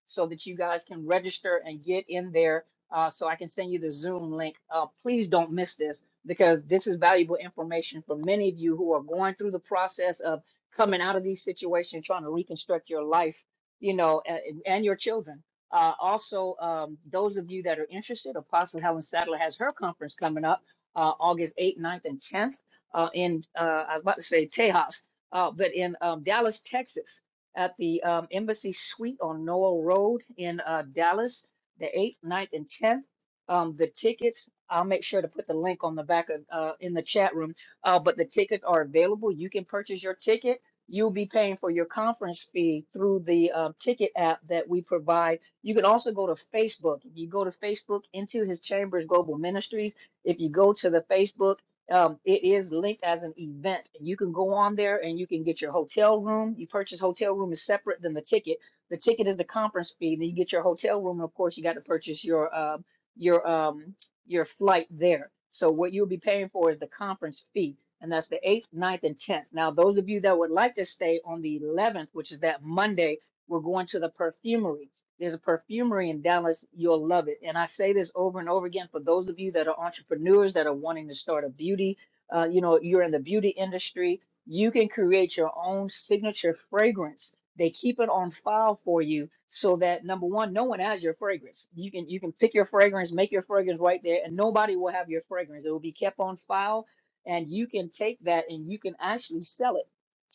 S6: so that you guys can register and get in there uh, so I can send you the Zoom link. Uh, please don't miss this because this is valuable information for many of you who are going through the process of coming out of these situations, trying to reconstruct your life, you know, and, and your children. Uh, also, um, those of you that are interested, Apostle Helen Sadler has her conference coming up uh, August 8th, ninth, and 10th uh, in, uh, I was about to say Tejas, uh, but in um, Dallas, Texas, at the um, Embassy Suite on Noel Road in uh, Dallas the 8th, ninth, and 10th. Um, the tickets, I'll make sure to put the link on the back of uh, in the chat room. Uh, but the tickets are available. You can purchase your ticket. You'll be paying for your conference fee through the um, ticket app that we provide. You can also go to Facebook. If you go to Facebook into His Chambers Global Ministries, if you go to the Facebook, um, it is linked as an event. You can go on there and you can get your hotel room. You purchase hotel room is separate than the ticket the ticket is the conference fee. Then you get your hotel room, and of course, you got to purchase your uh, your um your flight there. So what you'll be paying for is the conference fee, and that's the eighth, ninth, and tenth. Now, those of you that would like to stay on the eleventh, which is that Monday, we're going to the perfumery. There's a perfumery in Dallas. You'll love it. And I say this over and over again for those of you that are entrepreneurs that are wanting to start a beauty. Uh, you know, you're in the beauty industry. You can create your own signature fragrance they keep it on file for you so that number one no one has your fragrance you can you can pick your fragrance make your fragrance right there and nobody will have your fragrance it will be kept on file and you can take that and you can actually sell it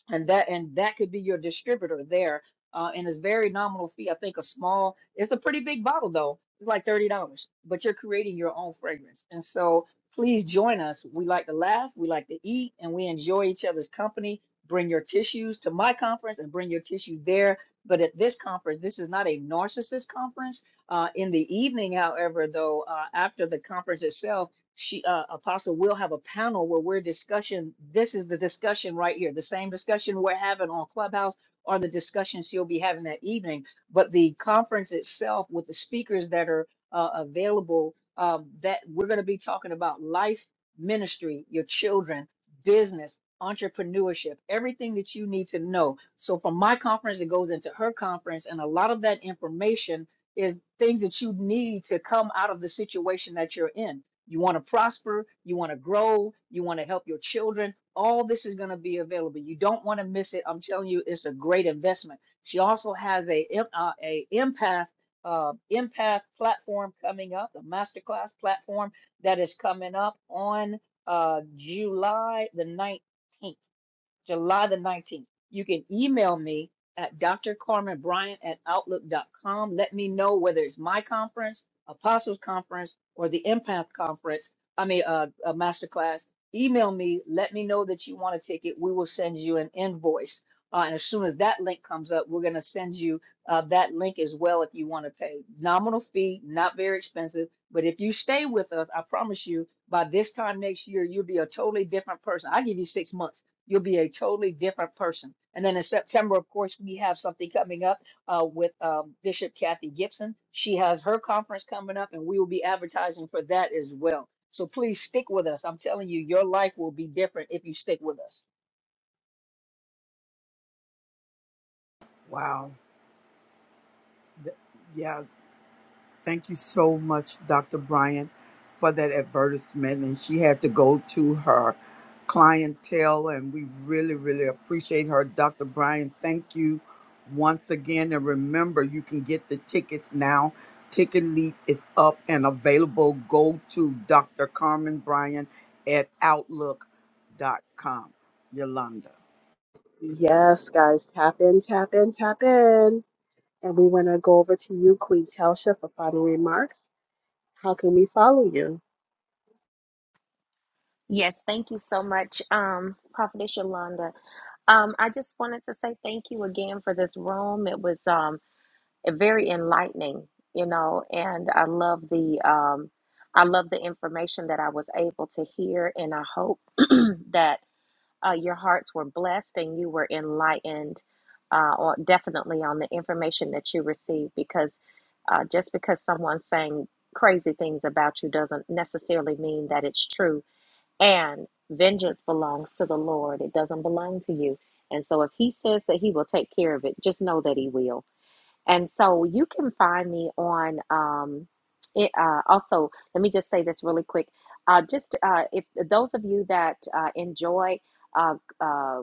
S6: and that and that could be your distributor there uh, and it's very nominal fee i think a small it's a pretty big bottle though it's like $30 but you're creating your own fragrance and so please join us we like to laugh we like to eat and we enjoy each other's company bring your tissues to my conference and bring your tissue there but at this conference this is not a narcissist conference uh, in the evening however though uh, after the conference itself she uh, apostle will have a panel where we're discussion this is the discussion right here the same discussion we're having on clubhouse or the discussions she'll be having that evening but the conference itself with the speakers that are uh, available um, that we're going to be talking about life ministry your children business entrepreneurship everything that you need to know so from my conference it goes into her conference and a lot of that information is things that you need to come out of the situation that you're in you want to prosper, you want to grow, you want to help your children. All this is going to be available. You don't want to miss it. I'm telling you, it's a great investment. She also has a em- uh, a empath uh, empath platform coming up, a masterclass platform that is coming up on uh, July the 19th. July the 19th. You can email me at drcarmenbryant at outlook dot com. Let me know whether it's my conference, Apostles Conference, or the Impact Conference, I mean, uh, a masterclass. Email me. Let me know that you want a ticket. We will send you an invoice. Uh, and as soon as that link comes up, we're going to send you uh, that link as well if you want to pay. Nominal fee, not very expensive. But if you stay with us, I promise you, by this time next year, you'll be a totally different person. I give you six months You'll be a totally different person. And then in September, of course, we have something coming up uh, with um, Bishop Kathy Gibson. She has her conference coming up, and we will be advertising for that as well. So please stick with us. I'm telling you, your life will be different if you stick with us.
S1: Wow. Yeah. Thank you so much, Dr. Bryant, for that advertisement. And she had to go to her clientele, and we really, really appreciate her. Dr. Bryant, thank you once again. And remember, you can get the tickets now. Ticket Leap is up and available. Go to Dr. Carmen Bryant at outlook dot com. Yolanda.
S5: Yes, guys, tap in, tap in, tap in. And we want to go over to you, Queen Telsha, for final remarks. How can we follow you?
S8: Yes, thank you so much, um, Prophetess Yolanda. Um, I just wanted to say thank you again for this room. It was um very enlightening, you know, and I love the um I love the information that I was able to hear, and I hope that Uh, your hearts were blessed and you were enlightened, uh, or definitely on the information that you received. Because uh, just because someone's saying crazy things about you doesn't necessarily mean that it's true. And vengeance belongs to the Lord, it doesn't belong to you. And so if He says that He will take care of it, just know that He will and so you can find me on um, it, uh, also, let me just say this really quick. Uh, just uh, if those of you that uh, enjoy uh, uh,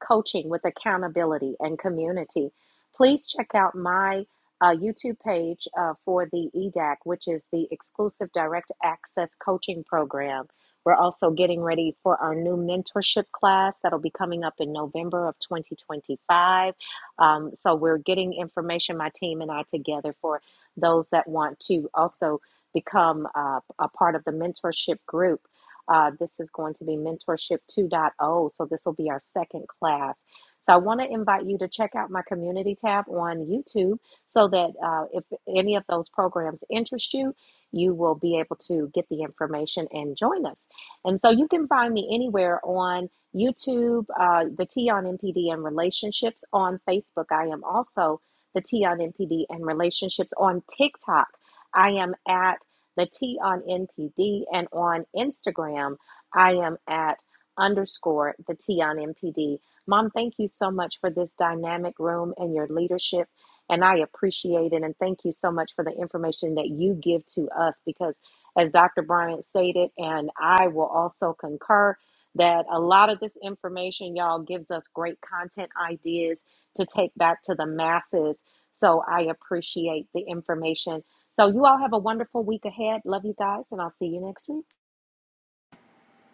S8: coaching with accountability and community. Please check out my uh, YouTube page uh, for the EDAC, which is the exclusive direct access coaching program. We're also getting ready for our new mentorship class that'll be coming up in November of 2025. Um, so we're getting information, my team and I, together for those that want to also become uh, a part of the mentorship group. Uh, this is going to be Mentorship 2.0. So this will be our second class. So I want to invite you to check out my community tab on YouTube so that uh, if any of those programs interest you, you will be able to get the information and join us. And so you can find me anywhere on YouTube, uh, the T on MPD and relationships on Facebook. I am also the T on MPD and relationships on TikTok. I am at the T on NPD, and on Instagram, I am at underscore the T on NPD. Mom, thank you so much for this dynamic room and your leadership. And I appreciate it. And thank you so much for the information that you give to us because, as Dr. Bryant stated, and I will also concur, that a lot of this information, y'all, gives us great content ideas to take back to the masses. So I appreciate the information so you all have a wonderful week ahead. Love you guys, and I'll see you next week.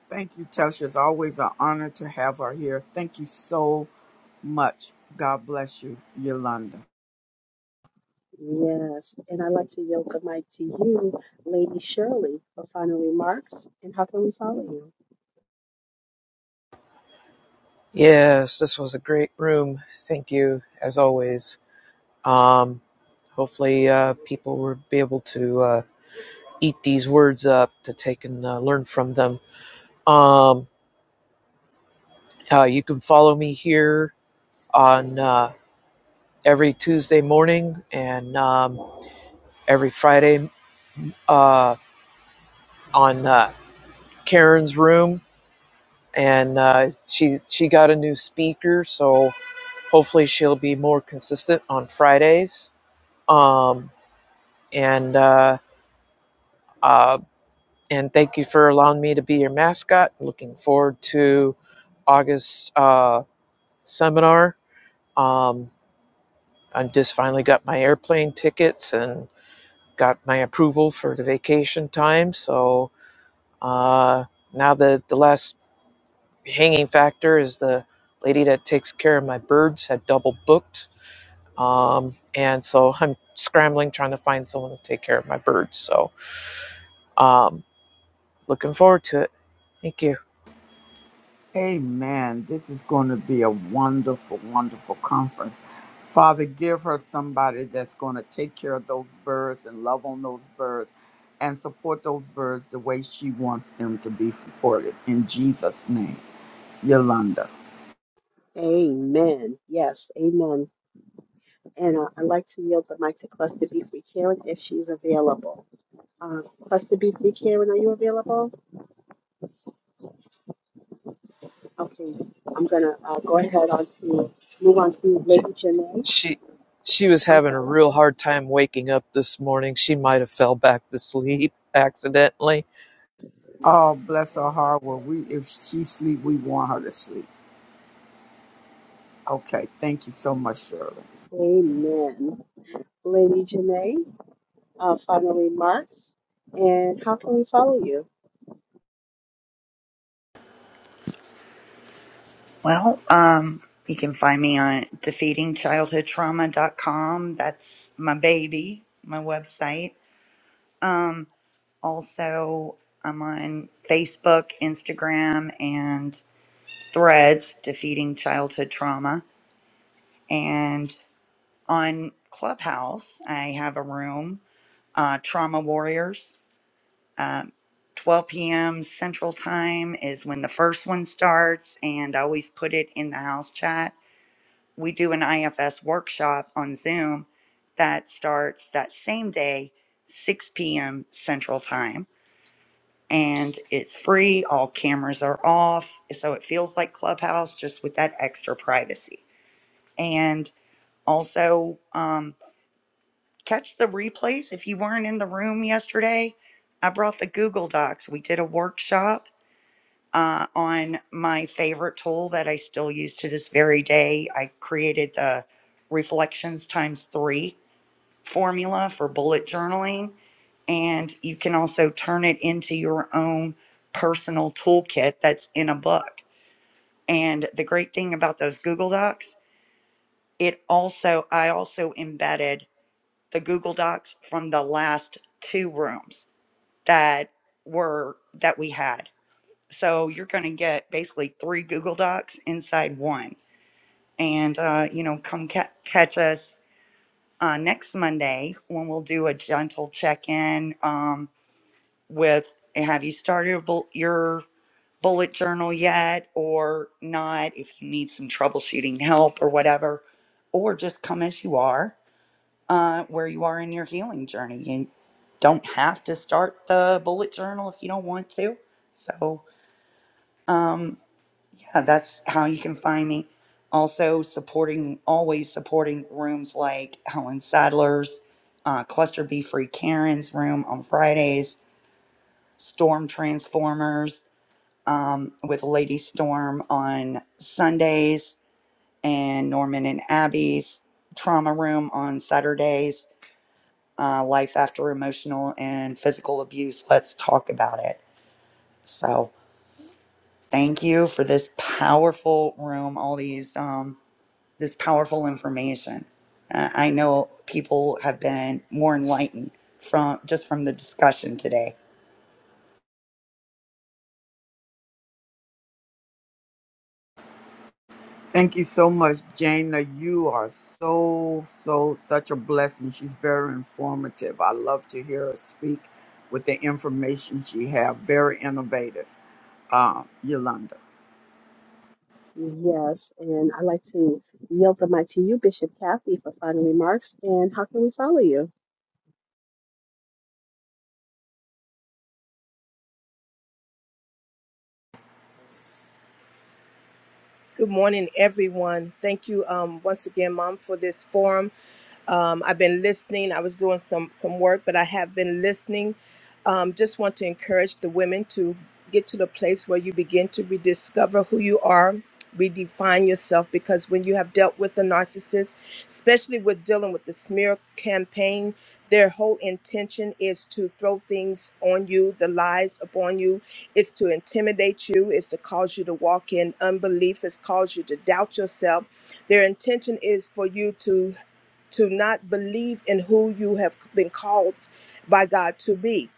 S1: Thank you, Tasha. It's always an honor to have her here. Thank you so much. God bless you, Yolanda.
S5: Yes, and I'd like to yield the mic to you, Lady Shirley, for final remarks. And how can we follow you?
S2: Yes, this was a great room. Thank you, as always. Um, hopefully, uh, people will be able to uh, eat these words up to take and uh, learn from them. Um, uh, you can follow me here on. Uh, every Tuesday morning and um, every Friday uh, on uh, Karen's room, and uh, she she got a new speaker, so hopefully she'll be more consistent on Fridays. Um, and uh, uh, and thank you for allowing me to be your mascot. Looking forward to August uh, seminar. Um, I just finally got my airplane tickets and got my approval for the vacation time, so Uh, now the the last hanging factor is the lady that takes care of my birds had double booked, um, and so I'm scrambling trying to find someone to take care of my birds. So um, looking forward to it. Thank you.
S1: Amen. This is going to be a wonderful, wonderful conference. Father, give her somebody that's going to take care of those birds and love on those birds and support those birds the way she wants them to be supported. In Jesus' name, Yolanda.
S5: Amen. Yes, amen. And uh, I'd like to yield the mic to Cluster B Free Karen if she's available. Uh, Cluster B Free Karen, are you available? Okay, I'm gonna uh, go ahead on to move on to
S2: She
S5: Lady Janae.
S2: she she was
S5: I'm
S2: having a
S5: sorry.
S2: real hard time waking up this morning. She might have fell back to sleep accidentally.
S1: Oh, bless her heart. Well, we if she sleep, we want her to sleep. Okay. Thank you so much, Shirley.
S5: Amen. Lady Janae, uh, final remarks. And how can we follow you?
S4: Well, um, you can find me on defeatingchildhoodtrauma.com. That's my baby, my website. Um, also, I'm on Facebook, Instagram, and Threads, Defeating Childhood Trauma. And on Clubhouse, I have a room, uh, Trauma Warriors Um, 12 p.m. Central Time is when the first one starts, and I always put it in the house chat. We do an IFS workshop on Zoom that starts that same day, 6 p.m. Central Time, and it's free. All cameras are off, so it feels like Clubhouse just with that extra privacy. And also, um, catch the replays if you weren't in the room yesterday. I brought the Google Docs. We did a workshop uh, on my favorite tool that I still use to this very day. I created the reflections times three formula for bullet journaling, and you can also turn it into your own personal toolkit that's in a book. And the great thing about those Google Docs, it also, I also embedded the Google Docs from the last two rooms that were that we had. So you're going to get basically three Google Docs inside one. And, uh, you know, come ca- catch us uh, next Monday when we'll do a gentle check in um, with have you started a bul- your bullet journal yet or not, if you need some troubleshooting help or whatever, or just come as you are, uh, where you are in your healing journey. You don't have to start the bullet journal if you don't want to. So, um, Uh, that's how you can find me. Also, supporting, always supporting rooms like Helen Sadler's, uh, Cluster B Free Karen's room on Fridays, Storm Transformers um, with Lady Storm on Sundays, and Norman and Abby's Trauma Room on Saturdays, uh, Life After Emotional and Physical Abuse. Let's talk about it. So, thank you for this powerful room, all these. Um, this powerful information. Uh, I know people have been more enlightened from just from the discussion today.
S1: Thank you so much, Jana. You are so, so, such a blessing. She's very informative. I love to hear her speak with the information she have. Very innovative, um, Yolanda.
S5: Yes, and I'd like to yield the mic to you, Bishop Kathy, for final remarks. And how can we follow you?
S9: Good morning, everyone. Thank you um, once again, Mom, for this forum. Um, I've been listening. I was doing some some work, but I have been listening. Um, just want to encourage the women to get to the place where you begin to rediscover who you are, redefine yourself, because when you have dealt with the narcissist, especially with dealing with the smear campaign. Their whole intention is to throw things on you, the lies upon you, is to intimidate you, is to cause you to walk in unbelief, is cause you to doubt yourself. Their intention is for you to to not believe in who you have been called by God to be.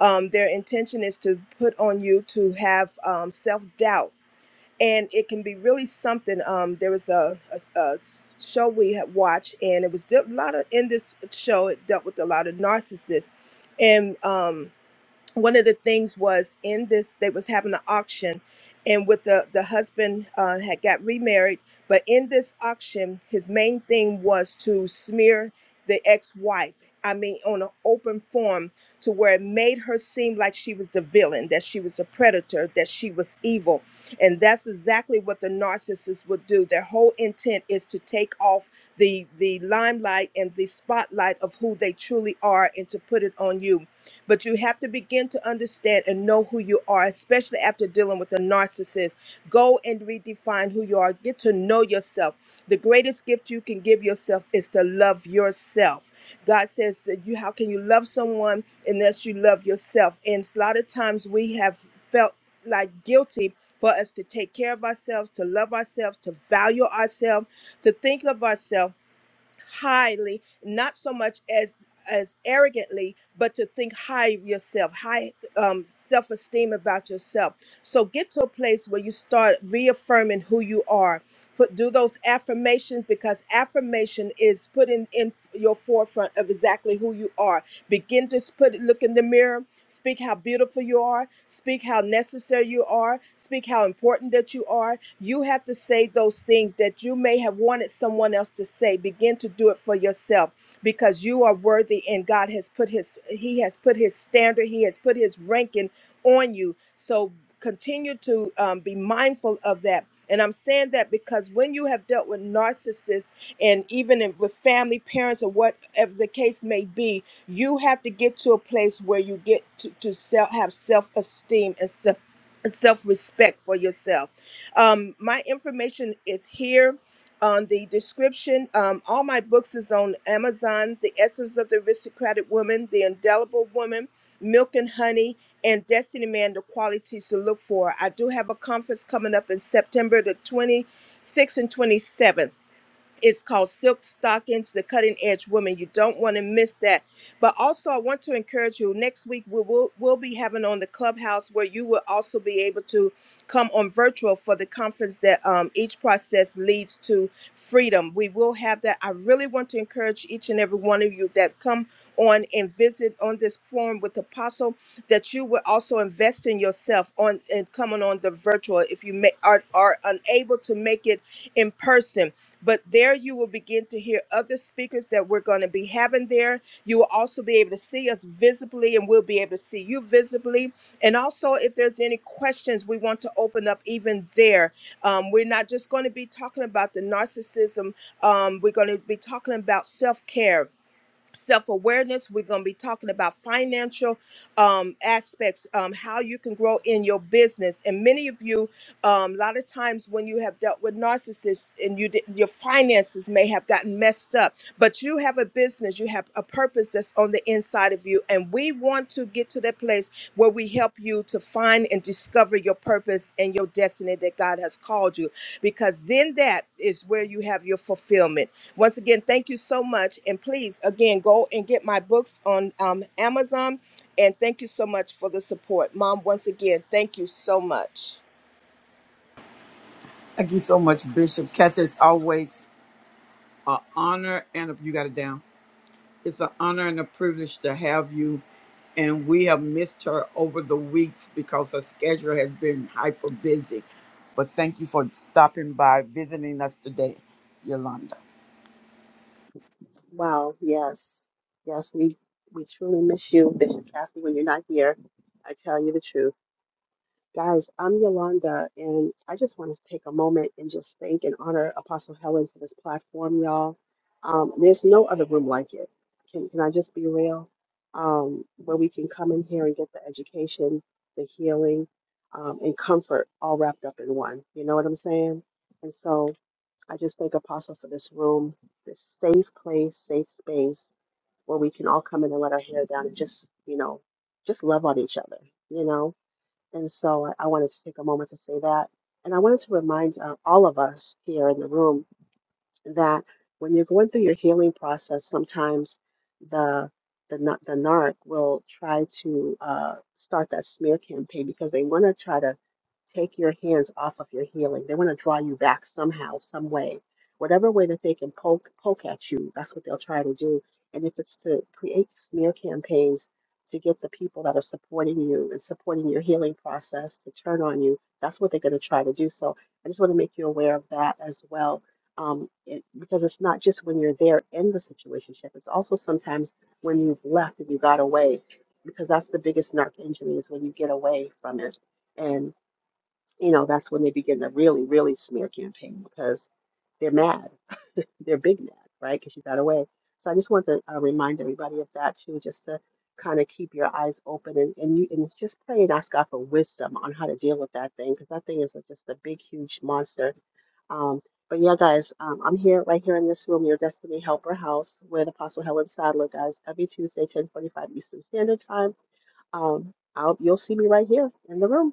S9: Um, their intention is to put on you to have um, self doubt and it can be really something. Um, there was a a, a show we had watched, and it was de- a lot of in this show. It dealt with a lot of narcissists, and um, one of the things was in this they was having an auction and with the the husband uh, had got remarried but in this auction his main thing was to smear the ex-wife i mean on an open form to where it made her seem like she was the villain that she was a predator that she was evil and that's exactly what the narcissist would do their whole intent is to take off the the limelight and the spotlight of who they truly are and to put it on you. But you have to begin to understand and know who you are, especially after dealing with a narcissist. Go and redefine who you are. Get to know yourself. The greatest gift you can give yourself is to love yourself. God says that you how can you love someone unless you love yourself? And a lot of times we have felt like guilty for us to take care of ourselves, to love ourselves, to value ourselves, to think of ourselves highly, not so much as as arrogantly, but to think high of yourself, high um, self-esteem about yourself. So get to a place where you start reaffirming who you are. Put do those affirmations because affirmation is putting in your forefront of exactly who you are. Begin to put look in the mirror. Speak how beautiful you are. Speak how necessary you are. Speak how important that you are. You have to say those things that you may have wanted someone else to say. Begin to do it for yourself because you are worthy and God has put his he has put his standard, he has put his ranking on you. So continue to um, be mindful of that. And I'm saying that because when you have dealt with narcissists and even in, with family, parents, or whatever the case may be, you have to get to a place where you get to, to self, have self esteem and self self respect for yourself. Um, my information is here on the description. Um, all my books is on Amazon: The Essence of the Aristocratic Woman, The Indelible Woman, Milk and Honey, and Destiny Man: The Qualities to Look For. I do have a conference coming up in September the 26th and 27th. It's called Silk Stockings, the Cutting Edge Woman. You don't want to miss that. But also, I want to encourage you next week, we will we'll be having on the clubhouse where you will also be able to come on virtual for the conference that um, each process leads to freedom. We will have that. I really want to encourage each and every one of you that come on and visit on this forum with Apostle that you will also invest in yourself on and coming on the virtual if you may, are, are unable to make it in person but there you will begin to hear other speakers that we're going to be having there. You will also be able to see us visibly, and we'll be able to see you visibly. And also, if there's any questions, we want to open up even there. Um, we're not just going to be talking about the narcissism, um, we're going to be talking about self care. Self awareness. We're going to be talking about financial um, aspects, um, how you can grow in your business, and many of you um, a lot of times when you have dealt with narcissists and you did, your finances may have gotten messed up but you have a business you have a purpose that's on the inside of you and we want to get to that place where we help you to find and discover your purpose and your destiny that god has called you because then that is where you have your fulfillment once again thank you so much and please again go and get my books on um, amazon and thank you so much for the support mom once again thank you so much
S1: Thank you so much, Bishop. Kathy, it's always an honor and a, you got it down. It's an honor and a privilege to have you. And we have missed her over the weeks because her schedule has been hyper busy. But thank you for stopping by, visiting us today, Yolanda.
S5: Wow, yes, yes, we we truly miss you, Bishop Kathy, when you're not here. I tell you the truth. Guys, I'm Yolanda, and I just want to take a moment and just thank and honor Apostle Helen for this platform, y'all. Um, there's no other room like it. Can, can I just be real? Um, where we can come in here and get the education, the healing, um, and comfort all wrapped up in one. You know what I'm saying? And so I just thank Apostle for this room, this safe place, safe space where we can all come in and let our hair down and just, you know, just love on each other, you know? And so I, I wanted to take a moment to say that. And I wanted to remind uh, all of us here in the room that when you're going through your healing process, sometimes the the na- the narc will try to uh, start that smear campaign because they want to try to take your hands off of your healing. They want to draw you back somehow, some way, whatever way that they can poke poke at you. That's what they'll try to do. And if it's to create smear campaigns to get the people that are supporting you and supporting your healing process to turn on you, that's what they're going to try to do. So I just want to make you aware of that as well um, it, because it's not just when you're there in the situationship. It's also sometimes when you've left and you got away, because that's the biggest narc injury is when you get away from it, and you know that's when they begin to really, really smear campaign because they're mad they're big mad, right? Because you got away. So I just want to uh, remind everybody of that too, just to kind of keep your eyes open and, and you and just pray and ask God for wisdom on how to deal with that thing, because that thing is just a big, huge monster. Um, but yeah, guys, um, I'm here right here in this room, your Destiny Helper House with Apostle Helen Sadler, guys, every Tuesday, 10:45 Eastern Standard Time. Um, I'll, you'll see me right here in the room.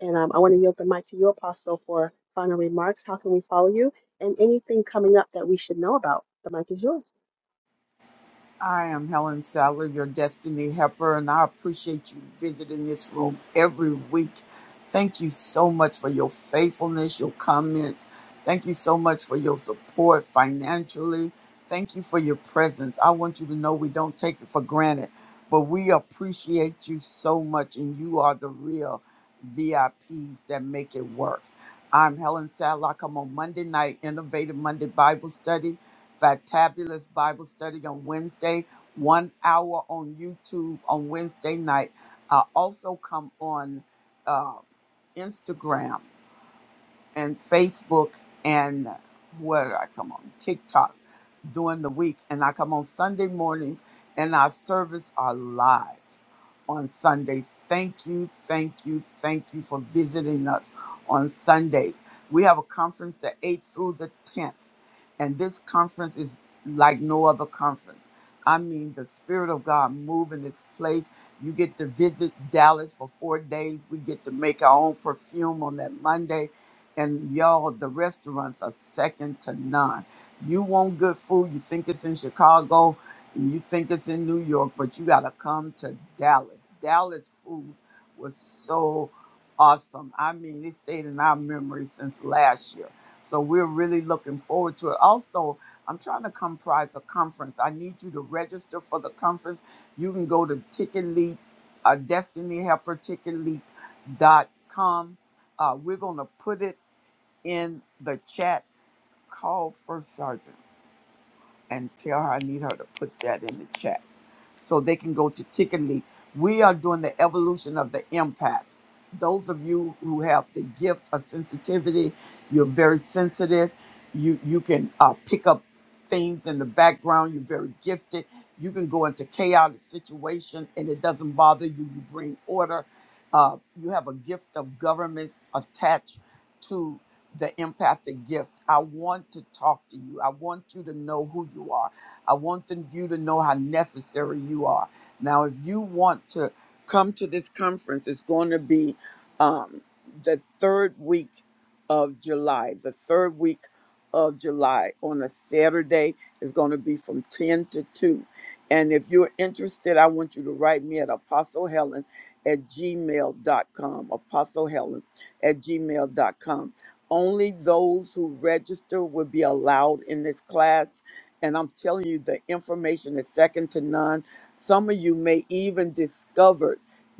S5: And um, I want to yield the mic to you, Apostle, for final remarks. How can we follow you? And anything coming up that we should know about? The mic is yours.
S1: I am Helen Sadler, your destiny helper, and I appreciate you visiting this room every week. Thank you so much for your faithfulness, your comments. Thank you so much for your support financially. Thank you for your presence. I want you to know we don't take it for granted, but we appreciate you so much, and you are the real VIPs that make it work. I'm Helen Sadler. I come on Monday night, Innovative Monday Bible Study Factabulous Bible Study on Wednesday, one hour on YouTube on Wednesday night. I also come on uh, Instagram and Facebook and where did I come on? TikTok during the week, and I come on Sunday mornings, and our service are live on Sundays. Thank you, thank you, thank you for visiting us on Sundays. We have a conference the 8th through the 10th, and this conference is like no other conference. I mean, the Spirit of God move in this place. You get to visit Dallas for four days. We get to make our own perfume on that Monday. And y'all, the restaurants are second to none. You want good food, you think it's in Chicago, and you think it's in New York, but you got to come to Dallas. Dallas food was so awesome. I mean, it stayed in our memory since last year. So we're really looking forward to it. Also, I'm trying to comprise a conference. I need you to register for the conference. You can go to Ticket Leap, uh, Destiny Helper Ticket Leap dot com. Uh, we're going to put it in the chat. Call First Sergeant and tell her I need her to put that in the chat so they can go to Ticket League. We are doing the evolution of the empath. Those of you who have the gift of sensitivity, you're very sensitive. You you can uh, pick up things in the background. You're very gifted. You can go into chaotic situation and it doesn't bother you. You bring order. Uh, you have a gift of governments attached to the empathic gift. I want to talk to you. I want you to know who you are. I want them, you to know how necessary you are. Now, if you want to come to this conference, it's going to be um, the third week of July. The third week of July on a Saturday is going to be from 10 to 2. And if you're interested, I want you to write me at Apostle Helen at gmail.com. Apostle Helen at gmail dot com. Only those who register will be allowed in this class and I'm telling you, the information is second to none. Some of you may even discover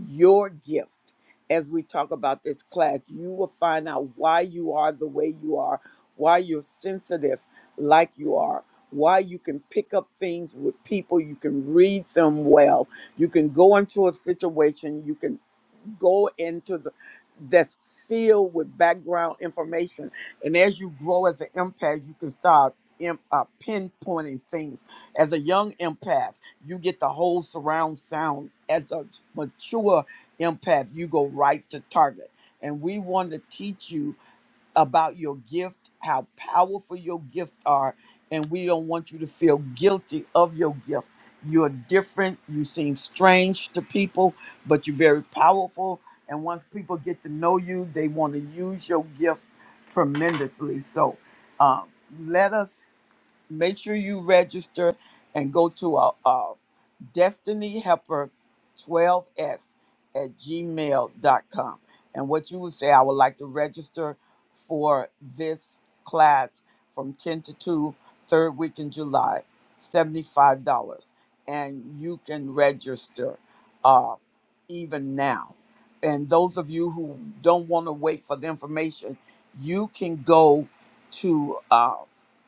S1: your gift as we talk about this class. You will find out why you are the way you are, why you're sensitive like you are, why you can pick up things with people, you can read them well, you can go into a situation, you can go into the that's filled with background information. And as you grow as an empath, you can start em- uh, pinpointing things. As a young empath, you get the whole surround sound. As a mature empath, you go right to target. And we want to teach you about your gift, how powerful your gift are, and we don't want you to feel guilty of your gift. You're different, you seem strange to people, but you're very powerful. And once people get to know you, they want to use your gift tremendously. So um, let us make sure you register and go to our, destiny helper 12s at gmail dot com, and what you would say i would like to register for this class from 10 to 2, third week in july $75 and you can register uh, even now and those of you who don't want to wait for the information you can go to uh,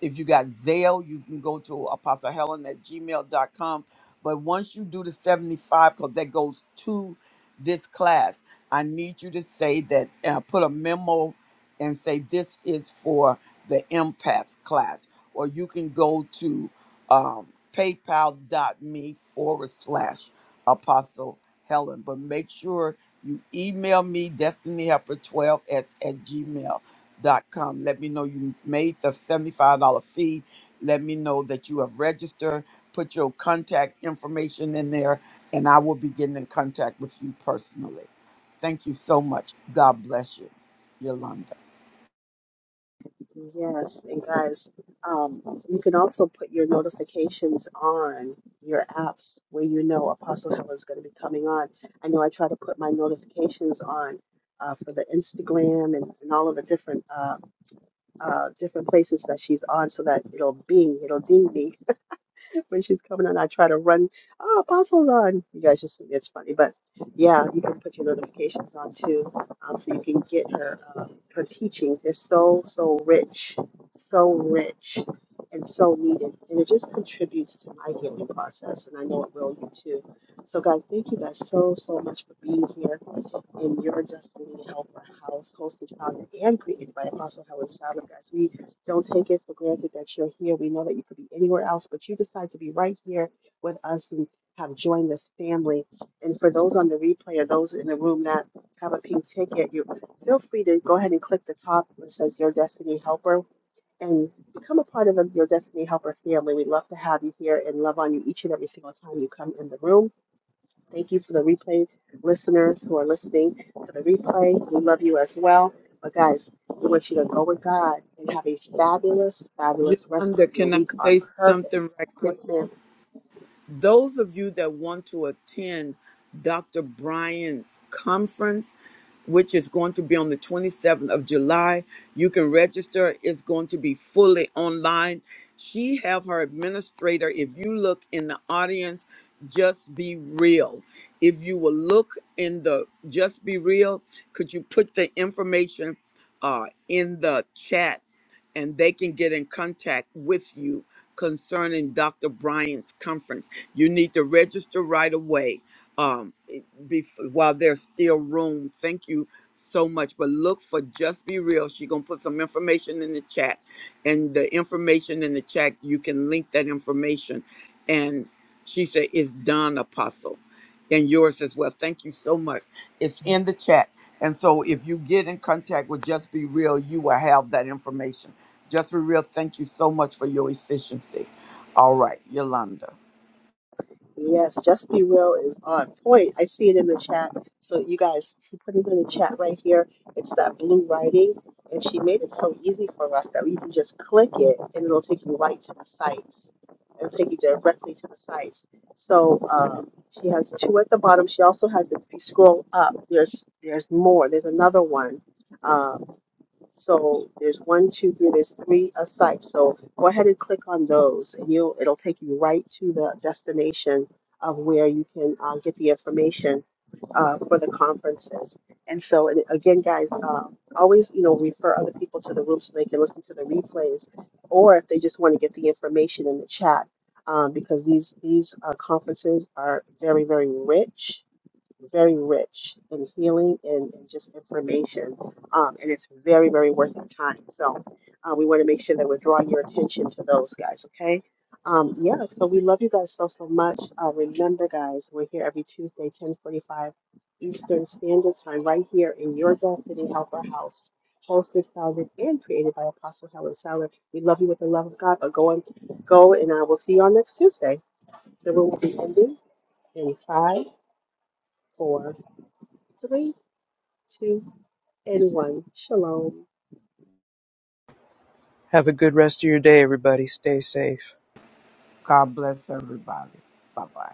S1: if you got Zale, you can go to Apostle Helen at gmail dot com. But once you do the 75, because that goes to this class, I need you to say that, uh, put a memo and say this is for the empath class. Or you can go to um, paypal.me forward slash apostle Helen. But make sure you email me destinyhelper12s at gmail.com. Let me know you made the $75 fee let me know that you have registered. Put your contact information in there, and I will be getting in contact with you personally. Thank you so much. God bless you, Yolanda.
S5: Yes, and guys, um, you can also put your notifications on your apps where you know Apostle Helen's going to be coming on. I know I try to put my notifications on uh, for the Instagram and, and all of the different uh, uh, different places that she's on, so that it'll bing, it'll ding me when she's coming on, I try to run. Oh, apostles on! You guys just it's funny, but yeah, you can put your notifications on too, um, so you can get her uh, her teachings. They're so so rich, so rich, and so needed, and it just contributes to my healing process, and I know it will you too. So guys, thank you guys so so much for being here in your Destiny Helper House, hosted, founded, and created by Apostle Howard Sadler. Guys, we don't take it for granted that you're here. We know that you could be anywhere else, but you decide to be right here with us and have joined this family. And for those on the replay or those in the room that have a pink ticket, you feel free to go ahead and click the top that says Your Destiny Helper and become a part of the Your Destiny Helper family. We'd love to have you here and love on you each and every single time you come in the room. Thank you for the replay listeners who are listening to the replay. We love you as well. But guys, we want you to go with God and have a fabulous, fabulous rest
S1: Yolanda,
S5: of your
S1: can I
S5: week on
S1: say
S5: purpose.
S1: something right quick?
S5: Yes, ma'am.
S1: Those of you that want to attend Dr. Bryan's conference, which is going to be on the 27th of July, you can register. It's going to be fully online. She have her administrator. If you look in the audience, just be real. If you will look in the just be real, could you put the information uh, in the chat and they can get in contact with you concerning Dr. Bryant's conference? You need to register right away um, bef- while there's still room. Thank you so much. But look for Just Be Real. She's going to put some information in the chat. And the information in the chat, you can link that information. And she said, It's done, Apostle. And yours as well. Thank you so much. It's in the chat. And so if you get in contact with Just Be Real, you will have that information. Just Be Real, thank you so much for your efficiency. All right, Yolanda.
S5: Yes, Just Be Real is on point. I see it in the chat. So you guys, she put it in the chat right here. It's that blue writing, and she made it so easy for us that we can just click it, and it'll take you right to the sites. It'll take you directly to the sites. So um, she has two at the bottom. She also has, if you scroll up, there's there's more. There's another one. um, so there's one, two, three, there's three a site. So go ahead and click on those and you'll, it'll take you right to the destination of where you can uh, get the information uh, for the conferences. And so and again, guys, uh, always, you know, refer other people to the room so they can listen to the replays or if they just want to get the information in the chat. Um, because these these uh, conferences are very very rich very rich in healing and, and just information. Um, and it's very, very worth our time. So uh, we want to make sure that we're drawing your attention to those guys, okay? Um, yeah, so we love you guys so, so much. Uh, remember, guys, we're here every Tuesday, 1045 Eastern Standard Time, right here in your Destiny Helper House, hosted, founded, and created by Apostle Helen Sadler. We love you with the love of God, but go and go, and I will see you on next Tuesday. The room will be ending in five, four, three two, and one. Shalom.
S2: Have a good rest of your day, everybody. Stay safe.
S1: God bless everybody. Bye bye.